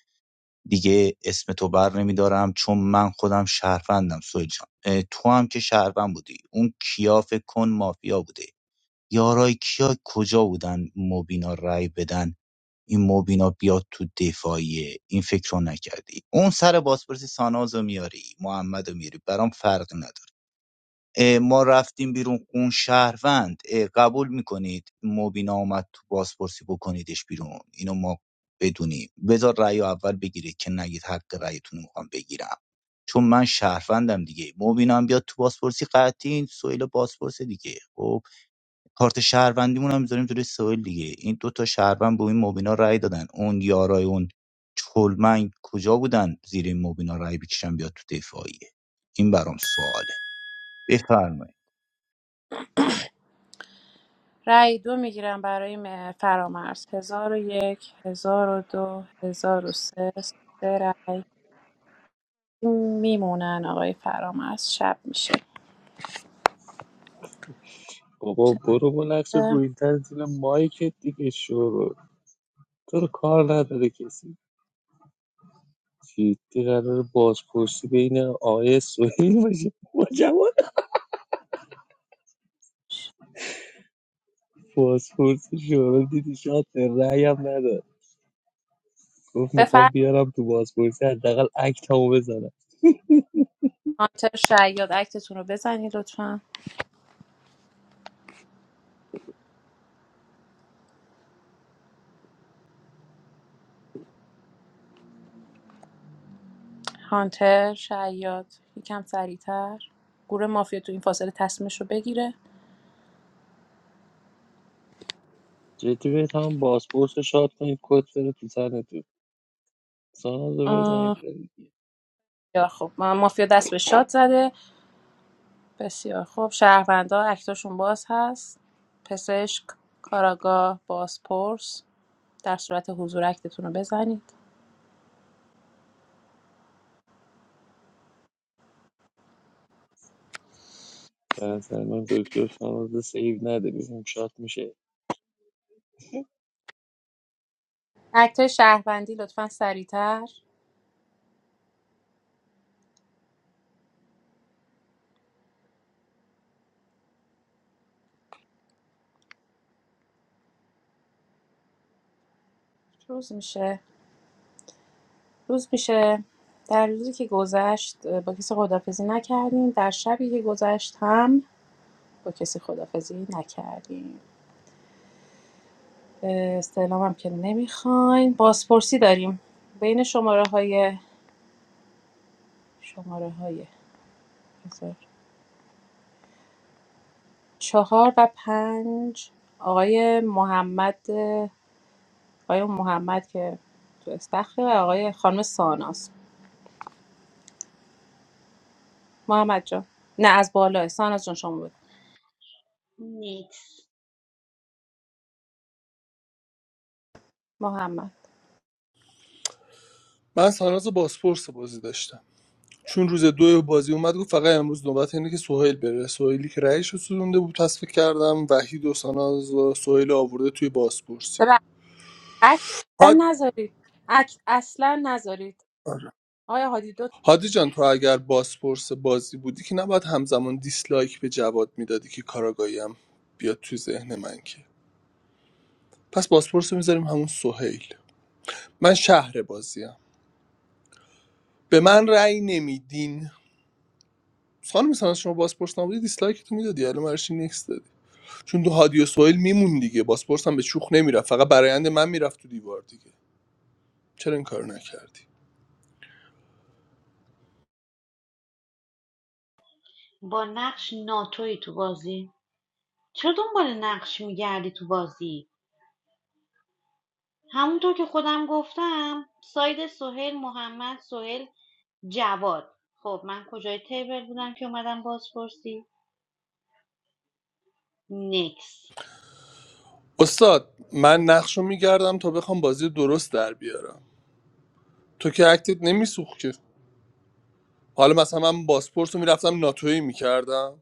دیگه اسم تو بر نمیدارم چون من خودم شهروندم سوی جان تو هم که شهروند بودی اون کیا فکر کن مافیا بوده یارای کیا کجا بودن مبینا رای بدن این موبینا بیاد تو دفاعیه این فکر رو نکردی اون سر بازپرسی ساناز رو میاری محمد میاری برام فرق نداره اه، ما رفتیم بیرون اون شهروند اه، قبول میکنید موبینا اومد تو بازپرسی بکنیدش بیرون اینو ما بدونیم بذار رأی رو اول بگیرید که نگید حق رأیتون رو میخوام بگیرم چون من شهروندم دیگه موبینا هم بیاد تو بازپرسی قطعی این سویل بازپرس دیگه خب کارت شهروندیمون هم میذاریم جلوی سوال دیگه این دو تا شهروند به این مبینا رأی دادن اون یارای اون چلمنگ کجا بودن زیر این مبینا رأی بکشن بیاد تو دفاعیه این برام سواله بفرمایید
رای دو میگیرم برای م- فرامرز هزار و یک هزار و دو هزار و سه سه رای میمونن آقای فرامرز شب میشه
بابا برو با نقش روی تن زیر مایکت دیگه شروع تو رو کار نداره کسی جدی قرار بازپرسی بین آقای سوهیل باشه با جوان بازپرسی شروع دیدی شاد به رأی هم نداد گفت میخوام
بفرمایید
بیارم تو بازپرسی حداقل اکتمو بزنم
هانتر شیاد اکتتون رو بزنید لطفاً هانتر شاید یکم سریعتر گروه مافیا تو این فاصله تصمیمش رو بگیره
جدی بهت هم بازپرس رو شاد کنید کت بره تو سرتون ساناز رو بزنید
آه،
برید
بسیار خب ما- مافیا دست به شاد زده بسیار خب شهروندا اکتاشون باز هست پزشک کاراگاه بازپرس در صورت حضور اکتتون رو بزنید
به نظر من دکتر ساناز رو سیو نده ببینیم شات میشه
اکتای شهروندی لطفا سریعتر روز میشه روز میشه در روزی که گذشت اه، با کسی خدافزی نکردیم در شبی که گذشت هم با کسی خدافزی نکردیم استعلام هم که نمیخواین بازپرسی داریم بین شماره های شماره های چهار و پنج آقای محمد آقای محمد که تو استخره و آقای خانم ساناس محمد جان نه از بالا ساناس جان شما بود
نیکس
محمد
من ساناز بازپرس بازی داشتم چون روز دو بازی اومد گفت فقط امروز نوبت اینه که سهیل بره سهیلی که رأیش رو سوزونده بود تصفیه کردم وحید و ساناز و سهیل آورده توی بازپرسی
ببخشید، عکس اصلا
حاج
نذارید عکس اصلا نذارید
آره.
آقای هادی دو
هادی جان تو اگر بازپرس بازی بودی که نباید همزمان دیسلایک به جواد میدادی که کاراگاهی هم بیاد تو ذهن من که پس بازپرس رو میذاریم همون سهیل من شهر بازیم به من رأی نمیدین خانم مثلا شما بازپرس نبودی دیسلایک تو میدادی الان براش نکس دادی چون تو هادی و سهیل میمون دیگه بازپرس هم به چوخ نمیرفت فقط برایند من میرفت تو دیوار دیگه چرا این کارو نکردی
با نقش ناتوی تو بازی چرا دنبال نقش میگردی تو بازی همونطور که خودم گفتم ساید سهیل محمد سهیل جواد خب من کجای تیبل بودم که اومدم بازپرسی نیکس.
استاد من نقش میگردم تا بخوام بازی درست در بیارم تو که اکتت نمیسوخت که حالا مثلا من باسپورت رو میرفتم ناتوی میکردم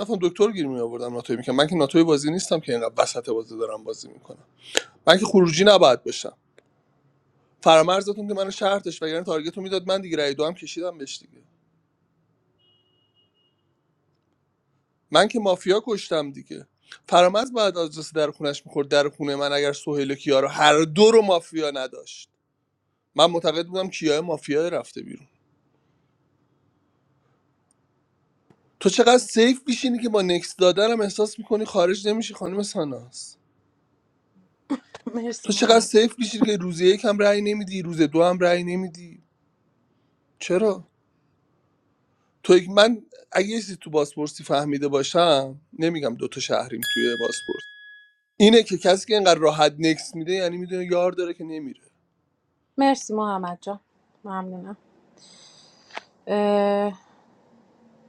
رفتم دکتر گیر میآوردم ناتوی میکردم من که ناتوی بازی نیستم که اینقدر وسط بازی دارم بازی میکنم من که خروجی نباید باشم فرامرزتون که منو شرطش وگرنه تارگت رو میداد من دیگه رای دو هم کشیدم بهش دیگه من که مافیا کشتم دیگه فرامرز بعد از جس در خونش میخورد در خونه من اگر سهیل و کیا رو هر دو رو مافیا نداشت من معتقد بودم کیا مافیا رفته بیرون تو چقدر سیف میشینی که با نکس دادنم احساس میکنی خارج نمیشی خانم ساناس
مرسی
تو چقدر
محمد جان
سیف میشید که روز یک هم رأی نمیدی روز دو هم رأی نمیدی چرا تو یک- من اگه یه چیزی تو بازپرسی فهمیده باشم نمیگم دوتا شهریم توی بازپرس اینه که کسی که اینقدر راحت نکس میده یعنی میدونه یار داره که نمیره
مرسی محمد جان ممنونم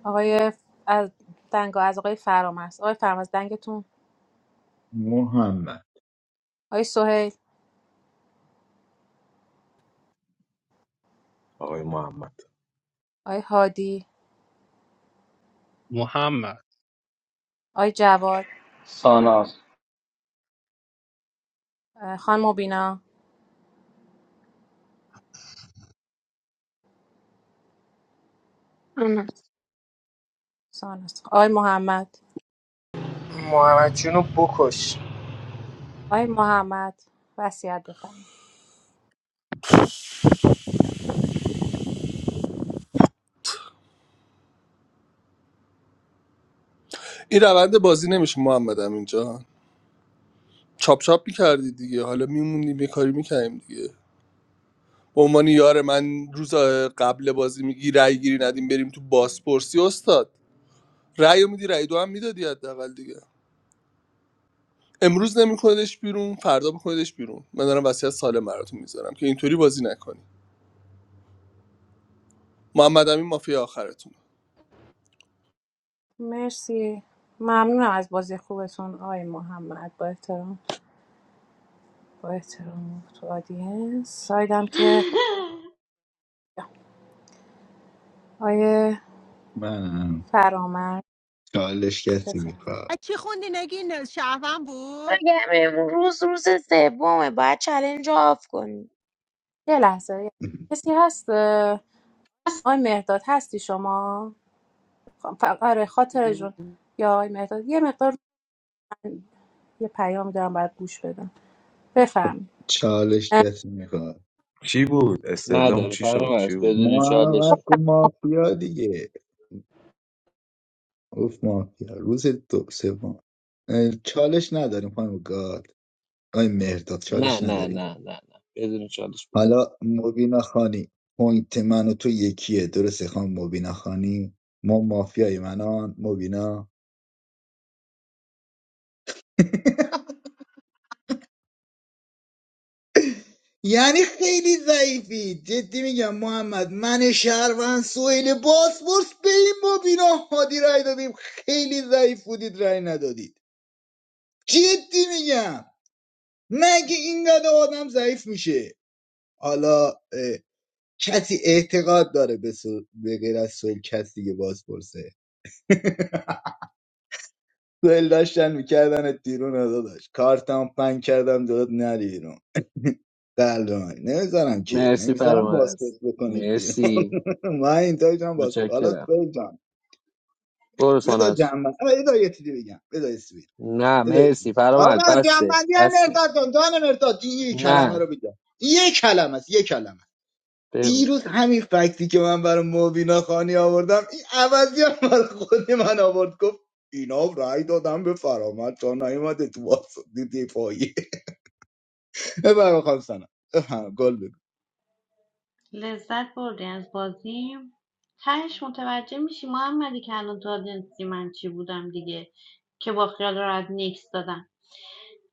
آقای ف- از دنگ از آقای فرامرز آقای فرامرز دنگتون
محمد
آقای سهیل
آقای محمد
آقای هادی
محمد
آقای جواد
ساناس
اه، خانم مبینا
آره.
سانوس آقای محمد
محمد جونو بکش
آقای محمد وصیت بفرمایید
این روند بازی نمیشه محمدم اینجا چاپ چاپ میکردی دیگه حالا میمونیم یه کاری میکردیم دیگه به عنوان یار من روز قبل بازی میگی رأی گیری ندیم بریم تو بازپرسی استاد رأی رو میدی رأی دو هم میدادی حداقل دیگه امروز نمیکنیدش بیرون فردا بکنیدش بیرون من دارم وصیت سالم براتون میذارم که اینطوری بازی نکنی محمد امین مافیا آخرتون
مرسی ممنونم از بازی خوبتون آقای محمد با احترام با احترام تو آدینس سایدم که
[LAUGHS]
آقای
منم
فرامرز
چالش کسی
بفرمایید
میخواد
Ichi ko dinagi na shavam bud.
اگه همین روز روز سومه باید چلنج رو آف کنی
یه لحظه کسی هست اه، آقای مهداد هستی شما خب، ف- آره خاطر جون یا آقای مهداد یه مقدار یه پیام دارم باید گوش بدم بفهم
چالش
[CLEARS THROAT]
کسی میخواد
چی بود استعلام
نداره
چی شد چی
فرامرز
بود
بدون
محمد
چالشه
گفت مافیا دیگه گفت مافیا روز دو سوم اه، چالش نداریم خانم گاد آی مهرداد
نه
چالش
نه
نداریم
نه نه نه بدون چالش بود
حالا مبینا خانی پوینت من و تو یکیه درسته خان مبینا خانی ما مافیای منان مبینا [LAUGHS] یعنی خیلی ضعیفی جدی میگم محمد من شهروند سویل باسپورس به این مبینا هادی رای دادیم خیلی ضعیف بودید رای ندادید جدی میگم مگه اینقدر آدم ضعیف میشه حالا اه، کسی اعتقاد داره به, سو... به غیر از سویل کسی دیگه بازپرسه [LAUGHS] ول داشتن میکردنت بیرون رو داداش کارتم پنگ کردم داد نری بیرون [LAUGHS] قلب من نمیذارم که من
مرسی
میذارم
فرامرز
بازپرس بکنید بیرون
مرسی
[LAUGHS] من این تایجم بازپرس حالا
متشکرم
تو جان
برو
بذار
ساناز
جنبن آقا بذار یه چیزی بگم بذار یه چیزی بگم.
نه
بذار یه چیزی بگم.
مرسی فرامرز
آقا
بسه
جنبندی های
بسه
مرتاد جان جان مرتاد این یه کلمه رو
نه
بگم یه کلمه است یه کلمه
بگو
دیروز همین فکتی که من برای مبینا خانی آوردم این عوضی هم برای خود من آورد گفت اینا رأی دادم به فرامد تا نیومده تو واسط دفاعی [LAUGHS] ببر خانم سنم بفرما، گل بگو
لذت بردی از بازیم تهش متوجه میشی محمدی که الان تو آدینسی من چی بودم دیگه که با خیال راحت نیکس دادم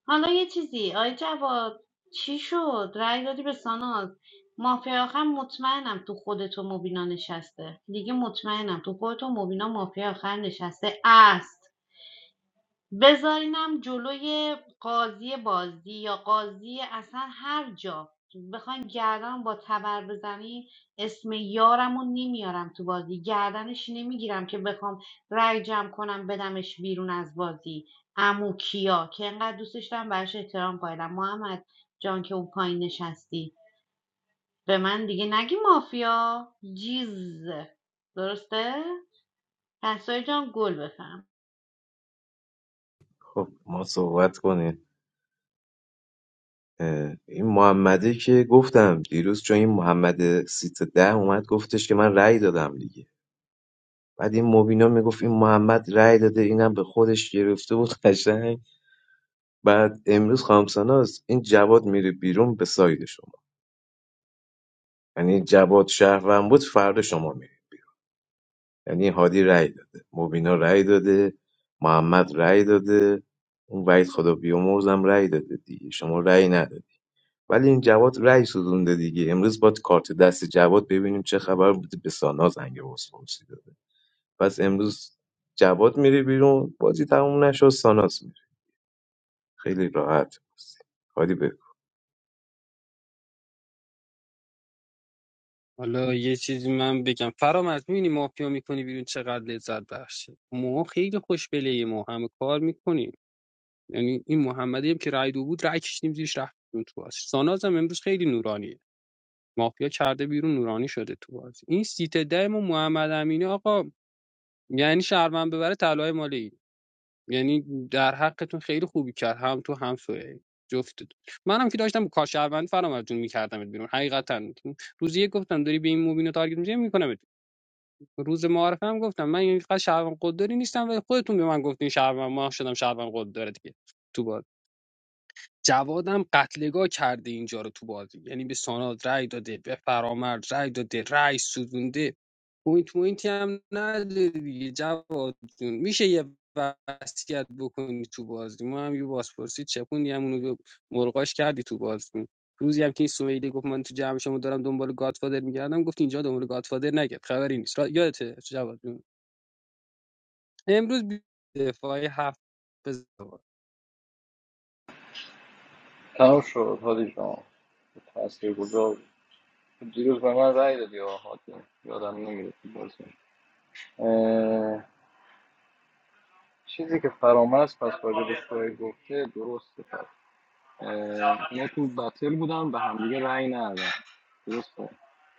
حالا یه چیزی آی جواد چی شد رأی دادی به ساناز مافیا آخر مطمئنم تو خودت خودتو مبینا نشسته دیگه مطمئنم تو خودتو مبینا مافیا آخر نشسته است بذارینم جلوی قاضی بازی یا قاضی اصلا هر جا بخواین گردن با تبر بزنی اسم یارمو نمیارم تو بازی گردنش نمیگیرم که بخوام رای جمع کنم بدمش بیرون از بازی امو کیا که انقدر دوستش دارم براش احترام قائلم محمد جان که اون پایین نشستی به من دیگه نگی مافیا جیز درسته؟ پسای جان گل بفهم
خب ما صحبت کنیم اه، این محمده که گفتم دیروز چون این محمد سیت ده اومد گفتش که من رأی دادم دیگه بعد این مبینا میگفت این محمد رأی داده اینم به خودش گرفته بود قشنگ بعد امروز خامساناز این جواد میره بیرون به ساید شما یعنی جواد شهروند بود فردا شما میره یعنی هادی رأی داده مبینا رأی داده محمد رأی داده اون وحید خدا بیامرزم رأی داده دیگه شما رأی ندادی ولی این جواد رأی سوزونده دیگه امروز با کارت دست جواد ببینیم چه خبر بوده به سانا زنگ بازپرسی داده پس امروز جواد میره بیرون بازی تموم نشد ساناز میره خیلی راحت بازی. هادی بفرمایید.
حالا یه چیزی من بگم فرامرز میبینی مافیا میکنی بیرون چقدر لذت بخشه ما خیلی خوشبله ما همه کار میکنیم یعنی این محمدی هم که رای دو بود رای کشیدیم زیرش رفتیم تو بازی ساناز هم امروز خیلی نورانیه مافیا کرده بیرون نورانی شده تو بازی این سیت ده ما محمد امینی آقا یعنی شهروند ببره طلای مال این یعنی در حقتون خیلی خوبی کرد هم تو هم سوی جفتتون منم که داشتم کار شهروند فرام جون میکردم بیرون حقیقتا روزی یک گفتم داری به این موبینو تارگت میزنی میکنم روز معارفه هم گفتم من اینقدر شهروند قدری نیستم و خودتون به من گفتین شهروند ما شدم شهروند قدر دیگه تو بازی. جوادم قتلگاه کرده اینجا رو تو بازی یعنی به ساناد رای داده به فرامرز رای داده رأی سوزونده پوینت پوینتی هم نداره دیگه جواد جون میشه یه وصیت بکنی تو بازی ما هم یه بازپرسی چپوندی هم اونو به مرغاش کردی تو بازی روزی هم که این سویلی گفت من تو جمع شما دارم دنبال گادفادر میگردم گفت اینجا دنبال گادفادر نگرد خبری نیست را- یادته جواد جون امروز بی- دفاعی هفت بزن
تموم شد حالی جان تأثیر گذار بود. دیروز به من رای دادی آقا حاجی. یادم نمیره تو بازی اه، چیزی که فرامرز پس راجع به سوهیل گفته درسته اه، تو بتل بودن به همدیگه رأی ندادن درسته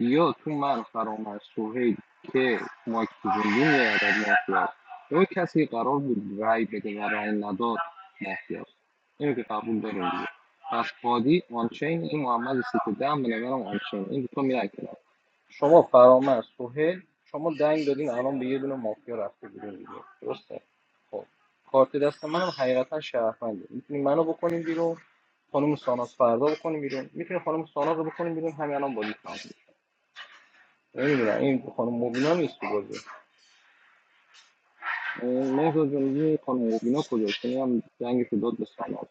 یا تو من فرامرز سوهیل که مایک بزنگی میادد مافیاست یا کسی قرار بود رأی بده و رأی نداد مافیاست اینو که قبول داریم دیگه پس هادی آنچین این محمد سیت ده هم به نظرم آنچین این دوتا میرن کنار شما فرامرز سوهیل شما دنگ دادین الان به یه دونه مافیا رفته بودین دیگه درسته خب کارت دست منم حقیقتا شرفنده میتونی منو بکنین بیرون خانم ساناز فردا بکنیم بیرون میتونیم خانم ساناز رو بکنیم بیرون همین الان بازی تمام شد. نمیدونم این خانم مبینا نیست تو بازی اه، مهداد جون این خانم مبینا کجاست این هم جنگش رو داد به ساناز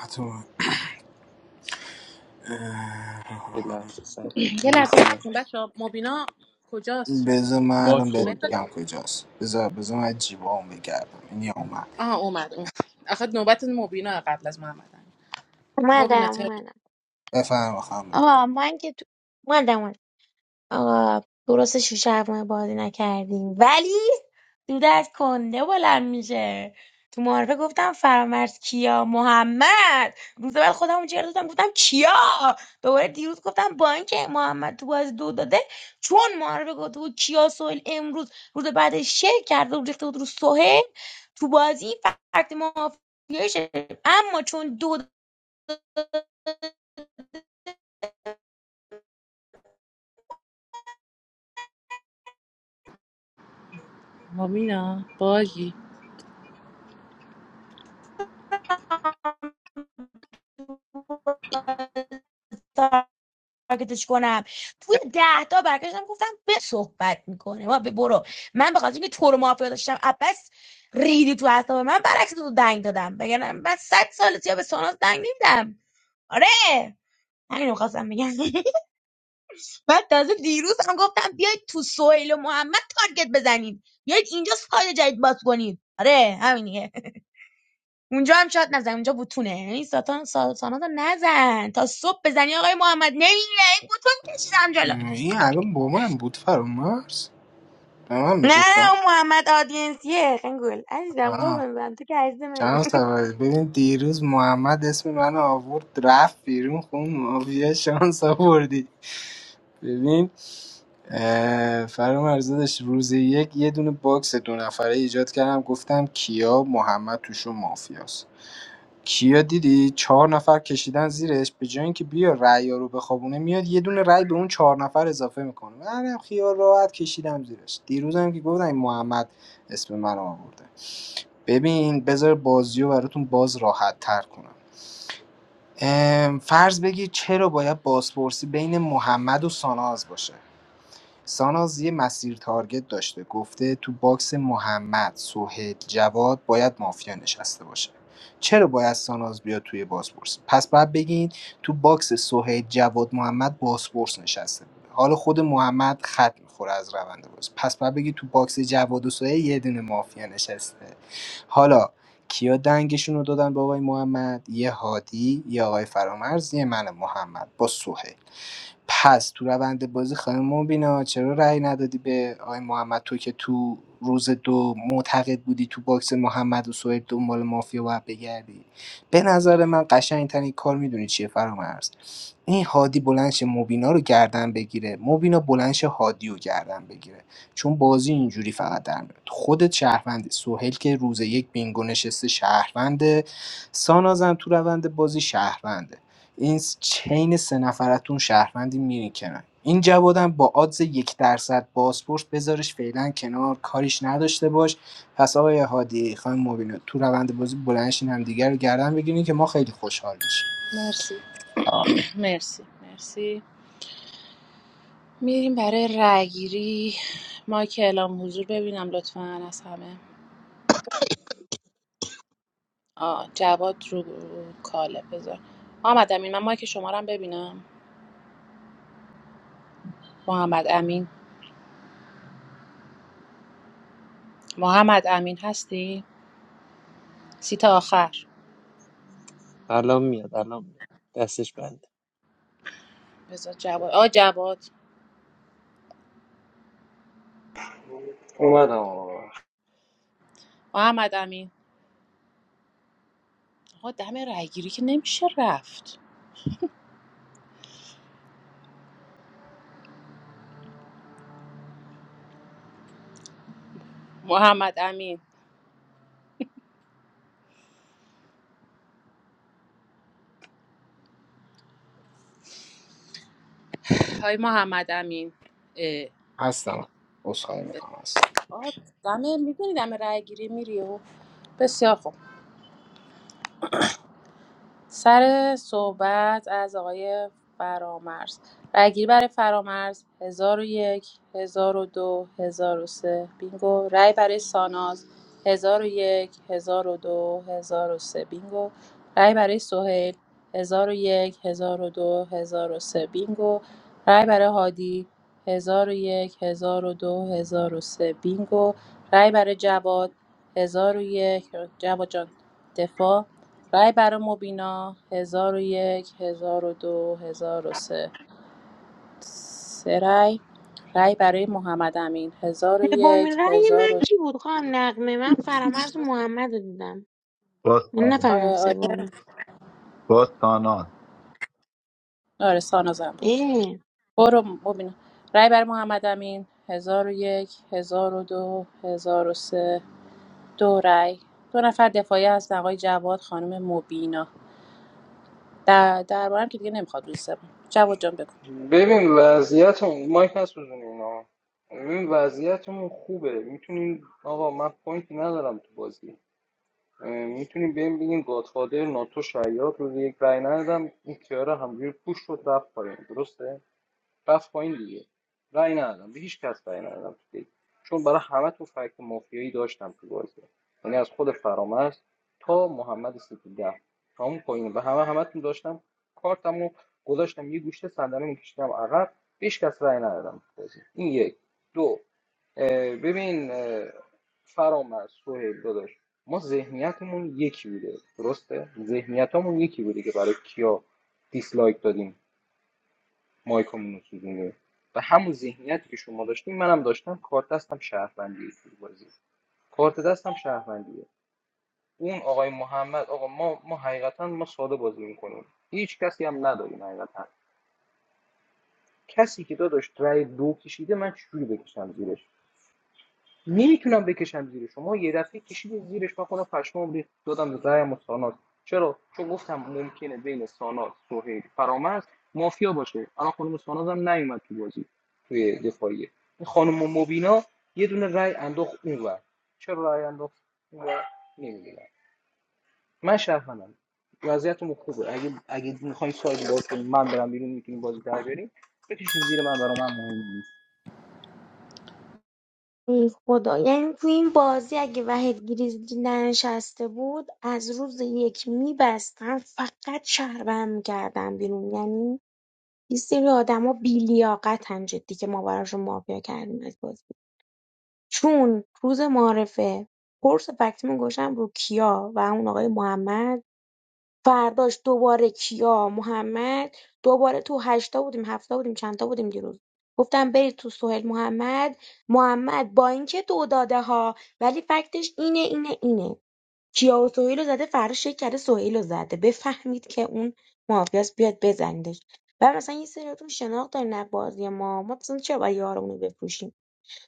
حتما.
یه لحظه صبر
یه
بکنی
لحظه
بیاد
بچه بچه‌ها، مبینا کجاست رفت
بذار من
باک
الان بهت
مهداد
خورده
بگم کجاست بذار بذار من جیبام بگردم این یا اومد
آها اومد اومد آخه نوبت مبینا قبل از محمد امین. مبینا
اومدم
تر
اومدم
بفهم بخوام
آقا من که تو... اومدم اومدم. آقا درست شیشه هواپیما بازی نکردیم ولی دود از کنده بلند میشه تو معارفه گفتم فرامرز کیا محمد روز بعد خودم جر دادم گفتم کیا دوباره دیروز گفتم با اینکه محمد تو بازی دو داده چون معارفه گفته بود کیا سوهل امروز روز بعدش شیر کرده بود ریخته بود رو سوهل تو بازی فقط مافیاشه اما چون دو داده
مبینا باگی
تارگتش کنم توی ده تا برگشتم گفتم به صحبت میکنه ما به برو من به خاطر اینکه تو رو مافیا داشتم عباس ریدی تو حساب من برعکس تو دنگ دادم بگم من صد سال سیا به ساناز دنگ نمیدم آره همین رو خواستم بگم بعد تازه دیروز هم گفتم بیاید تو سهیل و محمد تارگت بزنید بیاید اینجا سایه جدید باز کنید آره همینیه اونجا هم شاید نزن اونجا بوتونه یعنی ساتان سا- ساناز نزن تا صبح بزنی آقای محمد نمیره این بوتون کشیدم جلوش
این الان با من بود فرامرز به من
نه نه
میگفتم
اون محمد آدینسیه خنگول عزیزم
آه.
قربون برم تو که عزیز من
چند سوال ببین دیروز محمد اسم من آورد رفت بیرون خون مافیا شانس آوردی ببین اه، فرام عرضه داشت روز یک یه دونه باکس دو نفره ایجاد کردم گفتم کیا محمد توشون مافیاست کیا دیدی چهار نفر کشیدن زیرش به جای اینکه بیا رأی رو بخوابونه میاد یه دونه رأی به اون چهار نفر اضافه میکنه منم خیال راحت کشیدم زیرش دیروزم که گفتم این محمد اسم من آورده ببین بذار بازیو براتون باز راحت تر کنم ام، فرض بگیر چرا باید بازپرسی بین محمد و ساناز باشه ساناز یه مسیر تارگت داشته گفته تو باکس محمد، سهیل، جواد باید مافیا نشسته باشه چرا باید ساناز بیاد توی بازپرس پس باید بگین تو باکس سهیل جواد محمد بازپرس نشسته بوده حالا خود محمد خط میخوره از روند باز پس باید بگی تو باکس جواد و سهیل یه دونه مافیا نشسته حالا کیا دنگشون رو دادن به آقای محمد یه هادی یه آقای فرامرز یه من محمد با سهیل پس تو روند بازی خانم مبینا چرا رأی ندادی به آقای محمد تو که تو روز دو معتقد بودی تو باکس محمد و سهیل دنبال مافیا باید بگردی به نظر من قشنگترین کار میدونی چیه فرامرز این هادی بلنش مبینا رو گردن بگیره مبینا بلنش هادی رو گردن بگیره چون بازی اینجوری فقط در میاد خودت شهروندی سهیل که روز یک بینگو نشسته شهرونده سانازم تو روند بازی شهرونده این س- چین سه نفرتون شهروندی میرین کنن این جوادم با آدز یک درصد بازپرس بذارش فعلا کنار کاریش نداشته باش پس آقای هادی خانم مبینا تو روند بازی بلنشین هم دیگر رو گردن بگیرین که ما خیلی خوشحال میشیم
مرسی
آه،
[CLEARS THROAT] مرسی مرسی میریم برای رأیگیری ما اعلام حضور ببینم لطفا از همه آه جواد رو کاله بذار محمد امین من مایک شما رو هم ببینم محمد امین محمد امین هستی؟ سی تا آخر
الان میاد الان میاد دستش بنده
بذار جواد آ جواد
اومدم آقا
محمد امین آقا دم رأیگیری که نمیشه رفت محمد امین های محمد امین اه.
هستم عذرخواهی میکنم هستم
آه، دم میدونی دم رأیگیری میری و بسیار خوب سر صحبت از آقای فرامرز رأیگیری برای فرامرز 1001 1002 سه بینگو رأی برای ساناز 1001 1002 سه بینگو رأی برای سهیل 1001 1002 سه بینگو رأی برای هادی 1001 1002 سه بینگو رأی برای جواد 1001 جواد جان دفاع رای برای مبینا هزار و یک، هزار و دو هزار و سه سه رای رای برای محمد امین 1001
سومین رأی من
1002
کی بود خواهم نقمه من فرامرز و محمد رو دیدم من نفهمیدم سومی
آره سانازم برو مبینا رای برای محمد امین هزار و یک هزار و دو هزار و سه دو رای دو نفر دفاعی هستن آقای جواد خانم مبینا در دربارم که دیگه نمیخواد دوست جواد جان بگو
ببین وضعیتمون مایک نسوزونین اینا ببین وضعیتمون خوبه میتونین آقا من پوینتی ندارم تو بازی میتونیم بهم بگین گادفادر ناتو شیاد رو یک رای ندادم این کیارا همجوری پوش شد رفت پایین درسته بس پایین دیگه رأی ندادم به هیچ کس رأی ندادم تو دیگه. چون برای همه تو فکت مافیایی داشتم تو بازی یعنی از خود فرامرز تا محمد ستوده تا اون پایین به همه همتون داشتم کارتمو گذاشتم یه گوشه صندلی میکشیدم عقب به هیچ کس رأی ندادم تو بازی این یک دو اه، ببین اه، فرامرز سهیل داداش ما ذهنیتمون یکی بوده درسته ذهنیتمون یکی بوده که برای کیا دیسلایک دادیم مایکمون رو سوزونده و همون ذهنیتی که شما داشتین منم داشتم کارت دستم شهروندیه تو بازی کارت دستم شهروندیه اون آقای محمد آقا ما ما حقیقتا ما ساده بازی میکنیم هیچ کسی هم نداریم حقیقتا کسی که داداش رای دو کشیده من چجوری بکشم زیرش نمیتونم بکشم زیر شما یه دفعه کشید زیرش من خودم پشمام ریخت دادم به رأیم و ساناز چرا چون گفتم ممکنه بین ساناز سهیل فرامرز مافیا باشه الان خانم ساناز هم نیومد تو بازی توی دفاعیه این خانم مبینا یه دونه رأی انداخت اونور چرا رأی انداخت اونور نمیدونم من شهروندم وضعیتمون خوبه اگه اگه میخواین سایت باز کنین من برم بیرون میتونین بازی در بیارین بکشین زیر من برای من مهم نیست
ای خدا یعنی تو این بازی اگه وحید گریزلی ننشسته بود از روز یک میبستم فقط شهروند میکردم بیرون یعنی یه سری آدما بیلیاقتن جدی که ما براشون مافیا کردیم از بازی چون روز معارفه پرس فکتیمو گوشم رو کیا و اون آقای محمد فرداش دوباره کیا محمد دوباره تو هشتا بودیم هفتا بودیم چندتا بودیم دیروز گفتم برید تو سهیل محمد محمد با اینکه دو داده ها ولی فکتش اینه اینه اینه کیا و سهیل رو زده فردا شک کرده سهیل رو زده بفهمید که اون مافیاس بیاد بزنیدش و مثلا یه سریاتون شناخت دارین از بازی ما ما مثلا چرا باید یارمون رو بفروشیم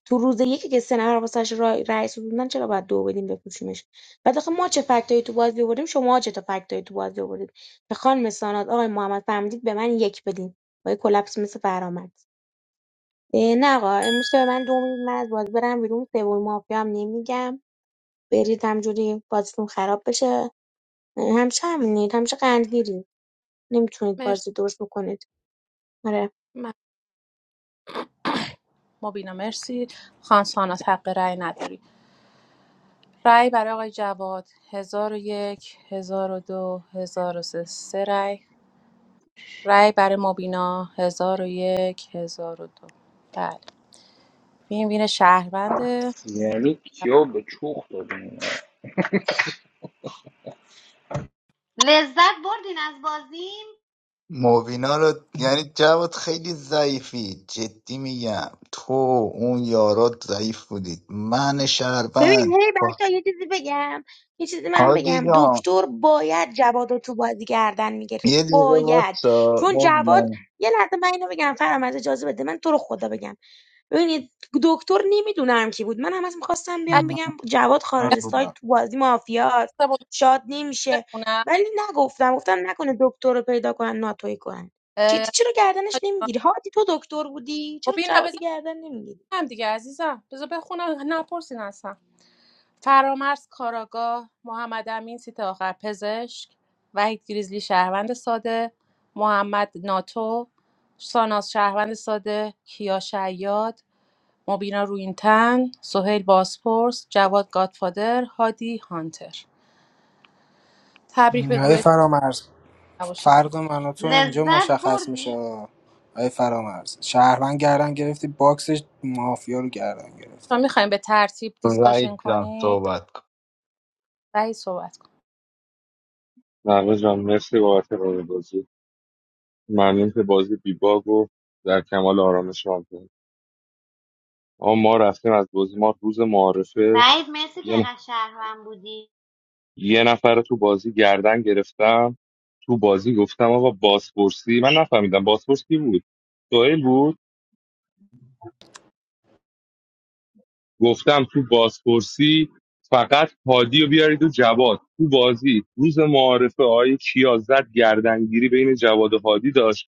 تو روز یکی که سه نفر واسش رای رأی سوزوندن چرا باید دو بدیم بفروشیمش بعد آخه ما چه فکتایی تو بازی آوردیم شما چه تا فکتایی تو بازی آوردید به خانم سانات آقای محمد فهمیدید به من یک بدین با یه کلپس مثل فرامد اه، نه آقا امروز که به من دو میدید من از بازی برم بیرون سوم مافیا هم نمیگم برید همجوری بازیتون خراب بشه اه، همیشه همینید همیشه قندگیرید نمیتونید
مرسی
بازی درست بکنید آره
ممنون. مبینا مرسی خان ساناز حق رای نداری رای برای آقای جواد 1001 1002 1003 سه سه رأی رأی برای مبینا 1001 1002 بله وین وین شهرونده
یعنی کیا به چوخ
لذت بردین از بازی
موبینا رو یعنی جواد خیلی ضعیفی جدی میگم تو اون یارات ضعیف بودید من
ببین
شهروند
هی
با-
بچه یه چیزی بگم یه چیزی من
حاجی
بگم
جان
دکتر باید جواد رو تو بازی گردن میگرفت
یه دقیقه
باید
واسا
چون جواد
موبینا
یه لحظه من اینو بگم فرام از اجازه بده من تو رو خدا بگم ببینید دکتر نمیدونم کی بود من هم از میخواستم بیام بگم جواد
من
خارج سایت
بودم
تو بازی مافیاست
بچه‌ها بذار
شاد نمیشه
بخونم
ولی نگفتم گفتم نکنه دکتر رو پیدا کنن ناتوی کنن
اه،
چیتی چرا گردنش نمیگیری هادی تو دکتر بودی چرا
مبینا
جواد
بذار
گردن نمیگیری
بخونم دیگه عزیزم بذار بخونم نپرسین اصلا فرامرز کاراگاه، محمد امین سیت آخر پزشک، وحید گریزلی شهروند ساده، محمد ناتو، ساناز شهروند ساده، کیا شیاد، مبینا روینتن، سهیل باسپورس، جواد گادفادر، هادی هانتر. تبریک به
آقای
گروه
فرامرز
نباشید به ما.
فردا من و تو اینجا
لذت
مشخص میشه
بردی؟
آقای فرامرز شهروند گردن گرفتی باکسش مافیا رو گردن گرفتی
ما میخوایم به ترتیب
رایت
دیسکاشن
جان
کنید.
صحبت کن
وحید صحبت کن.
نوه جان مرسی بابت راه بازی ممنون که بازی بی باگ و در کمال آرامش راه کرد اما ما رفتیم از بازی ما روز معارفه
وحید مرسی که
یه
اینقدر شهروند بودی
یه نفر رو تو بازی گردن گرفتم تو بازی گفتم آقا بازپرسی من نفهمیدم بازپرس کی بود سوهل بود گفتم تو بازپرسی فقط هادی رو بیارید و جواد تو بازی روز معارفه های کیازت گردنگیری بین جواد و هادی داشت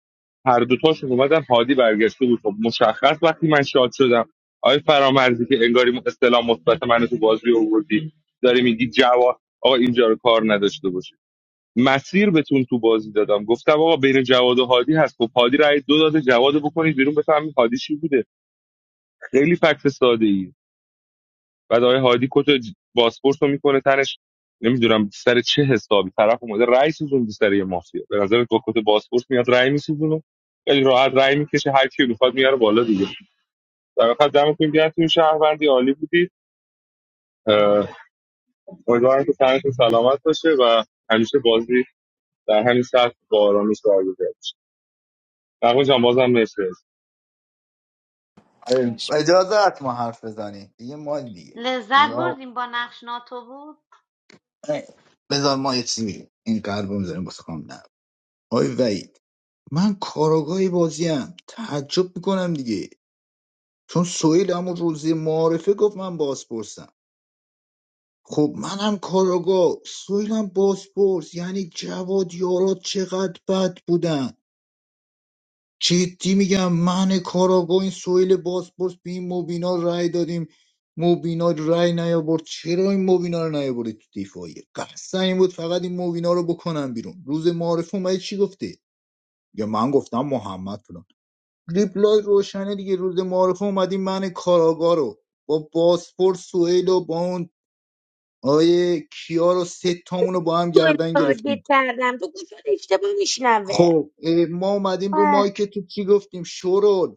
هر دوتاشون اومدن هادی برگشته بود خب مشخص وقتی من شاد شدم آقای فرامرزی که انگاری اصطلاح مثبت منو تو بازی آوردی داری میگی جواد آقا اینجا رو کار نداشته باش مسیر بهتون تو بازی دادم گفتم آقا بین جواد و هادی هست خب هادی رای دو داده جواد رو بکنید بیرون بفهمید هادی چی بوده خیلی فکت ساده ای بعد آقای هادی کت بازپرس رو میکنه تنش نمیدونم سر چه حسابی طرف اومده رای سوزون سر یه مافیا به نظر با کت بازپرس میاد رای میسوزونه خیلی راحت رای میکشه هر کی میخواد میاره بالا دیگه در واقع دمتون گرم تیم شهروندی عالی بودید اه، امیدوارم که تنتون سلامت باشه و همیشه بازی در همین سطح با آرامش برگزار بشه. نقمه جان بازم مرسی
آره،
خواهش می‌کنم.
اجازه هست ما حرف بزنیم دیگه ما دیگه
لذت
نگاه
بردیم با نقش ناتو بود
بذار ما یه چیزی بگیم. این قلبو میذاریم واسه خانم نه آی وید من کاراگاهی بازیم تعجب میکنم دیگه چون سویل همون روزی معارفه گفت من بازپرسم خب منم کاراگاه سویلم بازپرس یعنی جواد یارا چقدر بد بودن جدی میگم من کاراگاه این سویل باسپورس به این موبینا رأی دادیم موبینا رأی نیاورد چرا این موبینا رو نیاورد تو دفاعیه قصد این بود فقط این موبینا رو بکنم بیرون روز معارف اومدی چی گفتی یا من گفتم محمد فلان ریپلای روشنه دیگه روز معارف اومدی من کاراگاه رو با باسپورس سویل و با اون آیه کیا رو سه تامون رو با هم
تو رو
گردن
تارگت
گرفتیم
کردم تو گوشت اشتباه میشنوه
خب اه، ما اومدیم رو
اه،
مایک تو چی گفتیم شورول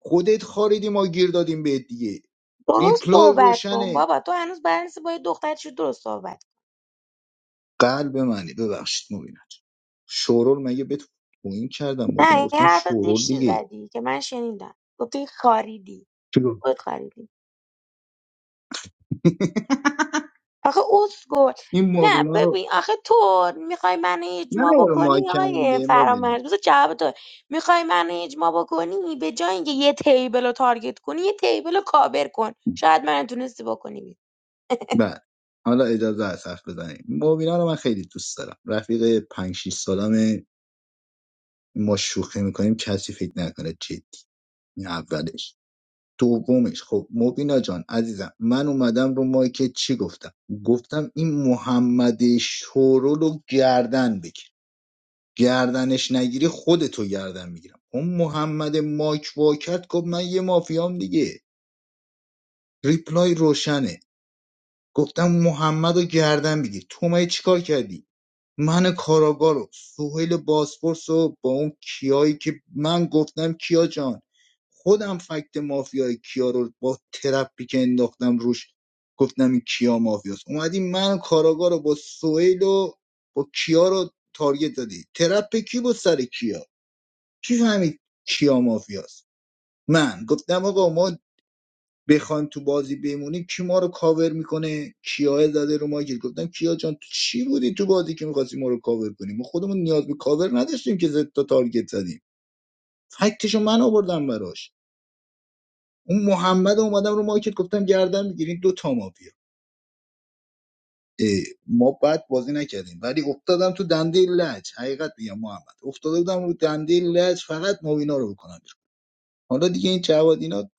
خودت خاریدی ما گیر دادیم بهت دیگه
درست
ریپلای
صحبت کن
روشنه
بابا تو هنوز بلنس با یه دخترش درست صحبت کن
قلب منی ببخشید مبینت شورول مگه بهت این کردم مبینه
نه یه
گفتم
حرفت
شورول
نیشتی
دیگه
زدی که من شنیدم گفتی خاریدی
[LAUGHS] چی
خود خاریدی آخه اسکل
این
نه
مبینا رو
ببین آخه تو میخوای منو
نه
اجماع
رو
بکنی
مایکم
آقای
دیگه مبینا
فرامرز بذار جواب تو میخوای منو اجماع بکنی به جای اینکه یه تیبل رو تارگت کنی یه تیبل رو کابر کن شاید من تونستی بکنی
بله حالا اجازه هست حرف بزنیم مبینا رو من خیلی دوست دارم رفیق 5 6 سالمه ما شوخی میکنیم کسی فکر نکنه جدی این اولش دومیش خب مبینا جان عزیزم من اومدم رو مایکت چی گفتم گفتم این محمد شورو رو گردن بگیر گردنش نگیری خودتو گردن میگیرم اون محمد مایک واکت گفت من یه مافیام دیگه ریپلای روشنه گفتم محمد رو گردن بگیر تو مگه چیکار کردی من کاراگاه رو سهیل باسپورس رو با اون کیایی که من گفتم کیا جان خودم فکت مافیای کیا رو با ترپی که انداختم روش گفتم این کیا مافیاست اومدی من کاراگاه رو با سهیل و با کیا رو تارگت دادی ترپ کی بود سر کیا کی فهمید کیا مافیاست من گفتم آقا ما بخوایم تو بازی بمونیم کی ما رو کاور میکنه کیا زده رو ما گیر گفتن کیا جان تو چی بودی تو بازی که میخواستی ما رو کاور کنیم ما خودمون نیاز به کاور نداشتیم که زد تا تارگت زدیم فکتشو من آوردم براش اون محمد اومدم رو مارکت گفتم گردن میگیرین دو تا مافیا اه، ما بعد بازی نکردیم ولی افتادم تو دنده لج حقیقت میگم محمد افتاده بودم رو دنده لج فقط موینا رو بکنم بیرون. حالا دیگه این جواد اینا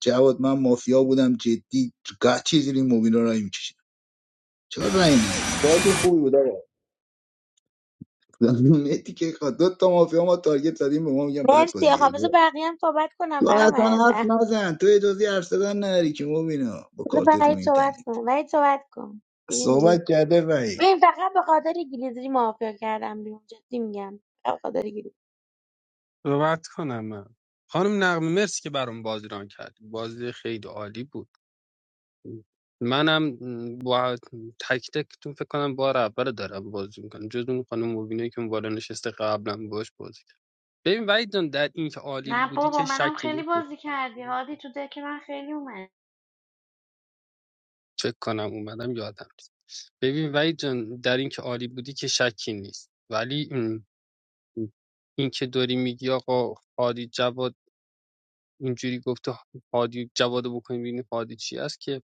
جواد من مافیا بودم جدی هر چیزی این موینا رو میکشید چرا رای ندید بازی خوبی بود آقا [LAUGHS] مهدی که خوا- دو تا مافیا ما تارگت زدیم به ما میگن بد
مرسی
بازی
آقا بذار
کردی.
بقیه هم صحبت کنم
تو اصلا
فرامرز
حرف نزن تو اجازه حرف زدن نداری که مبینا با
بذار
کارت رو
وحید
این
صحبت کنه
تنید
وحید صحبت کن گریزلی
صحبت کرده رأی
این فقط به خاطر گریزلی مافیا کردم بیرون جدی میگم فقط به خاطر گریزلی
صحبت کنم من خانم نقمه مرسی که برام بازی ران کردی بازی خیلی عالی بود منم با تک تکتون فکر کنم بار اول دارم بازی میکنم جز اون خانم مبینه که اون بالا نشسته قبلا باش بازی کرد ببین وحید جان در این که عالی
نه
بودی
بابا
که
منم
شکی
خیلی
نیست
بازی کردی هادی تو دک من خیلی اومد
فکر کنم اومدم یادم نیست ببین وحید جان در این که عالی بودی که شکی نیست ولی م، این که داری میگی آقا هادی جواد اینجوری گفته هادی جواد رو بکنیم ببینیم هادی چی است که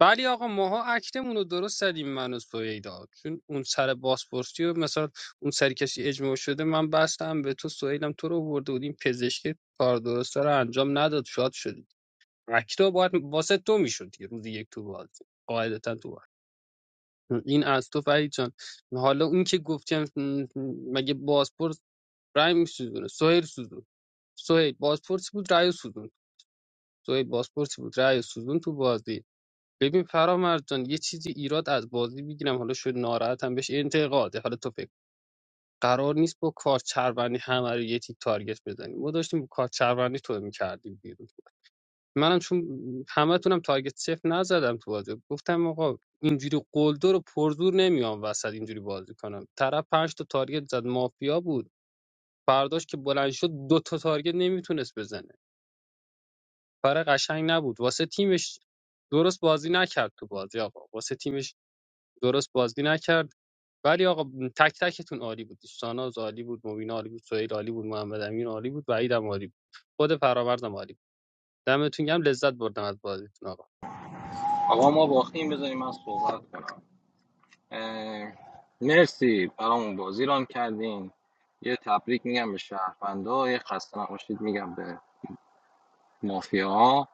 ولی آقا ماها اکتمون رو درست زدیم من و سویدا چون اون سر بازپرسی و مثلا اون سری کسی اجماع شده من بستم به تو سویدم تو رو برده بودیم پزشکی کار درسته رو انجام نداد شاد شدی اکتا باید واسه تو میشد دیگه روزی یک تو بازی قاعدتا تو بازی. این از تو فرید جان حالا اون که گفتیم مگه بازپرس رای میسوزونه سوهر سوزون سوهر بازپرسی بود رای سوزون سوهر بازپرسی بود رای سوزون تو بازی ببین فرامرز جان یه چیزی ایراد از بازی میگیرم حالا شد ناراحتم بهش انتقاده حالا تو فکر قرار نیست با کارت چربندی همه رو یه تیک تارگت بزنیم ما داشتیم با کارت چربندی تو میکردیم بیرون منم چون همه تونم تارگت صفر نزدم تو بازی گفتم آقا اینجوری قلدر و پرزور نمیام وسط اینجوری بازی کنم طرف پنج تا تارگت زد مافیا بود فرداش که بلند شد دو تا تارگت نمیتونست بزنه برای قشنگ نبود واسه تیمش درست بازی نکرد تو بازی آقا واسه تیمش درست بازی نکرد ولی آقا تک تکتون عالی بود ساناز عالی بود مبین عالی بود سهیل عالی بود محمد امین عالی بود وحید هم عالی بود خود فرآوردم عالی بود دمتون گرم لذت بردم از بازیتون آقا
آقا ما باختیم بذاریم من صحبت کنم اه، مرسی برامون بازی ران کردین یه تبریک میگم به شهروندا یه خسته نباشید میگم به مافیا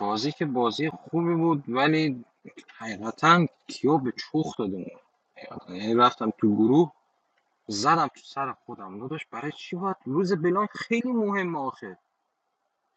بازی که بازی خوبی بود ولی حقیقتا کیو به چوخ دادیم حقیقتا. یعنی رفتم تو گروه زدم تو سر خودم داداش برای چی باید روز بلان خیلی مهمه آخه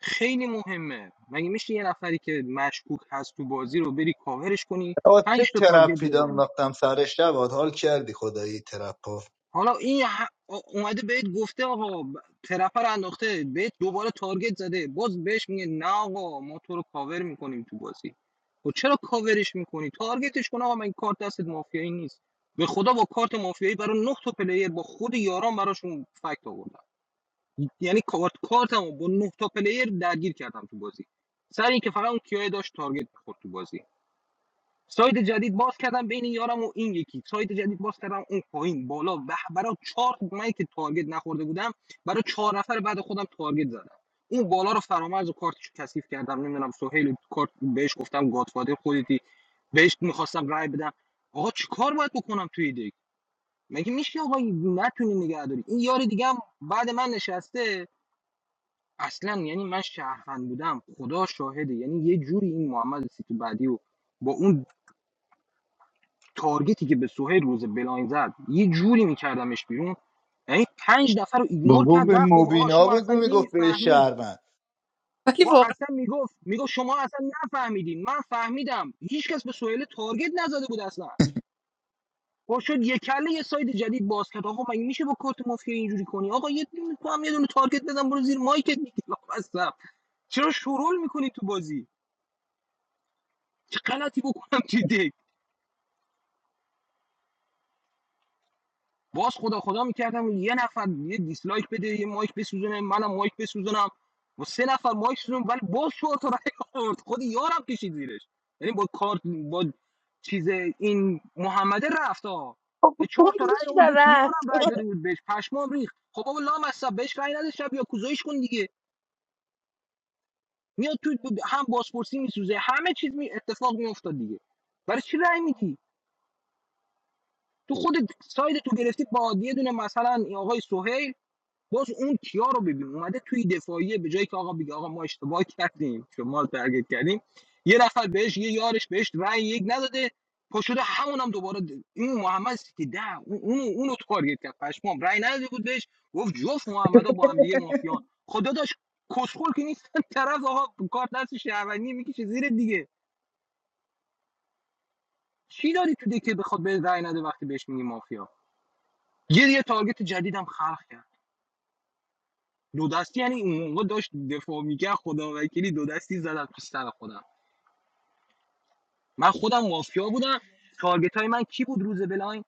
خیلی مهمه مگه میشه یه نفری که مشکوک هست تو بازی رو بری کاورش کنی
آه، چه
پنج تا تارگت
ترپی
بزنی
انداختم سر شبات حال کردی خدایی ترپا
حالا این یه ح- اومده بهت گفته آقا ب- طرفه رو انداخته بهت دوباره تارگت زده باز بهش میگه نه آقا ما تو رو کاور میکنیم تو بازی خب چرا کاورش میکنی تارگتش کن آقا من این کارت دستت مافیایی نیست به خدا با کارت مافیایی برای نه تا پلیر با خود یاران براشون فکت آوردم یعنی کارت کارتمو با نه تا پلیر درگیر کردم تو بازی سر اینکه فقط اون کیای داشت تارگت بخورد تو بازی سایت جدید باز کردم بین یارم و این یکی سایت جدید باز کردم اون پایین بالا به برای چهار من که تارگت نخورده بودم برای چهار نفر بعد خودم تارگت زدم اون بالا رو فرامرز و کارتش کثیف کردم نمیدونم سهیل کارت بهش گفتم گادفادر خودتی بهش میخواستم رای بدم آقا چیکار باید بکنم توی دک مگه میشه آقا نتونی نگهداری. این یار دیگه هم بعد من نشسته اصلا یعنی من شهروند بودم خدا شاهده یعنی یه جوری این محمد سیتو بعدی و با اون تارگتی که به سهیل روز بلاین زد یه جوری میکردمش بیرون یعنی پنج نفر رو ایگنور
بابا به
کرد رفت گفت آقا
مبینا
شما اصلا
بگو میگفت به
نمیفهمید
شهرمن
ولی
و
واقعا
اصلا میگفت میگفت شما اصلا نفهمیدین من فهمیدم هیچکس به سهیل تارگت نزده بود اصلا خب شد یک کله یه ساید جدید باز کرد آقا مگه میشه با کارت مافیا اینجوری کنی آقا یه دونه تو هم یه دونه تارگت بزن برو زیر مایکت [LAUGHS] دیگه آقا اصلا چرا شورول میکنی تو بازی چه غلطی بکنم تو دک؟ باز خدا خدا میکردم یه نفر یه دیسلایک بده یه مایک بسوزونه منم مایک بسوزونم و سه نفر مایک سوزون ولی باز شو تا رای آورد خود یارم کشید زیرش یعنی با کارت با چیز این محمد رفت ها
خب،
یه چهار تا
گوش
رای آورد که
دارم
یارم رای داده بود بهش پشمام ریخت خب بابا لام اصلا بهش رای نده شب یا کوزایش کن دیگه میاد تو هم بازپرسی میسوزه همه چیز می اتفاق میافتاد دیگه برای چی رای میدی تو خود ساید تو گرفتی با یه دونه مثلا آقای سهیل باز اون کیا رو ببین اومده توی دفاعیه به جایی که آقا بگه آقا ما اشتباه کردیم شما رو تارگت کردیم یه نفر بهش یه یارش بهش رأی یک نداده پاشده همون هم دوباره د- این محمد سیتی ده اون اونو اونو تارگت کرد پشمام رأی نداده بود بهش گفت جفت محمدا با هم دیگه مافیان خدا داشت کسخل که نیست [LAUGHS] طرف آقا کار دست شهروندی میکشه زیر دیگه چی داری تو دیگه بخواد به رأی نده وقتی بهش میگی مافیا یه یه تارگت جدیدم خلق کرد دو دستی یعنی اون موقع داشت دفاع میکرد خدا وکیلی دو دستی زدم تو سر خودم من خودم مافیا بودم تارگت های من کی بود روز بلاین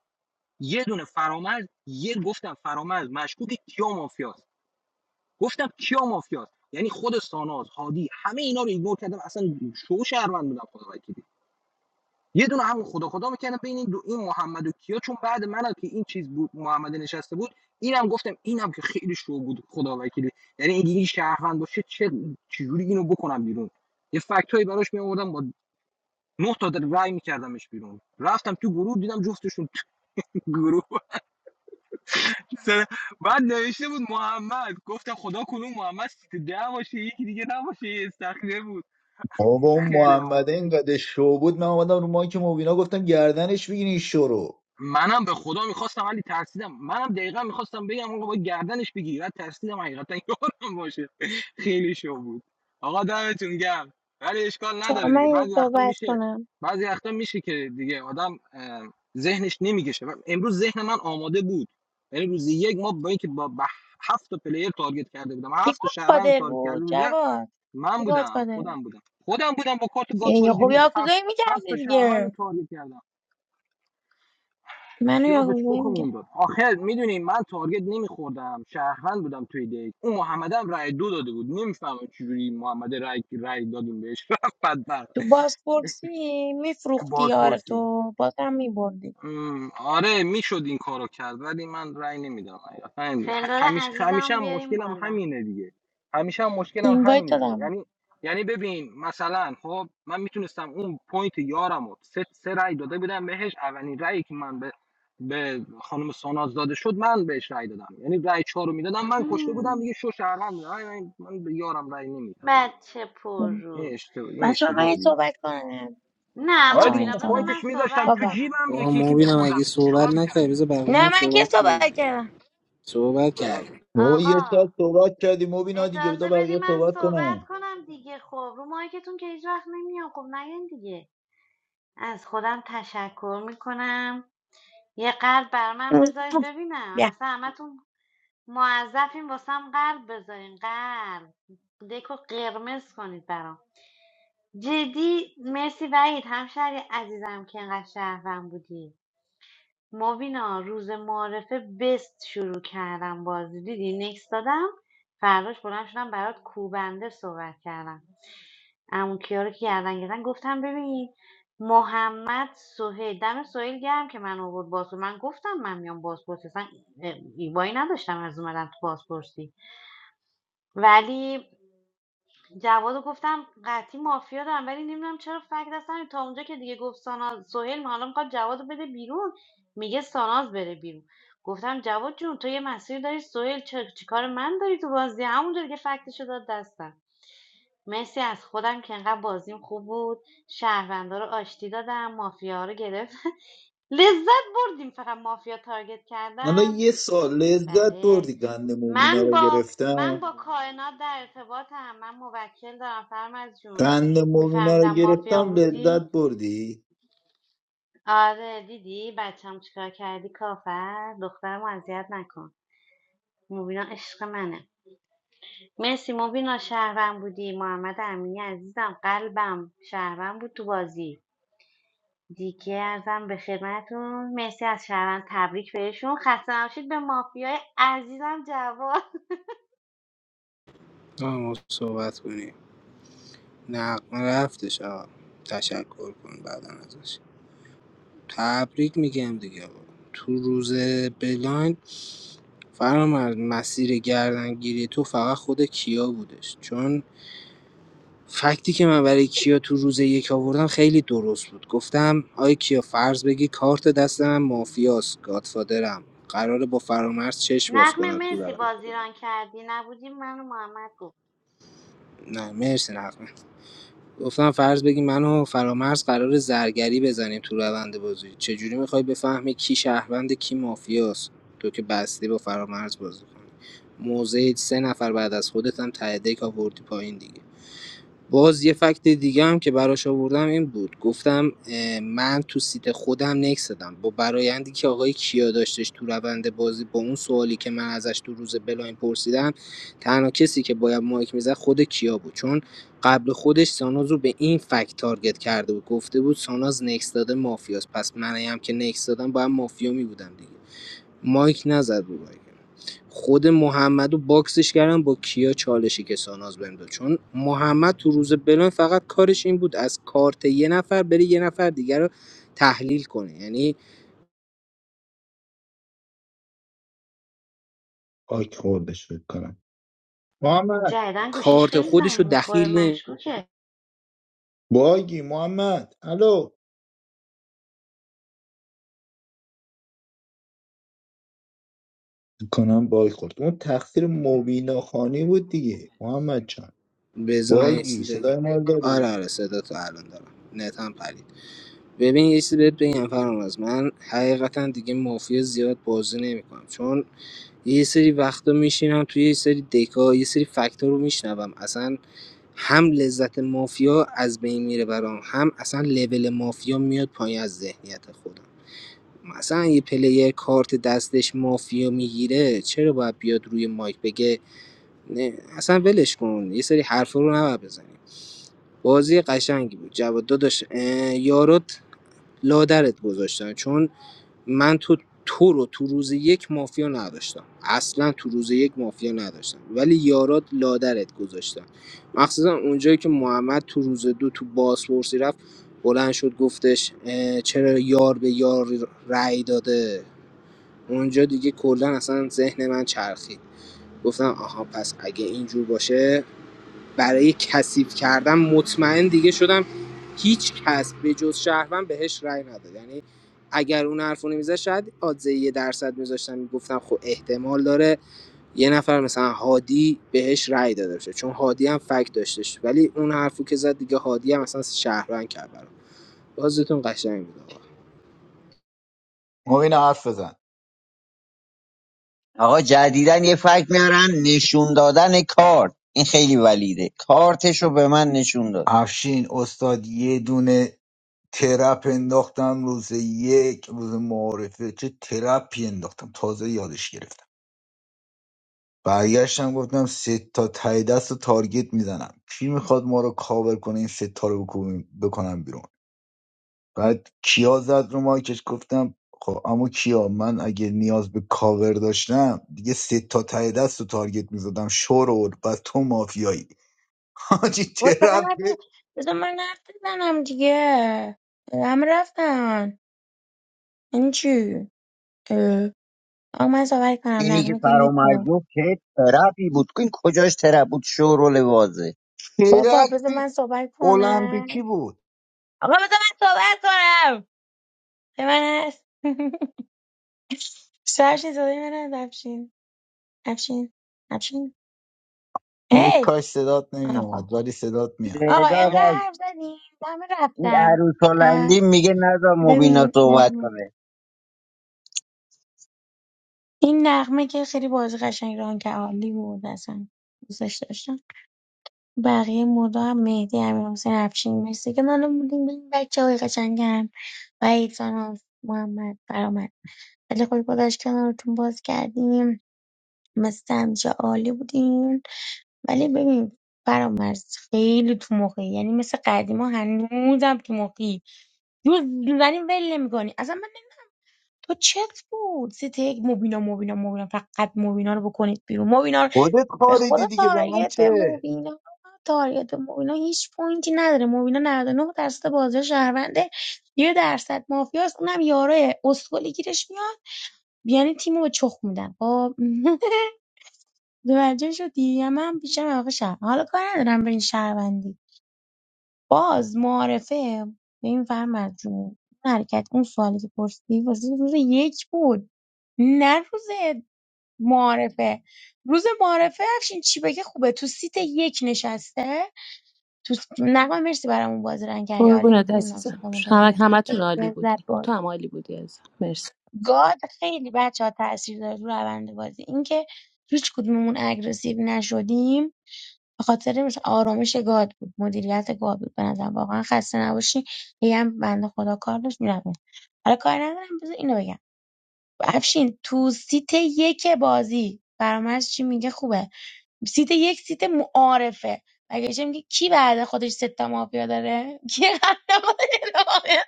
یه دونه فرامرز یه گفتم فرامرز مشکوک کیا مافیاست گفتم کیا مافیاست یعنی خود ساناز هادی همه اینا رو ایگنور کردم اصلا شو شهروند بودم خدا وکیلی یه دونه هم خدا خدا میکردم بین این دو این محمد و کیا چون بعد منم که این چیز بود محمد نشسته بود اینم گفتم اینم که خیلی شو بود خدا وکیلی یعنی اگه این شهروند باشه چه چجوری اینو بکنم بیرون یه فکتایی براش می آوردم با نه تا رای میکردمش بیرون رفتم تو گروه دیدم جفتشون تو گروه بعد نوشته بود محمد گفتم خدا کنون محمد سیت ده باشه یکی دیگه نباشه یه استخیره بود
بابا اون
خیلی عالی.
محمد اینقدر شو بود من اومدم رو مایک مبینا گفتم گردنش بگیرین شو رو
منم به خدا میخواستم ولی ترسیدم منم دقیقا میخواستم بگم آقا باید گردنش بگیری بعد ترسیدم حقیقتا یارم باشه [LAUGHS] خیلی شو بود آقا دمتون گرم ولی اشکال
چرا
نداره
من
دیگه
یه
بعضی وقتا
صحبت
میشه
کنم
بعضی وقتا میشه که دیگه آدم اه، ذهنش نمیگشه امروز ذهن من آماده بود یعنی روز یک ما با اینکه با, با هفت تا پلیر تارگت کرده بودم
یه
هفت تا شهروند
گادفادر
تارگت کرده
بود
بودم
جواد
من
یه
بودم
گادفادر بود
خودم بودم خودم بودم با کارت گاتوار
یه خوب
دیروز هفت
یاکوزایی
هفت
میکردی
تا شهروند رو
دیگه
تارگت کردم
منو
کیا به
یاکوزایی
چخمون
میکرد
داد آخر میدونی من تارگت نمیخوردم شهروند بودم توی دیگ اون محمد هم رای دو داده بود نمیفهمم چجوری محمد رای رای دادیم بهش [LAUGHS] رفت بدبخت
تو بازپرسی
تو
میفروختی
باز
یار تو بازم میبردی
ام، آره میشد این کارو کرد ولی من رأی نمیدم حقیقتا همین- ه-
فلور
همیشه همیشه
عزیزم
هم
بیاریم
مشکلم
بالا
همینه دیگه همیشه هم مشکلم
اینوایت
همینه دیگه
دادم
یعنی یعنی ببین مثلا خب من میتونستم اون پوینت یارم رو سه, سه رأی داده بودم بهش اولین رأیی که من به به خانم ساناز داده شد من بهش رأی دادم یعنی رأی چهار رو میدادم من کشته بودم
اهم.
دیگه شو شهروند بودم. آره، من من به یارم رأی نمیدم دیگه
بچه پر
این
رو
اشتباه این
بچه ها، من
اشتباه
یه
دیگه
صحبت کنم
نه
آره
بچه ها من
دیگه
یه
مبینا
خب
بذار
صحبت
من
پوینتش میذاشتم
صحبت
تو
بابا
کنم
جیبم
آه
یکی یکی
مبینم
میخوردم
اگه
میتونم
صحبت
چیکار
نکرد
میکردی
بذار بقیه
نه
هم
من که
صحبت کنم
صحبت
دیگه
کردم
صحبت کرد
بابا یه
آقا
ساعت صحبت کردی مبینا دیگه بذار
اجازه بدی
بقیه
من
صحبت کنم
صحبت کنم دیگه خب رو مایکتون که هیچ وقت نمیام خب نگین دیگه از خودم تشکر میکنم یه قلب بر من بذارید
[LAUGHS]
ببینم
بیا
اصلا همتون موظفین واسم قلب بذارین قلب دکو قرمز کنید برام جدی مرسی وحید همشهری عزیزم که اینقدر شهرم بودی مبینا روز معارفه بست شروع کردم بازی دیدی نکس دادم فرداش بلند شدم برات کوبنده صحبت کردم عمو کیا رو که گردن گرفتن گفتم ببین محمد سهیل دم سهیل گرم که من آورد بازپرس من گفتم من میام بازپرسی اصلا ایبایی نداشتم از اومدم تو بازپرسی ولی جوادو گفتم قطعی مافیا دارم ولی نمیدونم چرا فکر دستم تا اونجا که دیگه گفت ساناز سهیل حالا میخواد جواد بده بیرون میگه ساناز بره بیرون گفتم جواد جون تو یه مسیر داری سهیل چه- چیکار من داری تو بازی همونجوری که فکتشو داد دستم مرسی از خودم که انقدر بازیم خوب بود شهروندا رو آشتی دادم مافیا رو گرفت لذت بردیم فقط مافیا تارگت
حالا
کردم
یه سال لذت
بله
بردی قند مومینا
من
رو
با من
گرفتم
با کائنات در ارتباطم من موکل دارم فرمز جون
قند مومینا رو
میفهمیدم مافیا
گرفتم
بودی
لذت بردی
آره دیدی بچم چیکار کردی کافر دخترمو اذیت نکن مبینا عشق منه مرسی مبینا شهرم بودی محمد امینی عزیزم قلبم شهرم بود تو بازی دیگه ازم به خدمتون مرسی از شهروند تبریک بهشون خسته نباشید به مافیای عزیزم جواد
آه ما صحبت کنیم نقم رفتش آقا تشکر کن بعدا ازش تبریک میگم دیگه آقا تو روز بلایند فرام مسیر گردنگیری تو فقط خود کیا بودش چون فکتی که من برای کیا تو روز یک آوردم خیلی درست بود گفتم آی کیا فرض بگیر کارت دست من مافیاست گادفادرم قراره با فرامرز چشم باز
نقمه
کنم تو
مرسی
روند
بازیران کردی نبودی من و محمد گفت
نه مرسی نقمه گفتم فرض بگی من و فرامرز قرار زرگری بزنیم تو روند بازی چجوری میخوای بفهمی کی شهروند کی مافیاست تو که بستی با فرامرز بازی کنی موضع سه نفر بعد از خودت هم ته دک آوردی پایین دیگه باز یه فکت دیگه هم که براش آوردم این بود گفتم اه، من تو سیت خودم نکس دادم با برایندی که آقای کیا داشتش تو روند بازی با اون سوالی که من ازش تو روز بلاین پرسیدم تنها کسی که باید مایک میزد خود کیا بود چون قبل خودش ساناز رو به این فکت تارگت کرده بود گفته بود ساناز نکس داده مافیاست پس منم که نکس دادم باید مافیا می بودم دیگه. مایک نزد رو مایکم خود محمدو باکسش کردن با کیا چالشی که ساناز بهم داد چون محمد تو روز بلان فقط کارش این بود از کارت یه نفر بره یه نفر دیگر رو تحلیل کنه یعنی
آی خوردش فکر کنم محمد
جدیدن گوشیش
کارت
خیلی
خودش
زنگ
رو
میخوره
دخیل نه
مشکوکه
باگی محمد الو فکر کنم باگ خورد اون تقصیر مبینا خانی بود دیگه محمد جان
بذار من یه
باگی
چیز بگم.
صدای ما رو
آره
داری
آره صدا تو الان دارم نت هم پرید ببین یه چیزی بهت بگم فرامرز من حقیقتا دیگه مافیا زیاد بازی نمیکنم چون یه سری وقتا میشینم توی یه سری دکا یه سری فکتا رو میشنوم اصلا هم لذت مافیا از بین میره برام هم اصلا لول مافیا میاد پایین از ذهنیت خودم مثلا یه پلیر کارت دستش مافیا میگیره چرا باید بیاد روی مایک بگه نه اصلا ولش کن یه سری حرفا رو نباید بزنیم بازی قشنگی بود جواد داداش اه، یارات لادرت گذاشتن چون من تو تو رو تو روز یک مافیا نداشتم اصلا تو روز یک مافیا نداشتم ولی یارات لادرت گذاشتن مخصوصا اونجایی که محمد تو روز دو تو بازپرسی رفت بلند شد گفتش اه، چرا یار به یار رأی داده اونجا دیگه کلا اصلا ذهن من چرخید گفتم آها پس اگه اینجور باشه برای کثیف کردن مطمئن دیگه شدم هیچ کس به جز شهروند بهش رأی نداد یعنی اگر اون حرفو نمیزد شاید آدزه یه درصد میذاشتم میگفتم خب احتمال داره یه نفر مثلا هادی بهش رأی داده باشه چون هادی هم فک داشتش ولی اون حرفو که زد دیگه هادی هم مثلا شهروند کرد برام بازتون قشنگ بود آقا.
مبینا حرف بزن
آقا جدیدن یه فکت میارن نشون دادن کارت این خیلی ولیده کارتش رو به من نشون داده
افشین استاد یه دونه ترپ انداختم روز یک روز معارفه چه ترپی انداختم تازه یادش گرفتم برگشتم گفتم سه تا ته دست رو تارگت میزنم کی میخواد ما رو کاور کنه این سه تا رو بکنیم- بکنم بیرون بعد کیا زد رو مایکش گفتم خب اما کیا من اگه نیاز به کاور داشتم دیگه سه تا ته دست رو تارگت میزدم شورول و تو مافیایی [LAUGHS] حاجی
و
ترپی
چقدر بذار من حرف بزنم دیگه همه رفتن این چی اه. آقا من صحبت کنم
اینی که
نقمه که
فرامرز
نیستم
گفت که ترپی بود این کجاش ترپ بود شورول واضح
بابا بذار
ترپی
من صحبت
المپیکی
کنم
بود
آقا بذار من صحبت کنم به من هست [LAUGHS] سرشین صدای من هست افشین افشین افشین
اون
هی
کاش صدات
آقا خب.
نمیومد ولی صدات میاد
آقا
صداد از
اینقدر حرف زدیم همه
این
رفتن
عروس
اه.
هلندی میگه نذار مبینا
ببین
صحبت کنه
این نغمه که خیلی بازی قشنگ ران که عالی بود اصلا دوستش داشتم بقیه مودا هم مهدی امیرحسین افشین مرسی که منو بودیم بودیم بچه های قشنگم و ایسان محمد فرامد خیلی خوش گذشت کنارتون باز کردیم مثل همیشه عالی بودیم ولی ببین فرامرز خیلی تو مخی یعنی مثل قدیما هنوزم تو مخی جز زنی ول نمیکنی اصلا تو چت بود سیت یک مبینا مبینا مبینا فقط مبینا رو بکنید بیرون مبینا رو به خدا تارگت به مبینا تارگت به مبینا هیچ پوینتی نداره مبینا 99 درصد بازی شهرونده یه درصد مافیاست اونم یاره اسکلی گیرش میاد یعنی تیمو به چخ میدن خب [LAUGHS] متوجه شدی من بیشتر آقا شهر حالا کار ندارم به این شهروندی باز معارفه به این فرمد جون اون حرکت اون سوالی که پرسیدی واسه روز یک بود نه روز معارفه روز معارفه افشین چی بگه خوبه تو سیت یک نشسته تو س- نقمه مرسی برامون بازی رنگ کردی عالی
قربونت
بودی نمیدونم
عزیزم
صدامو داری
همه
یا نه.
همتون
خیلی
عالی
لذت
بودی
برد
تو هم عالی بودی عزیزم مرسی.
گاد خیلی بچه ها تاثیر داره رو روند بازی اینکه هیچ کدوممون اگریسیو نشدیم به‌خاطر آرامش گاد بود، مدیریت گاد بود به نظرم واقعا خسته نباشی هی هم بنده خدا کار داشت میرفت حالا کاری ندارم بذار اینو بگم افشین تو سیت یک بازی فرامرز چی میگه خوبه سیت یک سیت معارفه مگه چه میگه کی بعد خودش سه تا مافیا داره [LAUGHS] کی قبل خودش داره مافیا؟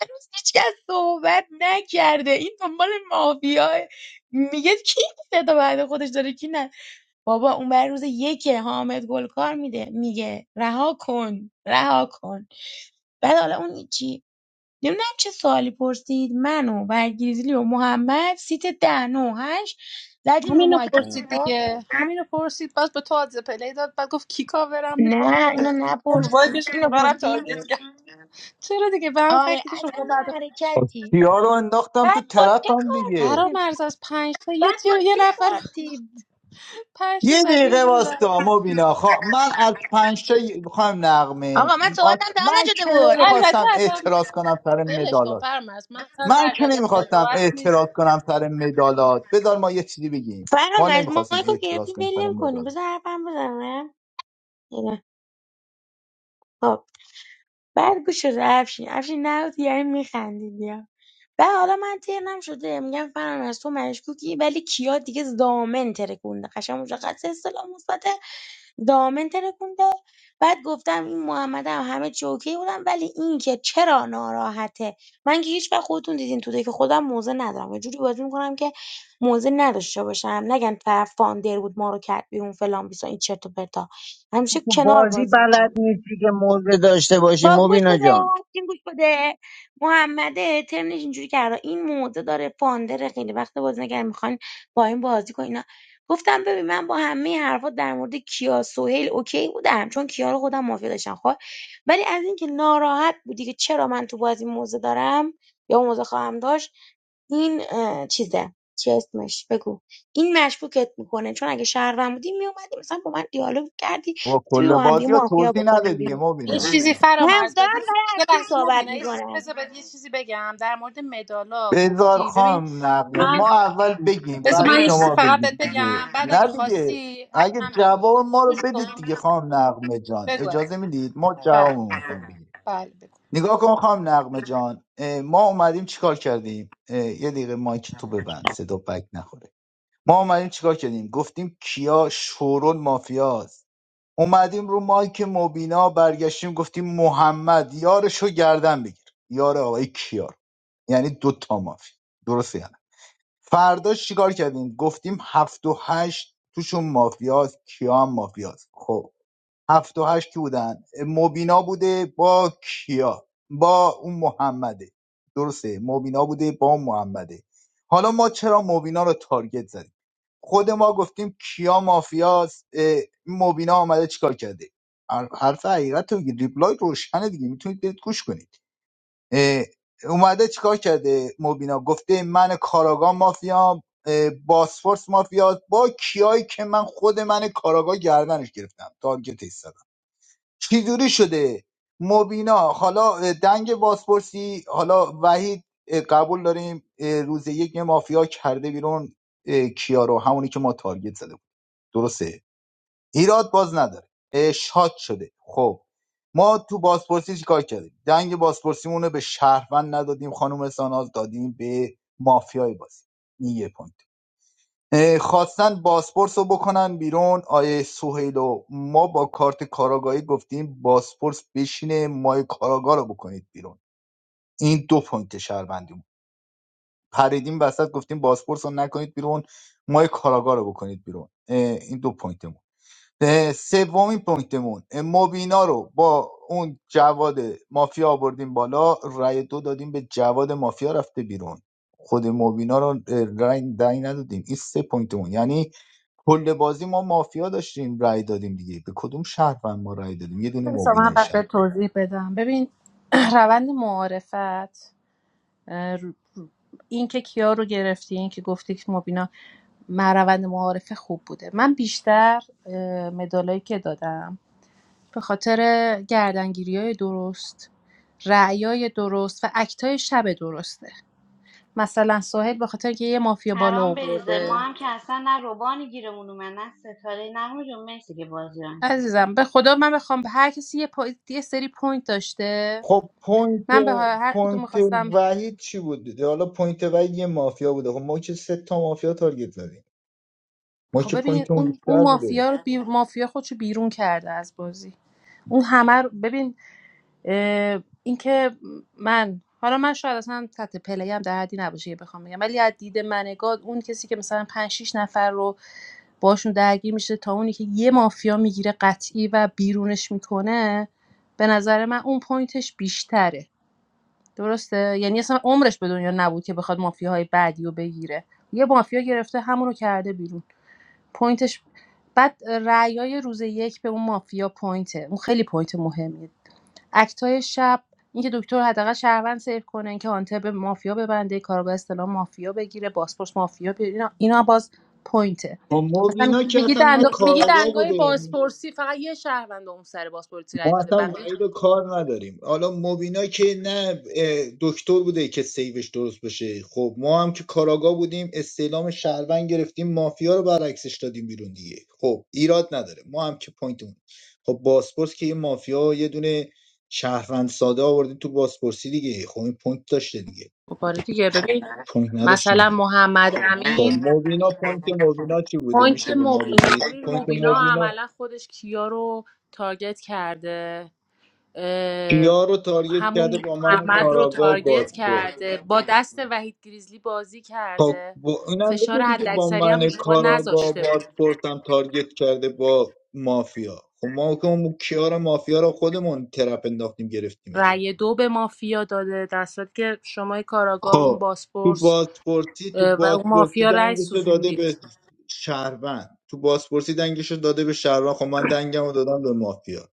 هنوز هیچ کس صحبت نکرده این دنبال مافیا میگه کی سه تا بعد خودش داره کی نه بابا اون بر روز یکه حامد گلکار میده میگه رها کن رها کن بعد حالا اون چی نمیدونم چه سوالی پرسید من و برگریزلی و محمد سیت ده نو هشت زدیم رو
همینو
مایکمون
پرسید
خب
دیگه همینو پرسید باز به تو آدز پلی داد بعد گفت کی کاورم میکنه
نه
دارم
اینو
رو
نپرسید
بایدش اونا
اینو
رو هم تارگت
پرسید
کرد چرا دیگه به هم
آره
فکتی که شما
اصلا یه
بعد
حرکتی
کیا رو انداختم تو
بعد با چه
ترپم دیگه
برا
کارتی
مرز از پنج تا یه
بعد با
تیو یه
چه
نفر [LAUGHS] رو-
کارتی
پنج تا
یه
زدی یه
دقیقه
دونه در
واستا
آوردی.
مبینا خوا... من از پنج تا میخوام نقمه
آقا من صحبتم
آت-
تمام
من
نشده
که
بود
البته
نمیخواستم
اصلا
اعتراض کنم سر
ولش کن
مدالات
فرامرز من اصلا
من
در
که
جایگاه
نمیخواستم
قضاوت
اعتراض
نیستم
کنم سر مدالات بذار ما یه چیزی بگیم ما
فرام از
نمیخواستیم
مایکو گرفتی
اعتراض کنیم سر
ول کنیم
مدالات
بذار حرفم بزنم نه. خب بعد گوش شده افشین افشین نبودی یعنی میخندیدی و حالا من ترنم شده میگم فرم از تو مشکوکی ولی کیا دیگه دامن ترکونده قشنگ مشخص اصطلاح مثبت دامن ترکونده بعد گفتم این محمد هم همه چی اوکی بودم ولی این که چرا ناراحته من که هیچ وقت خودتون دیدین تو که خودم موزه ندارم یه جوری بازی میکنم که موزه نداشته باشم نگن طرف فاندر بود ما رو کرد بیرون فلان بیسا این چرت و پرتا همیشه
تو
کنار
بازی
باز میکنم
بلد نیستی که موزه داشته باشی
با گوش
مبینا
بده
جان
این گوش بده محمد ترنش اینجوری کرده این موزه داره فاندر خیلی وقت بازی نکردن میخوان با این بازی کن اینا گفتم ببین من با همه حرفات در مورد کیا سهیل اوکی بودم چون کیا رو خودم مافیا داشتم خب ولی از اینکه ناراحت بودی که چرا من تو بازی موزه دارم یا موزه خواهم داشت این اه، چیزه چی اسمش بگو این مشکوکت میکنه چون اگه شهروند بودی میومدی مثلا با من دیالوگ کردی
با
تو
کل
با هم دیگه
بازی ها
مافیا
توضیح نده
بکنیم بیرون
دیگه
یه
مبینا
چیزی
هم
فرامرز
دارم
بدید
برای
یه
افشین
لحظه ما
صحبت
بینا یه چیزی
میکنم.
بذار بد- یه چیزی بگم در مورد مدالا
بذار
گفتی ببین
خام نقمه ما اول بگیم
بذار
بعد
من یه چیزی
شما
فقط بهت
بگید دیگه
بگم بعد
نه
اگه
دیگه
خواستی
اگه
هم بگو
جواب ما
گوش
رو بدید
کن
دیگه خام نقمه جان
بگو از
اجازه میدید ما
بله
جوابمون رو خواهیم بگیم
بله بگو
نگاه کن خواهم نقمه جان اه، ما اومدیم چیکار کردیم اه، یه دقیقه مایک تو ببند صدا بک نخوره ما اومدیم چیکار کردیم گفتیم کیا شورون مافیاست اومدیم رو مایک مبینا برگشتیم گفتیم محمد یارشو گردن بگیر یار آقای کیار یعنی دوتا مافیا درسته یا نه فرداش چیکار کردیم گفتیم هفت و هشت توشون مافیاست کیا هم مافیاست خب هفت و هشت کی بودن مبینا بوده با کیا با اون محمده درسته مبینا بوده با اون محمده حالا ما چرا مبینا رو تارگت زدیم خود ما گفتیم کیا مافیاست اه، مبینا آمده چیکار کرده هر- حرف حقیقت رو بگید. ریپلای روشنه دیگه میتونید گوش کنید اه، اومده چیکار کرده مبینا گفته من کاراگاه مافیام اه، باسفورس مافیا با کیایی که من خود من کاراگاه گردنش گرفتم تارگت ایستادم. چجوری شده مبینا حالا دنگ بازپرسی حالا وحید قبول داریم روز یک یه مافیا کرده بیرون کیارو همونی که ما تارگت زده بود درسته ایراد باز نداره شاد شده خب ما تو بازپرسی چیکار کردیم دنگ بازپرسیمون رو به شهروند ندادیم خانم ساناز دادیم به مافیای بازی این یه پوینت اه، خواستن باسپورس رو بکنن بیرون آیه سوهیلو ما با کارت کاراگاهی گفتیم باسپورس بشینه مای کاراگاه رو بکنید بیرون این دو پوینت شهروندی بود پریدیم وسط گفتیم باسپورس رو نکنید بیرون مای کاراگاه رو بکنید بیرون اه، این دو پوینتمون اه، سومین پوینتمون اه، مبینا رو با اون جواد مافیا آوردیم بالا رای دو دادیم به جواد مافیا رفته بیرون خود مبینا رو اه، رای رای ندادیم این سه پوینتمون یعنی کل بازی ما مافیا داشتیم رأی دادیم دیگه به کدوم شهروند ما رأی دادیم یه دونه
بذار من
مبینای
پس
شهر
بهت توضیح بدم ببین [CLEARS THROAT] روند معارفت اه، رو- رو- این که کیا رو گرفتی این که گفتی که مبینا من روند معارفه خوب بوده من بیشتر اه، مدالایی که دادم به خاطر گردنگیری های درست رعیای درست و اکتای شب درسته مثلا ساحل به خاطر که یه مافیا بالا
حرام بریزه
آورده
ما هم که اصلا نه روبانی گیرمون اومد نه ستاره نه مرسی که بازیران
عزیزم به خدا من بخوام به هر کسی یه, پا... یه سری پوینت داشته
خب پوینت
من به هر کدوم
پوینت
میخواستم
وحید چی بود دیگه؟ حالا پوینت وحید یه مافیا بوده خب ما که سه تا مافیا تارگت زدیم ما که
خب ببین
پوینتمون
اون اون
بیشتر بوده
مافیا رو بی... مافیا خودشو بیرون کرده از بازی اون همه رو ببین اه، اینکه من حالا من شاید اصلا تحت پلی هم در حدی نباشه که بخوام بگم ولی از دید منگاد اون کسی که مثلا 5 6 نفر رو باشون درگیر میشه تا اونی که یه مافیا میگیره قطعی و بیرونش میکنه به نظر من اون پوینتش بیشتره درسته یعنی اصلا عمرش به دنیا نبود که بخواد مافیاهای بعدی رو بگیره یه مافیا گرفته همونو کرده بیرون پوینتش بعد رأیای روز یک به اون مافیا پوینته اون خیلی پوینت مهمیه اکتای شب اینکه دکتر حداقل شهروند سیو کنه اینکه هانتر به مافیا ببنده کارگاه اصطلاح مافیا بگیره باسپورس مافیا بگیره اینا, اینا باز پوینته
خب
مثلا
مبینا که
میگی
اصلا
دنگ
نه
میگی
کاراگاه
دنگای
بوده
بازپرسی فقط یه شهروند اون سر بازپرسی رای
ما
داده
اصلا
بقیه
وعید رو کار نداریم حالا مبینا که نه اه، دکتر بوده که سیوش درست بشه خب ما هم که کاراگا بودیم استعلام شهروند گرفتیم مافیا رو برعکسش دادیم بیرون دیگه خب ایراد نداره ما هم که پوینتمون خب باسپورس که یه مافیا یه دونه شهروند ساده آوردی تو باسپورسی دیگه خب این پوینت داشته دیگه
مبارکی ببین
پوینت نداشته
مثلا
دیگه.
محمد
خب
امین
مبینا پوینت مبینا چی بوده
پوینت
میشه به ما
مبینا
بگید
ببین
پوینت
مبینا
مبینا
عملا خودش کیا رو تارگت کرده اه،
کیا رو تارگت کرده
همون
با من
محمد رو
کاراگا و
تارگت
باسپورس
کرده با دست وحید گریزلی بازی
تا
کرده
با اینم
فشار
بگو دیگه با
حداکثری هم رو
من
شما
کاراگاه
نذاشته بود
بازپرسم تارگت کرده با مافیا خب ما که اون کیار مافیا رو خودمون ترپ انداختیم گرفتیمش
رأی دو به مافیا داده در صورتی که شما کاراگاه اون
خب تو
باسپورس
بازپرسی تو
اه، و اون
بازپرسی
مافیا رأی
دنگش رو داده به
سوزوندید
شهروند تو بازپرسی دنگش رو داده به شهروند خب من دنگم رو دادم به مافیا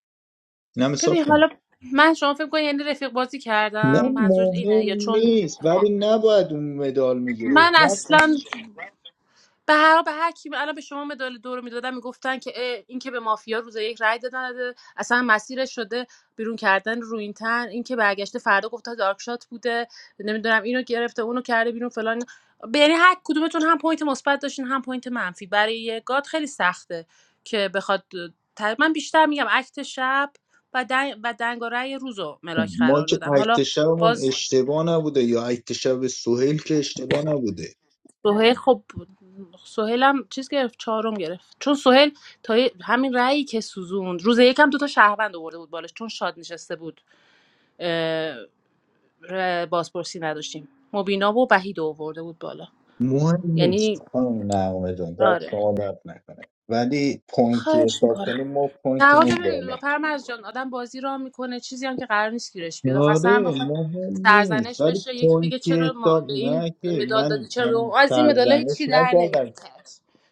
اینم حساب
ببین حالا
کن
من شما فکر کنید یعنی رفیق بازی
نه
کردم منظور اینه
مهم
یا چون
نیست ولی نباید اون مدال میگیره
من اصلا به هر به هر کی الان به شما مدال دو رو میدادن میگفتن که اه، این که به مافیا روز یک رای دادن داده، اصلا مسیرش شده بیرون کردن روینتن این که برگشته فردا گفته دارک شات بوده نمیدونم اینو گرفته اونو کرده بیرون فلان به یعنی هر کدومتون هم پوینت مثبت داشتین هم پوینت منفی برای یه گاد خیلی سخته که بخواد ت- من بیشتر میگم اکت شب و دنگ و دنگ و رأی روزو
خب،
ملاک
ما
قرار
که
دادم حالا
اکت شبمون
باز
اشتباه نبوده یا اکت شب سهیل که اشتباه نبوده
سهیل خب سهیل هم چیز گرفت چهارم گرفت چون سهیل تا یه- همین رأیی که سوزوند روز یکم دوتا شهروند آورده بود بالش چون شاد نشسته بود اه، ر- بازپرسی نداشتیم مبینا و وحید آورده بود بالا
مهم نیست
یعنی
خانم نقمه جان دست
آره
شما درد نکنه ولی پوینتی
خواهش
حساب
میکنم
کنیم ما
نه آقا
پوینتمون
ببین
بالا
پرمرز جان آدم بازی را میکنه چیزی هم که قرار نیست گیرش بیاد آخه اصلا هم
آره
بخواد
مهم نیست
سرزنش
ولی
بشه یکی بگه
پوینتی
چرا ما
حساب
به این
نه که
مدال دادی
من
چرا به
من
اون از این مدال هیچی
سرزنش
در
نکردم
نمیاد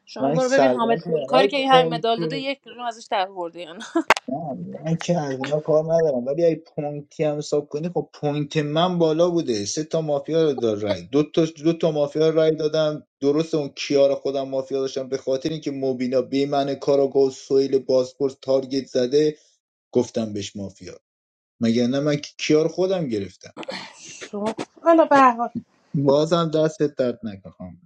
شما
من
برو ببین حامد
سرزنش
گلکاری
نکردم
که این همین مدال
ولی
داده یک دونه ازش در برده یا نه
نه من که از اینا کار ندارم ولی اگه پوینتی هم حساب کنی خب پوینت من بالا بوده سه تا مافیا رو داد رای دو تا دو تا مافیا رای دادم درست اون کیار خودم مافیا داشتم به خاطر اینکه مبینا به من کاراگاه و سویل بازپرس تارگت زده گفتم بهش مافیا مگر نه من که کیار خودم گرفتم
[LAUGHS] شما حالا به هر حال
بازم دستت درد نکنم